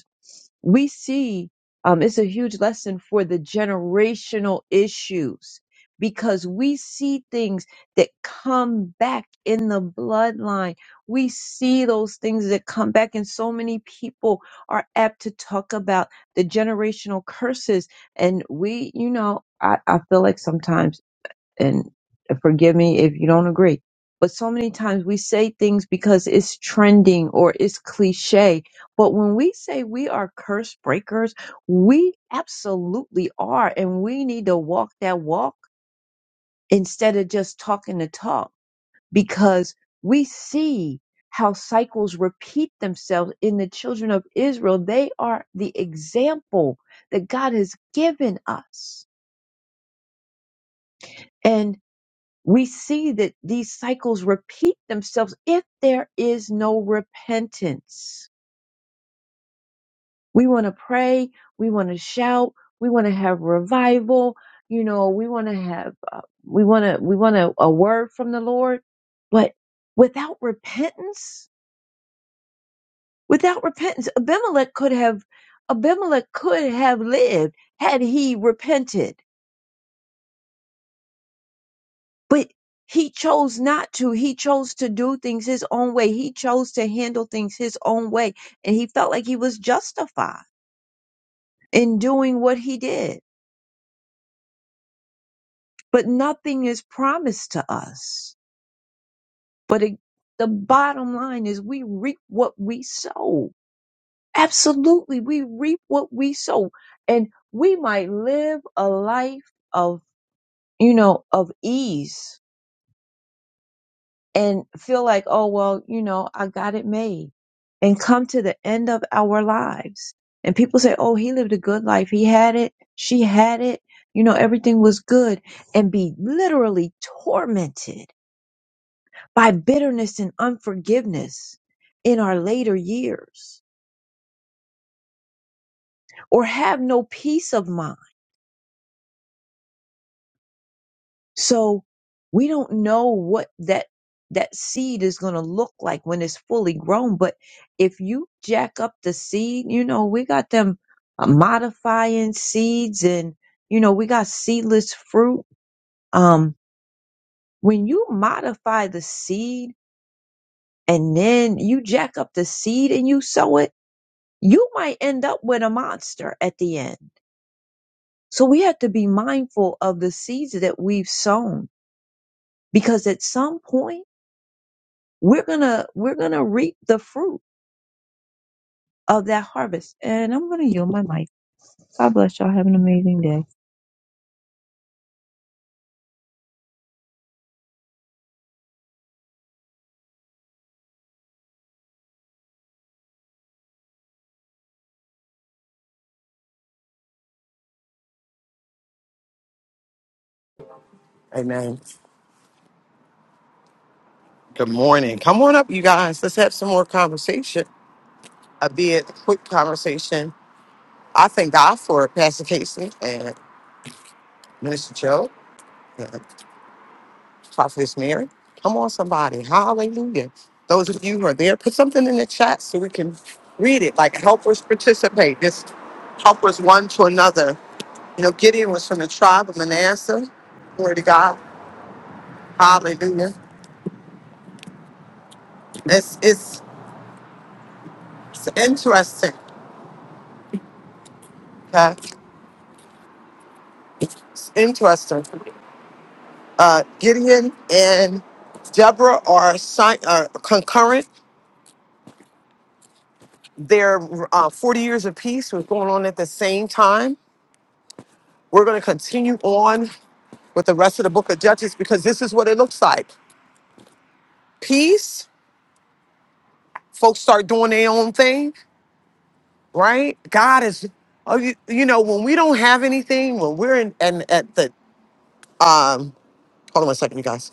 we see um, it's a huge lesson for the generational issues because we see things that come back in the bloodline. We see those things that come back, and so many people are apt to talk about the generational curses. And we, you know, I, I feel like sometimes and forgive me if you don't agree. But so many times we say things because it's trending or it's cliche. But when we say we are curse breakers, we absolutely are. And we need to walk that walk instead of just talking the talk because we see how cycles repeat themselves in the children of Israel. They are the example that God has given us. and. we see that these cycles repeat themselves if there is no repentance. We want to pray, we want to shout, we want to have revival, you know, we want to have uh, we want to we want a, a word from the Lord, but without repentance, without repentance, Abimelech could have Abimelech could have lived had he repented but he chose not to. He chose to do things his own way. He chose to handle things his own way. And he felt like he was justified in doing what he did. But nothing is promised to us. But it, the bottom line is we reap what we sow. Absolutely. We reap what we sow. And we might live a life of, you know, of ease and feel like, oh, well, you know, I got it made and come to the end of our lives. And people say, oh, he lived a good life. He had it. She had it. You know, everything was good and be literally tormented by bitterness and unforgiveness in our later years or have no peace of mind So we don't know what that that seed is going to look like when it's fully grown. But if you jack up the seed, you know we got them uh, modifying seeds, and you know we got seedless fruit. Um, when you modify the seed and then you jack up the seed and you sow it, you might end up with a monster at the end. So we have to be mindful of the seeds that we've sown because at some point we're gonna we're gonna reap the fruit of that harvest. And I'm gonna yield my mic. God bless y'all. Have an amazing day. Amen. Good morning. Come on up, you guys. Let's have some more conversation, albeit a quick conversation. I thank God for Pastor Casey and Minister Joe and Prophetess Mary. Come on, somebody. Hallelujah. Those of you who are there, put something in the chat so we can read it. Like, help us participate. Just help us one to another. You know, Gideon was from the tribe of Manasseh. Glory to God. Hallelujah. It's, it's, it's interesting. Okay? It's interesting uh, Gideon and Deborah are, si- are concurrent. Their uh, 40 years of peace was going on at the same time. We're going to continue on with the rest of the book of Judges because this is what it looks like peace. Folks start doing their own thing, right? God is, oh, you, you know, when we don't have anything, when we're in and at the, um, hold on one second, you guys.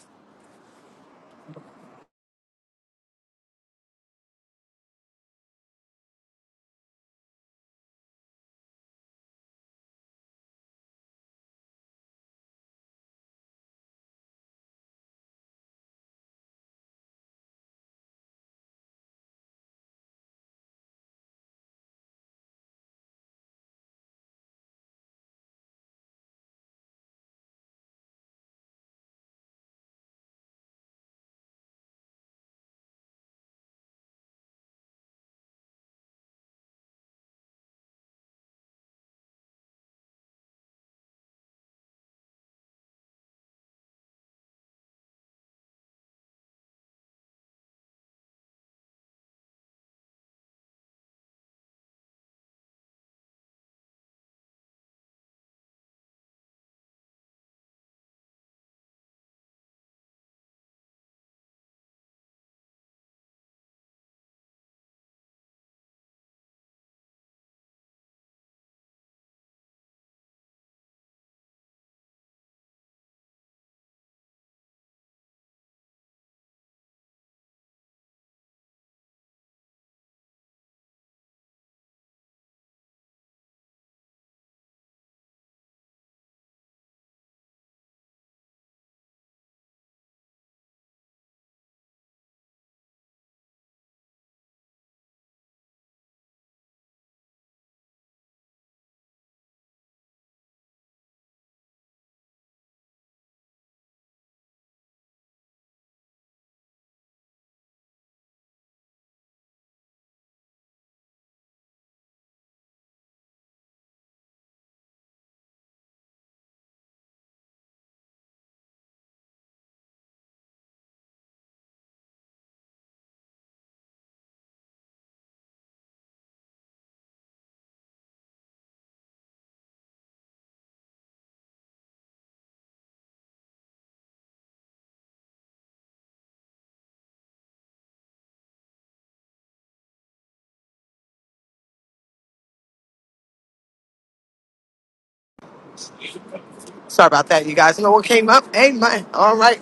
Sorry about that, you guys. You know what came up? Amen. All right.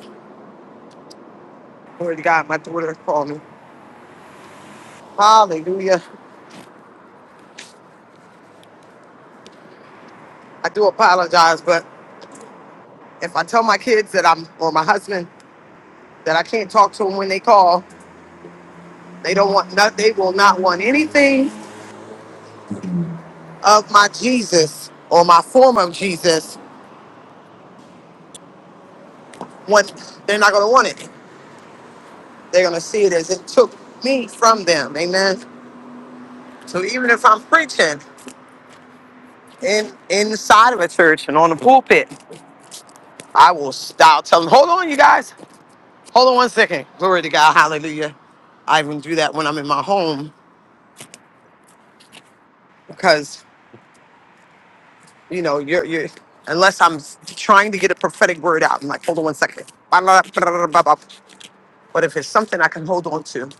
Glory to God. My daughter called me. Hallelujah. I do apologize, but if I tell my kids that I'm or my husband that I can't talk to them when they call, they don't want not, they will not want anything of my Jesus or my form of Jesus when they're not gonna want it. They're gonna see it as it took me from them. Amen. So even if I'm preaching in inside of a church and on the pulpit, I will stop tell them, hold on you guys, hold on one second. Glory to God, hallelujah. I even do that when I'm in my home because You know, you're you're unless I'm s- trying to get a prophetic word out. I'm like, hold on one second. Ba- la- ba- la- ba- ba- ba. But if it's something I can hold on to,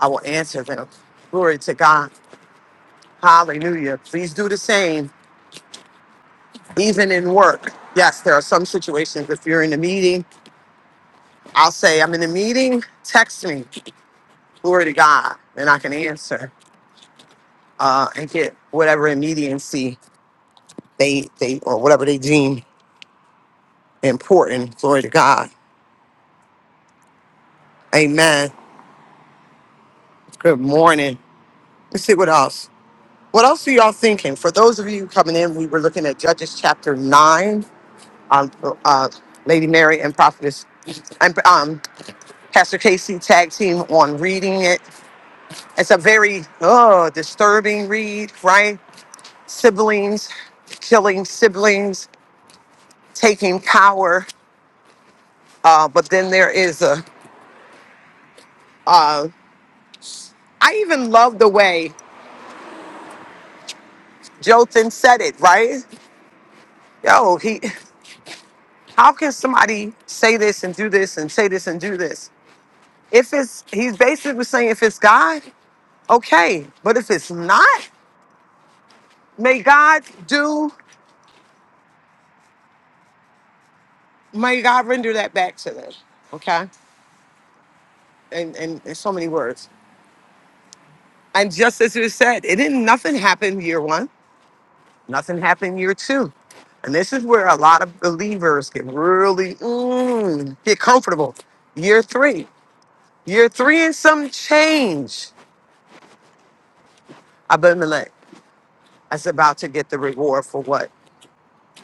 I will answer them. Glory to God. Hallelujah. Please do the same, even in work. Yes, there are some situations if you're in a meeting, I'll say, I'm in a meeting, text me. Glory to God. And I can answer uh, and get whatever immediacy they they or whatever they deem important. Glory to God. Amen. Good morning. Let's see what else. What else are y'all thinking? For those of you coming in, we were looking at Judges chapter nine. Um, uh, Lady Mary and Prophetess and um, Pastor Casey tag team on reading it. It's a very oh, disturbing read, right? Siblings killing siblings, taking power. Uh, but then there is a. Uh, I even love the way Jothan said it, right? Yo, he. How can somebody say this and do this and say this and do this? If it's, he's basically saying if it's God, okay. But if it's not, may God do, may God render that back to them. Okay. And, and in so many words. And just as you said, it didn't, nothing happened year one, nothing happened year two. And this is where a lot of believers get really, mm, get comfortable. Year three, year three and some change. Abimelech is about to get the reward for what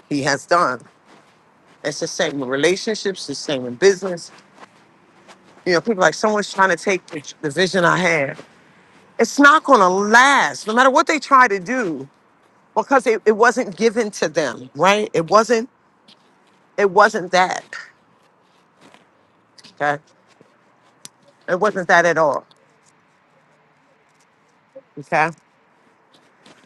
he has done. It's the same in relationships, the same in business, You know, people like someone's trying to take the, the vision I had. It's not going to last, no matter what they try to do, because it, it wasn't given to them, right? It wasn't. It wasn't that. Okay, it wasn't that at all. Okay,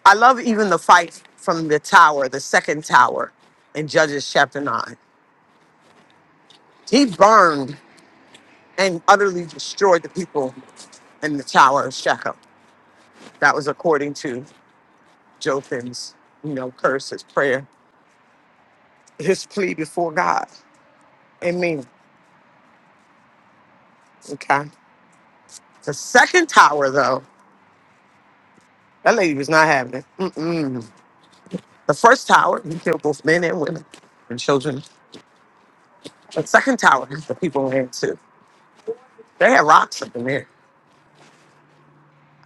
I love even the fight from the tower, the second tower, in Judges chapter nine. He burned and utterly destroyed the people in the tower of Shechem. That was according to Jotham's, you know, curse, his prayer, his plea before God. Amen. Okay. The second tower, though, that lady was not having it. Mm-mm. The first tower, he killed both men and women and children. The second tower, the people were to. They had rocks up in there.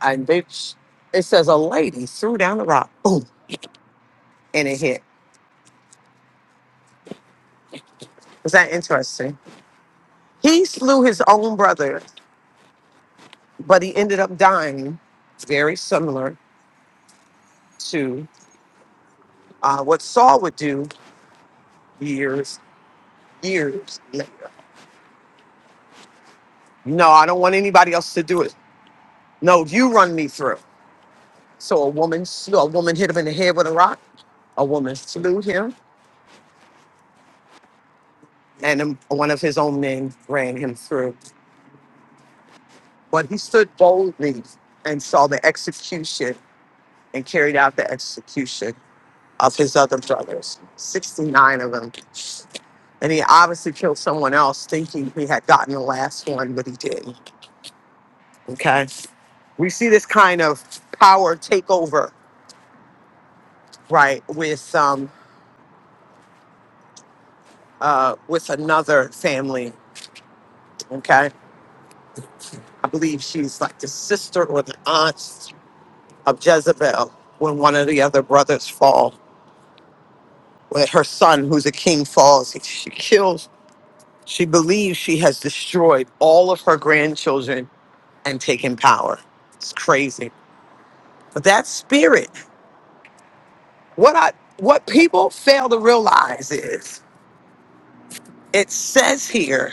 And they, it says a lady threw down the rock, boom, and it hit. Is that interesting? He slew his own brother, but he ended up dying very similar to uh, what Saul would do years, years later. No, I don't want anybody else to do it. No, you run me through. So a woman, slew, a woman hit him in the head with a rock. A woman slew him, and um, one of his own men ran him through. But he stood boldly and saw the execution and carried out the execution of his other brothers, 69 of them. And he obviously killed someone else thinking he had gotten the last one, but he didn't. Okay. We see this kind of power takeover, right, with um, uh, with another family. Okay. I believe she's like the sister or the aunt of Jezebel when one of the other brothers fall. When her son, who's a king, falls, she kills. She believes she has destroyed all of her grandchildren and taken power. It's crazy. But that spirit, what I what people fail to realize is it says here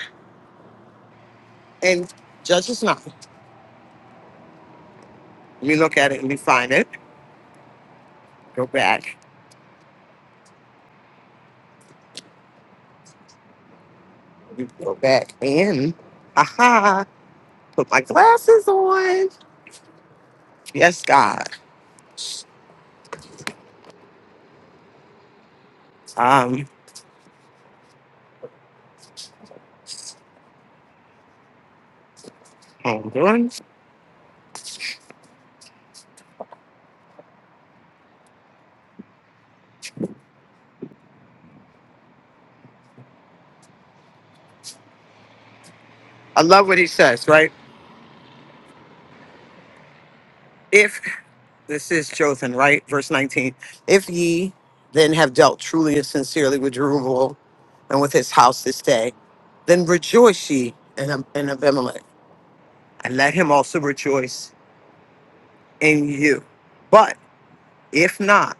in Judges 9. Let me look at it and we find it. Go back. Let me Go back and aha. Put my glasses on. Yes, God. Um, hold on. I love what he says, right? If this is chosen, right? Verse 19. If ye then have dealt truly and sincerely with Jerubbaal and with his house this day, then rejoice ye in, Ab- in Abimelech, and let him also rejoice in you. But if not,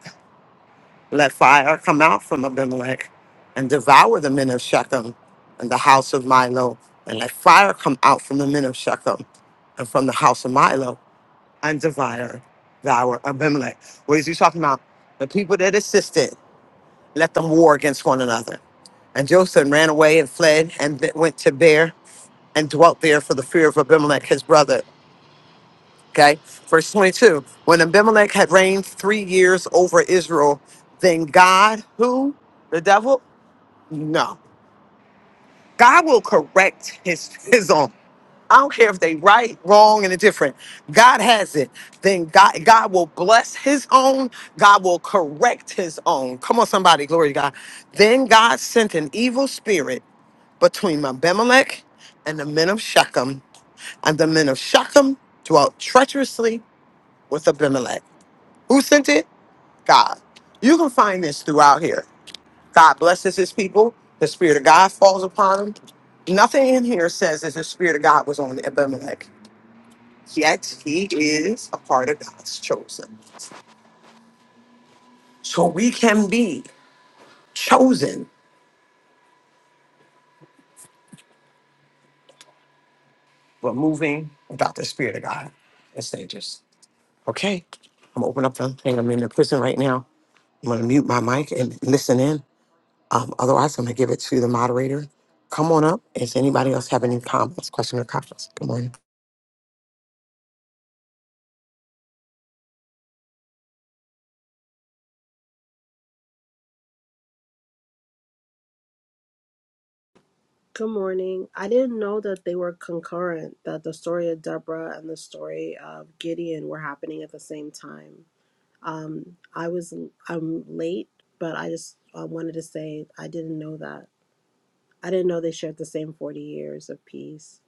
Let fire come out from Abimelech and devour the men of Shechem and the house of Milo. And let fire come out from the men of Shechem and from the house of Milo and devour, devour Abimelech. What is he talking about? The people that assisted, let them war against one another. And Joseph ran away and fled and went to Beer and dwelt there for the fear of Abimelech, his brother. Okay, verse 22. When Abimelech had reigned three years over Israel, then God, who? The devil? No. God will correct his, his own. I don't care if they right, wrong, and indifferent. God has it. Then God, God will bless his own. God will correct his own. Come on, somebody, glory to God. Then God sent an evil spirit between Abimelech and the men of Shechem, and the men of Shechem dwelt treacherously with Abimelech. Who sent it? God. You can find this throughout here. God blesses his people. The spirit of God falls upon them. Nothing in here says that the spirit of God was on Abimelech. Yet he is a part of God's chosen. So we can be chosen, but moving without the spirit of God. It's dangerous. Okay. I'm gonna open up the thing. I'm in the prison right now. I'm gonna mute my mic and listen in. Um, otherwise, I'm gonna give it to the moderator. Come on up. Is anybody else have any comments, question, or comments? Good morning. Good morning. I didn't know that they were concurrent, that the story of Deborah and the story of Gideon were happening at the same time. Um, I was I'm late, but I just I wanted to say I didn't know that. I didn't know they shared the same 40 years of peace.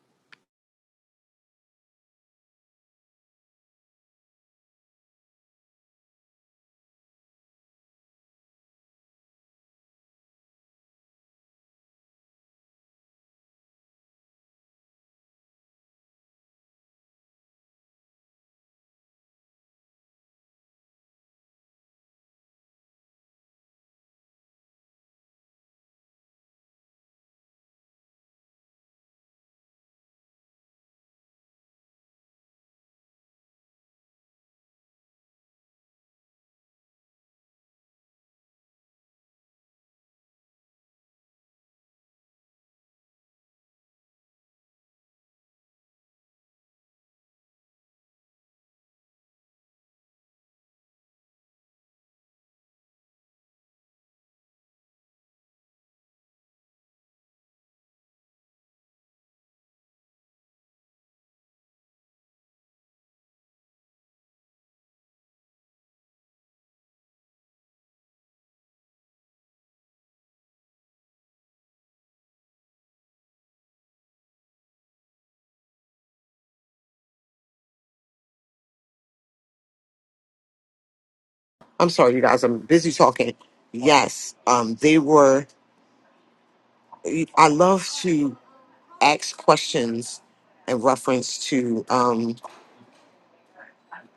I'm sorry, you guys. I'm busy talking. Yes, um, they were. I love to ask questions in reference to um,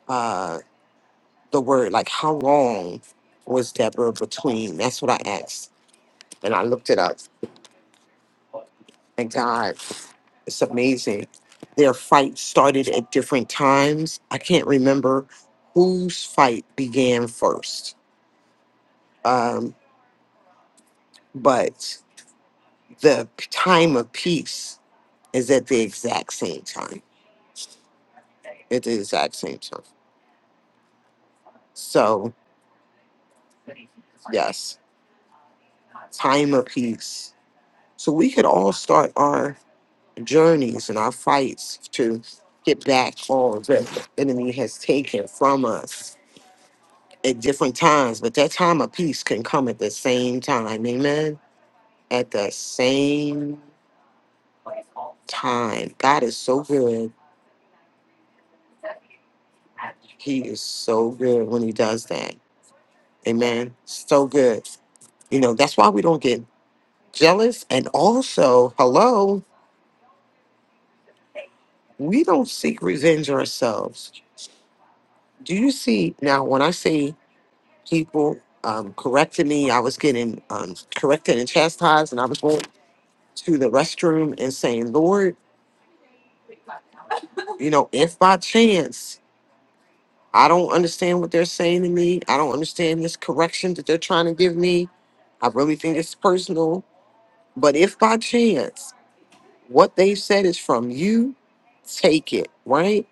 uh, the word, like how long was Deborah between? That's what I asked, and I looked it up. And God, it's amazing. Their fight started at different times. I can't remember whose fight began first, um, but the time of peace is at the exact same time. At the exact same time. So, yes, time of peace. So we could all start our journeys and our fights to get back all that the enemy has taken from us at different times. But that time of peace can come at the same time. Amen. At the same time. God is so good. He is so good when he does that. Amen. So good. You know, that's why we don't get jealous. And also, hello, we don't seek revenge ourselves. Do you see now when I see people um, correcting me, I was getting um, corrected and chastised, and I was going to the restroom and saying, Lord, you know, if by chance I don't understand what they're saying to me, I don't understand this correction that they're trying to give me, I really think it's personal. But if by chance What they said is from you, take it, right?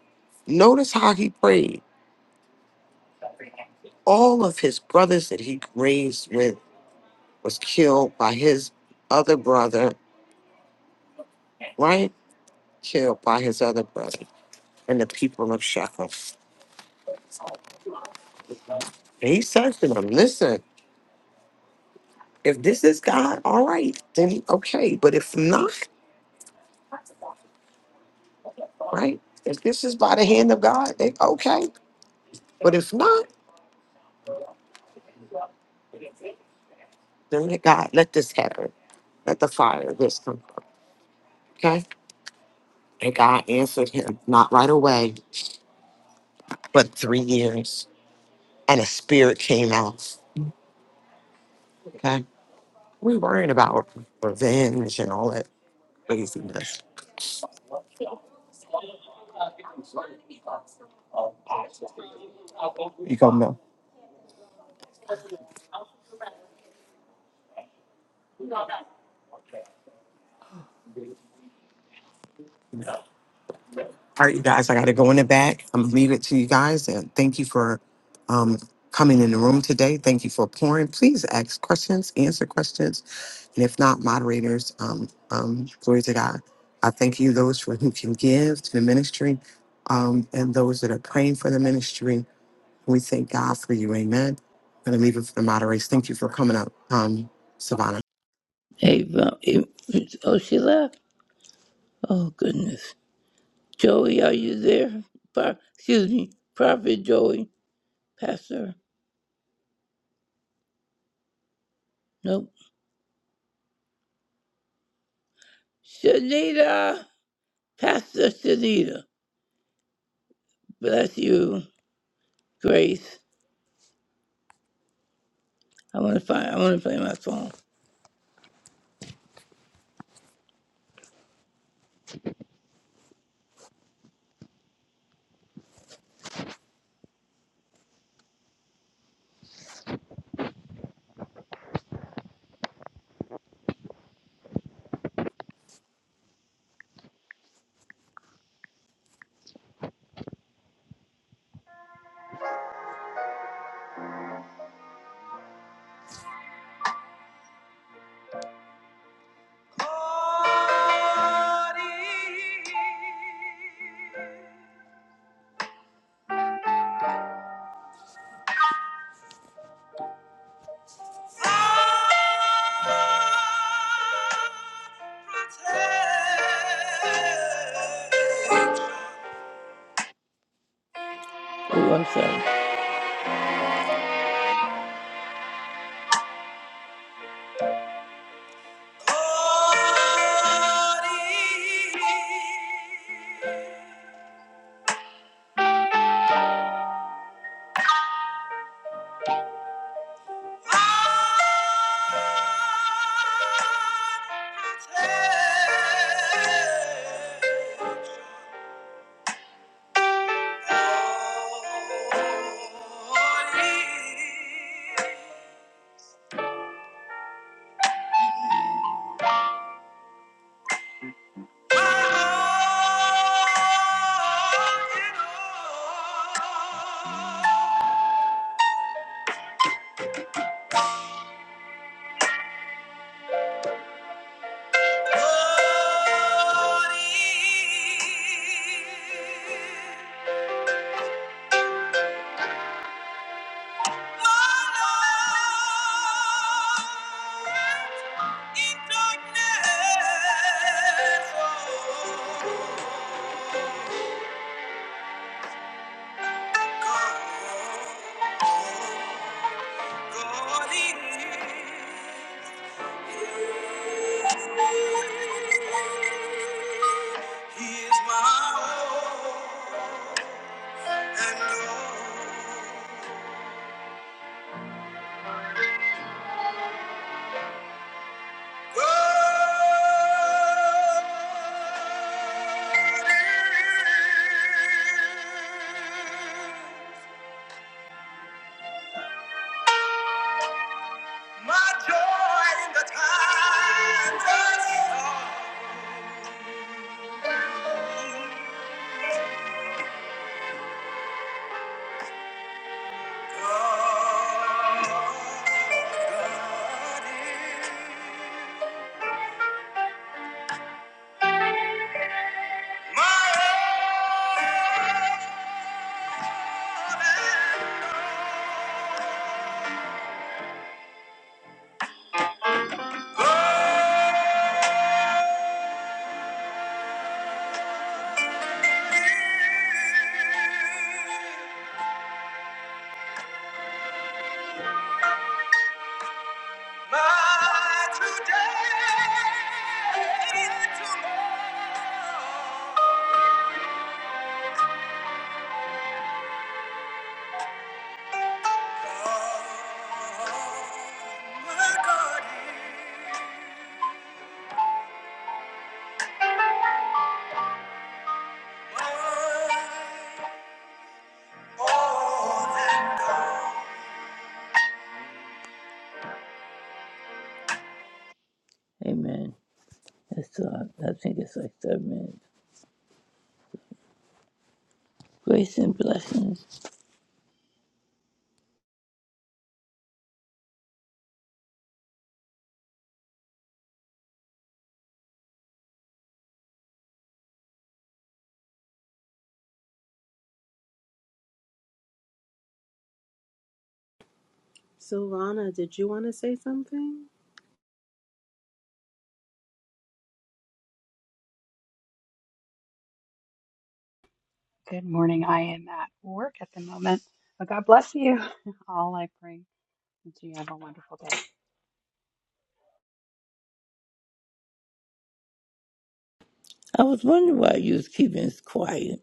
Notice how he prayed. All of his brothers that he raised with was killed by his other brother, right? Killed by his other brother and the people of Shechem. And he said to them, listen, if this is God, all right, then okay. But if not, right? If this is by the hand of God, then okay. But if not, then let God let this happen. Let the fire of this come. up, Okay? And God answered him, not right away, but three years. And a spirit came out. Okay. We worrying about revenge and all that craziness. You gonna know. All right, you guys, I gotta go in the back. I'm gonna leave it to you guys and thank you for um coming in the room today. Thank you for pouring. Please ask questions, answer questions. And if not, moderators, um, um, glory to God. I thank you, those for who can give to the ministry, um, and those that are praying for the ministry. We thank God for you. Amen. I'm going to leave it for the moderators. Thank you for coming up, um, Savannah. Hey, Val- it- it's- oh, she left? Oh, goodness. Joey, are you there? Pro- excuse me, Prophet Joey. Pastor, nope. Shanita! Pastor Shanita. Bless you, Grace. I want to find, I want to play my song. Oh, I'm sorry. Oh He is my all and all. My joy in the times of sorrow. My today, and tomorrow, my God is my all and all. Amen. That's all. I think it's like seven minutes. Grace and blessings. Silvana, did you want to say something? Good morning. I am at work at the moment, but God bless you all. I pray that you have a wonderful day. I was wondering why you was keeping us quiet.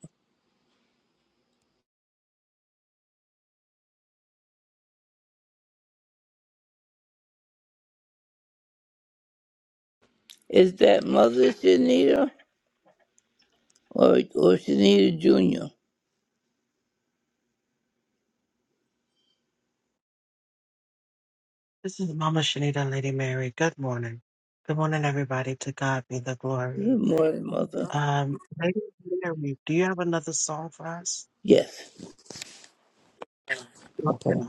Is that Mother Shanita or or Shanita Junior? This is Mama Shanita and Lady Mary. Good morning. Good morning, everybody. To God be the glory. Good morning, Mother. Um, Lady Mary, do you have another song for us? Yes. Okay. Okay.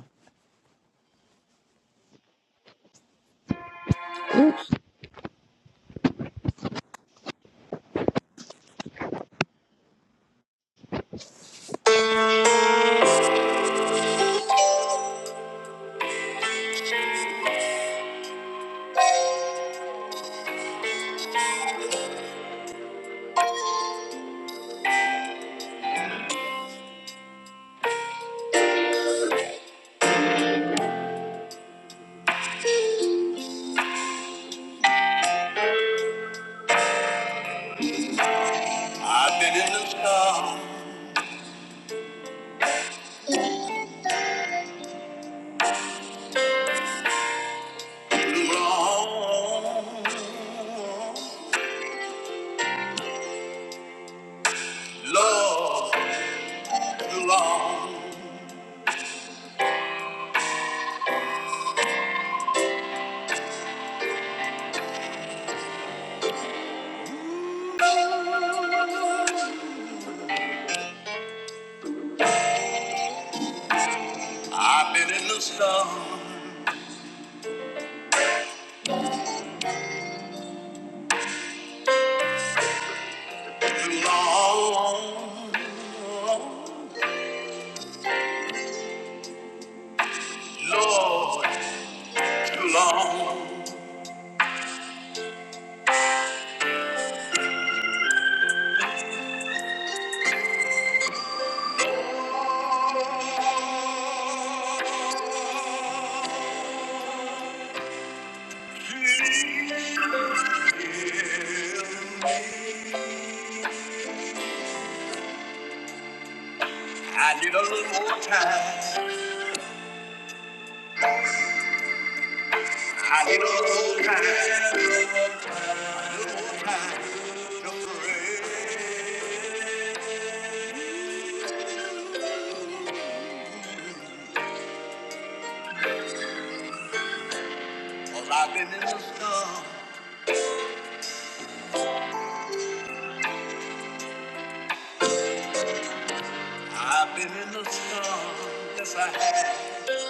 I've been in the storm too long, Lord, too long. I've been in the storm too long, Lord, too long. I need a little more time. I need a little more time. A little more time to pray. 'Cause I've been in the storm. I've been in the sun, yes I have.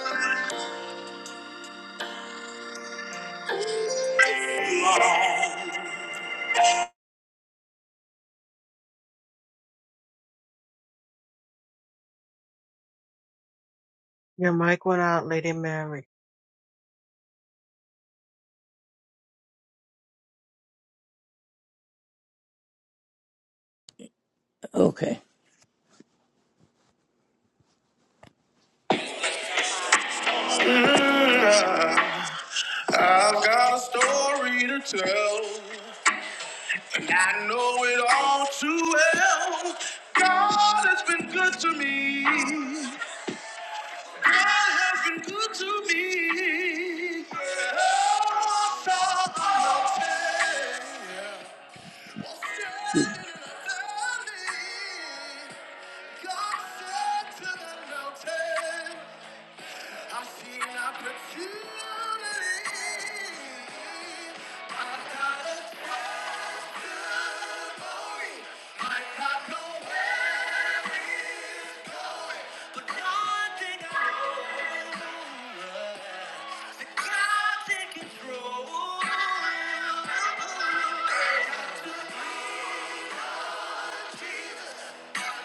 Your mic went out, Lady Mary. Okay. I've got a story to tell, and I know it all too well. God has been good to me. God has been good to me. Oh, God, I'll tell. you. I'll tell you. God said to the mountain. I see an opportunity. I've got a testimony. I got no where it's going, but God think I know that God take control. I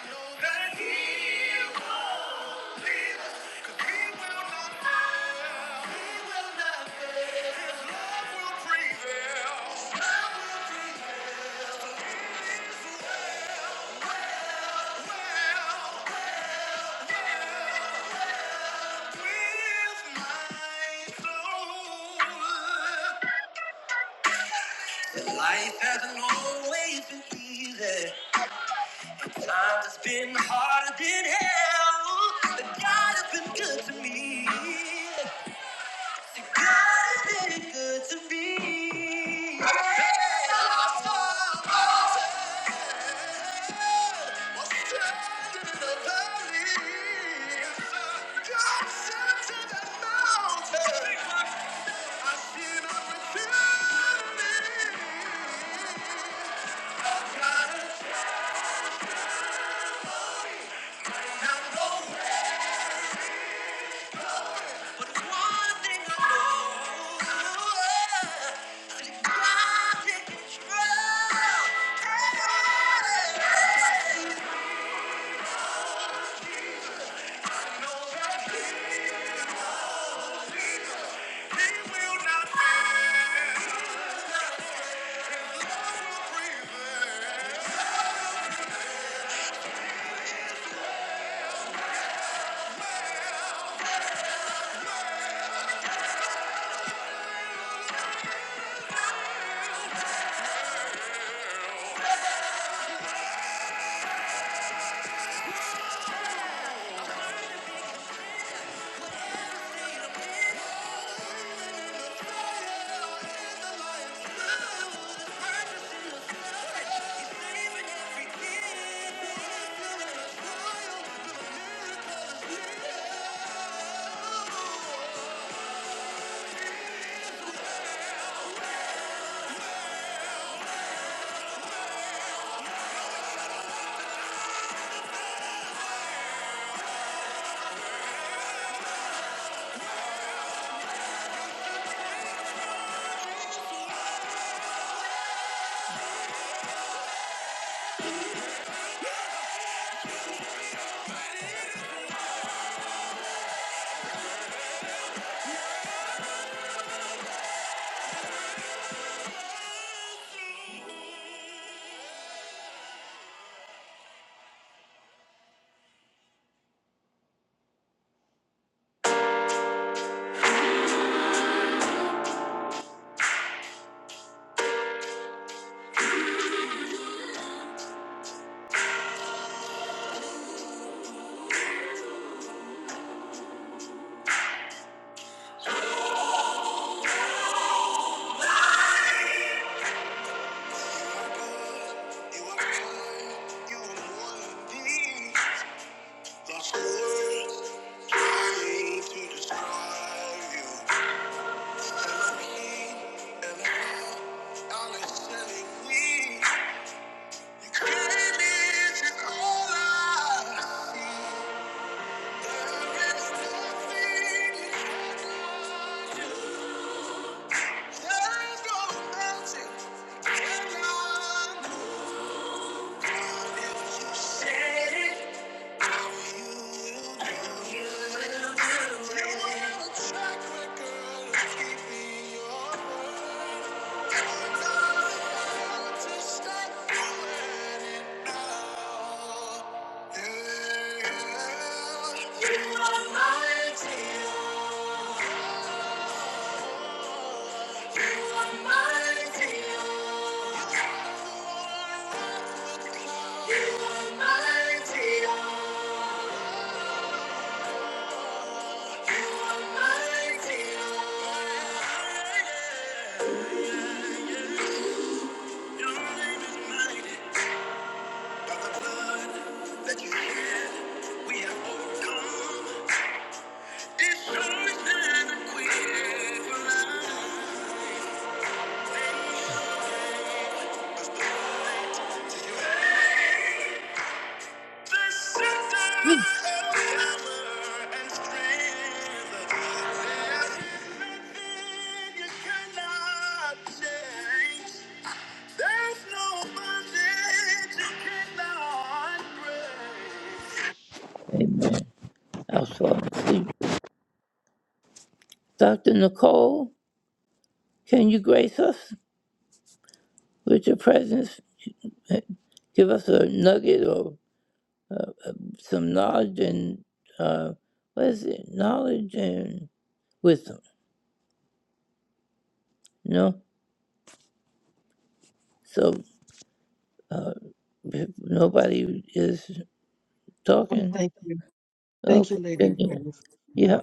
know that He will. Life hasn't always been easy. Times has been harder than hell. But God has been good to me. God has been good to me. Thank you. Yeah. Thank you. no You are my mighty. Destroy and quit for love. Mm. Amen. I will fall asleep. Dr. Nicole, can you grace us with your presence? Give us a nugget or some knowledge and, uh, what is it? Knowledge and wisdom. No? So uh, if nobody is Oh, talking, thank you. Thank you, okay, Lady then yeah. Mary, for the, yeah. uh,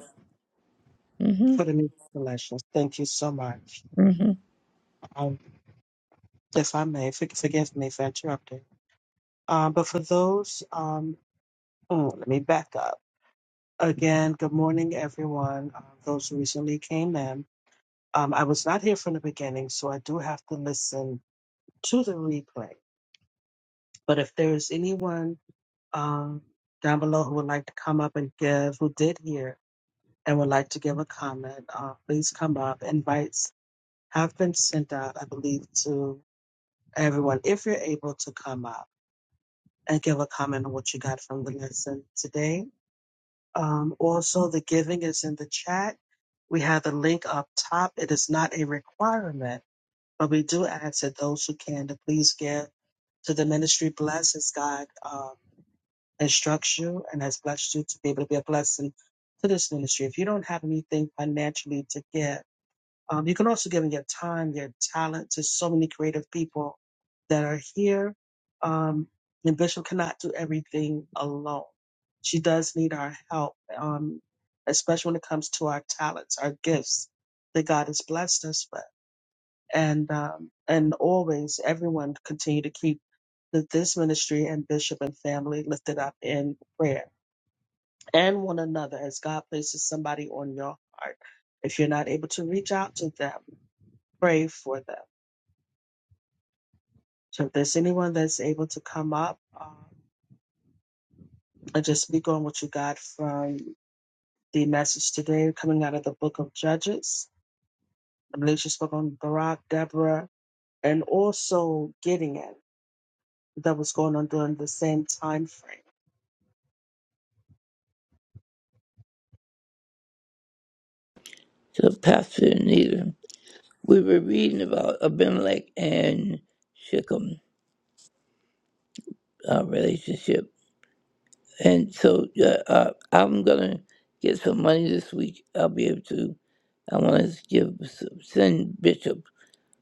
hmm for the new collections. Thank you so much. hmm Um, if I may, for, forgive me for interrupting. Um, but for those, um, oh, let me back up. Again, good morning, everyone. Uh, those who recently came in. Um, I was not here from the beginning, so I do have to listen to the replay. But if there is anyone um, down below who would like to come up and give, who did hear and would like to give a comment, uh, please come up. Invites have been sent out, I believe, to everyone. If you're able to come up and give a comment on what you got from the lesson today. Um, also, the giving is in the chat. We have the link up top. It is not a requirement But we do ask that those who can to please give to the ministry. Bless as God um, instructs you and has blessed you to be able to be a blessing to this ministry. If you don't have anything financially to give, um, you can also give in your time, your talent to so many creative people that are here. Um, and Bishop cannot do everything alone. She does need our help, um, especially when it comes to our talents, our gifts that God has blessed us with and um, and always everyone continue to keep th- this ministry and bishop and family lifted up in prayer and one another as God places somebody on your heart. If you're not able to reach out to them, pray for them. So if there's anyone that's able to come up um, and just speak on what you got from the message today coming out of the book of Judges. I believe she spoke on Barak, Deborah, and also Gideon that was going on during the same time frame. So Pastor Anita, we were reading about Abimelech and Shechem uh, relationship. And so uh, uh, I'm going to get some money this week. I'll be able to, I want to give, some- send Bishop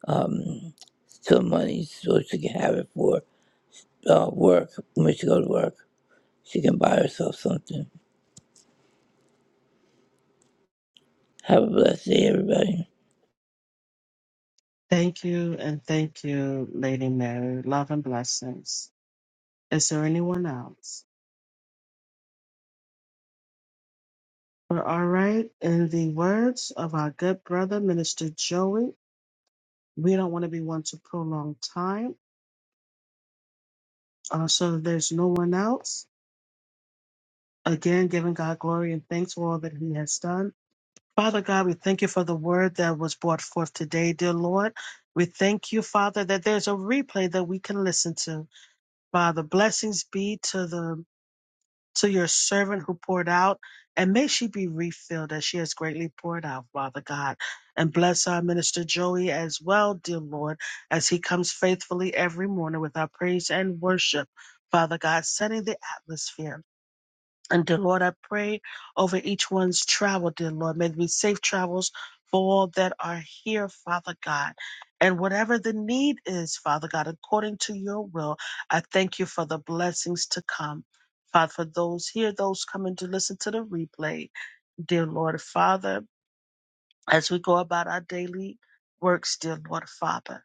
um, some money so she can have it for uh, work when she go to work. She can buy herself something. Have a blessed day, everybody. Thank you, and thank you, Lady Mary. Love and blessings. Is there anyone else? We're all right. In the words of our good brother, Minister Joey, we don't want to be one to prolong time. Uh, so there's no one else. Again, giving God glory and thanks for all that He has done. Father God, we thank you for the word that was brought forth today, dear Lord. We thank you, Father, that there's a replay that we can listen to. Father, blessings be to the to your servant who poured out, and may she be refilled as she has greatly poured out, Father God. And bless our minister Joey as well, dear Lord, as he comes faithfully every morning with our praise and worship, Father God, setting the atmosphere. And dear Lord, I pray over each one's travel, dear Lord. May there be safe travels for all that are here, Father God. And whatever the need is, Father God, according to your will, I thank you for the blessings to come. Father, for those here, those coming to listen to the replay, dear Lord, Father, as we go about our daily works, dear Lord, Father.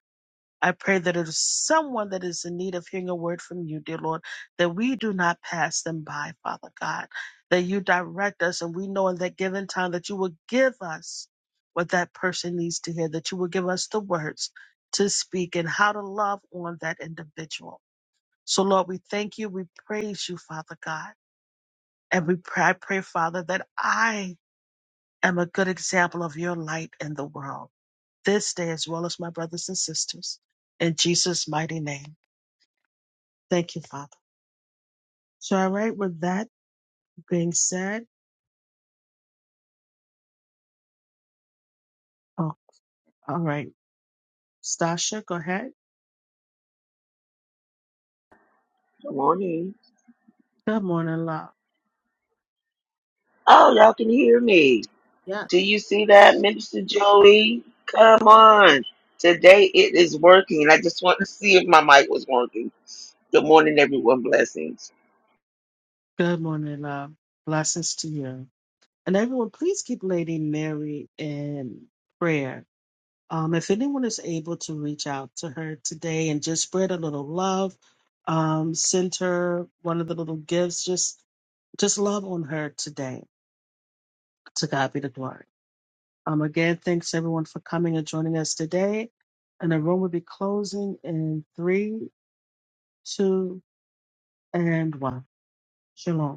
I pray that it is someone that is in need of hearing a word from you, dear Lord, that we do not pass them by, Father God, that you direct us and we know in that given time that you will give us what that person needs to hear, that you will give us the words to speak and how to love on that individual. So, Lord, we thank you. We praise you, Father God. And we pray, I pray, Father, that I am a good example of your light in the world this day as well as my brothers and sisters. In Jesus' mighty name. Thank you, Father. So, all right, with that being said, oh, all right, Stasha, go ahead. Good morning. Good morning, love. Oh, y'all can hear me. Yeah. Do you see that, Minister Joey? Come on. Today it is working. I just want to see if my mic was working. Good morning, everyone. Blessings. Good morning, love. Blessings to you. And everyone, please keep Lady Mary in prayer. Um, if anyone is able to reach out to her today and just spread a little love, um, send her one of the little gifts, just just love on her today. To God be the glory. Um, again, thanks everyone for coming and joining us today. And the room will be closing in three, two, and one. Shalom.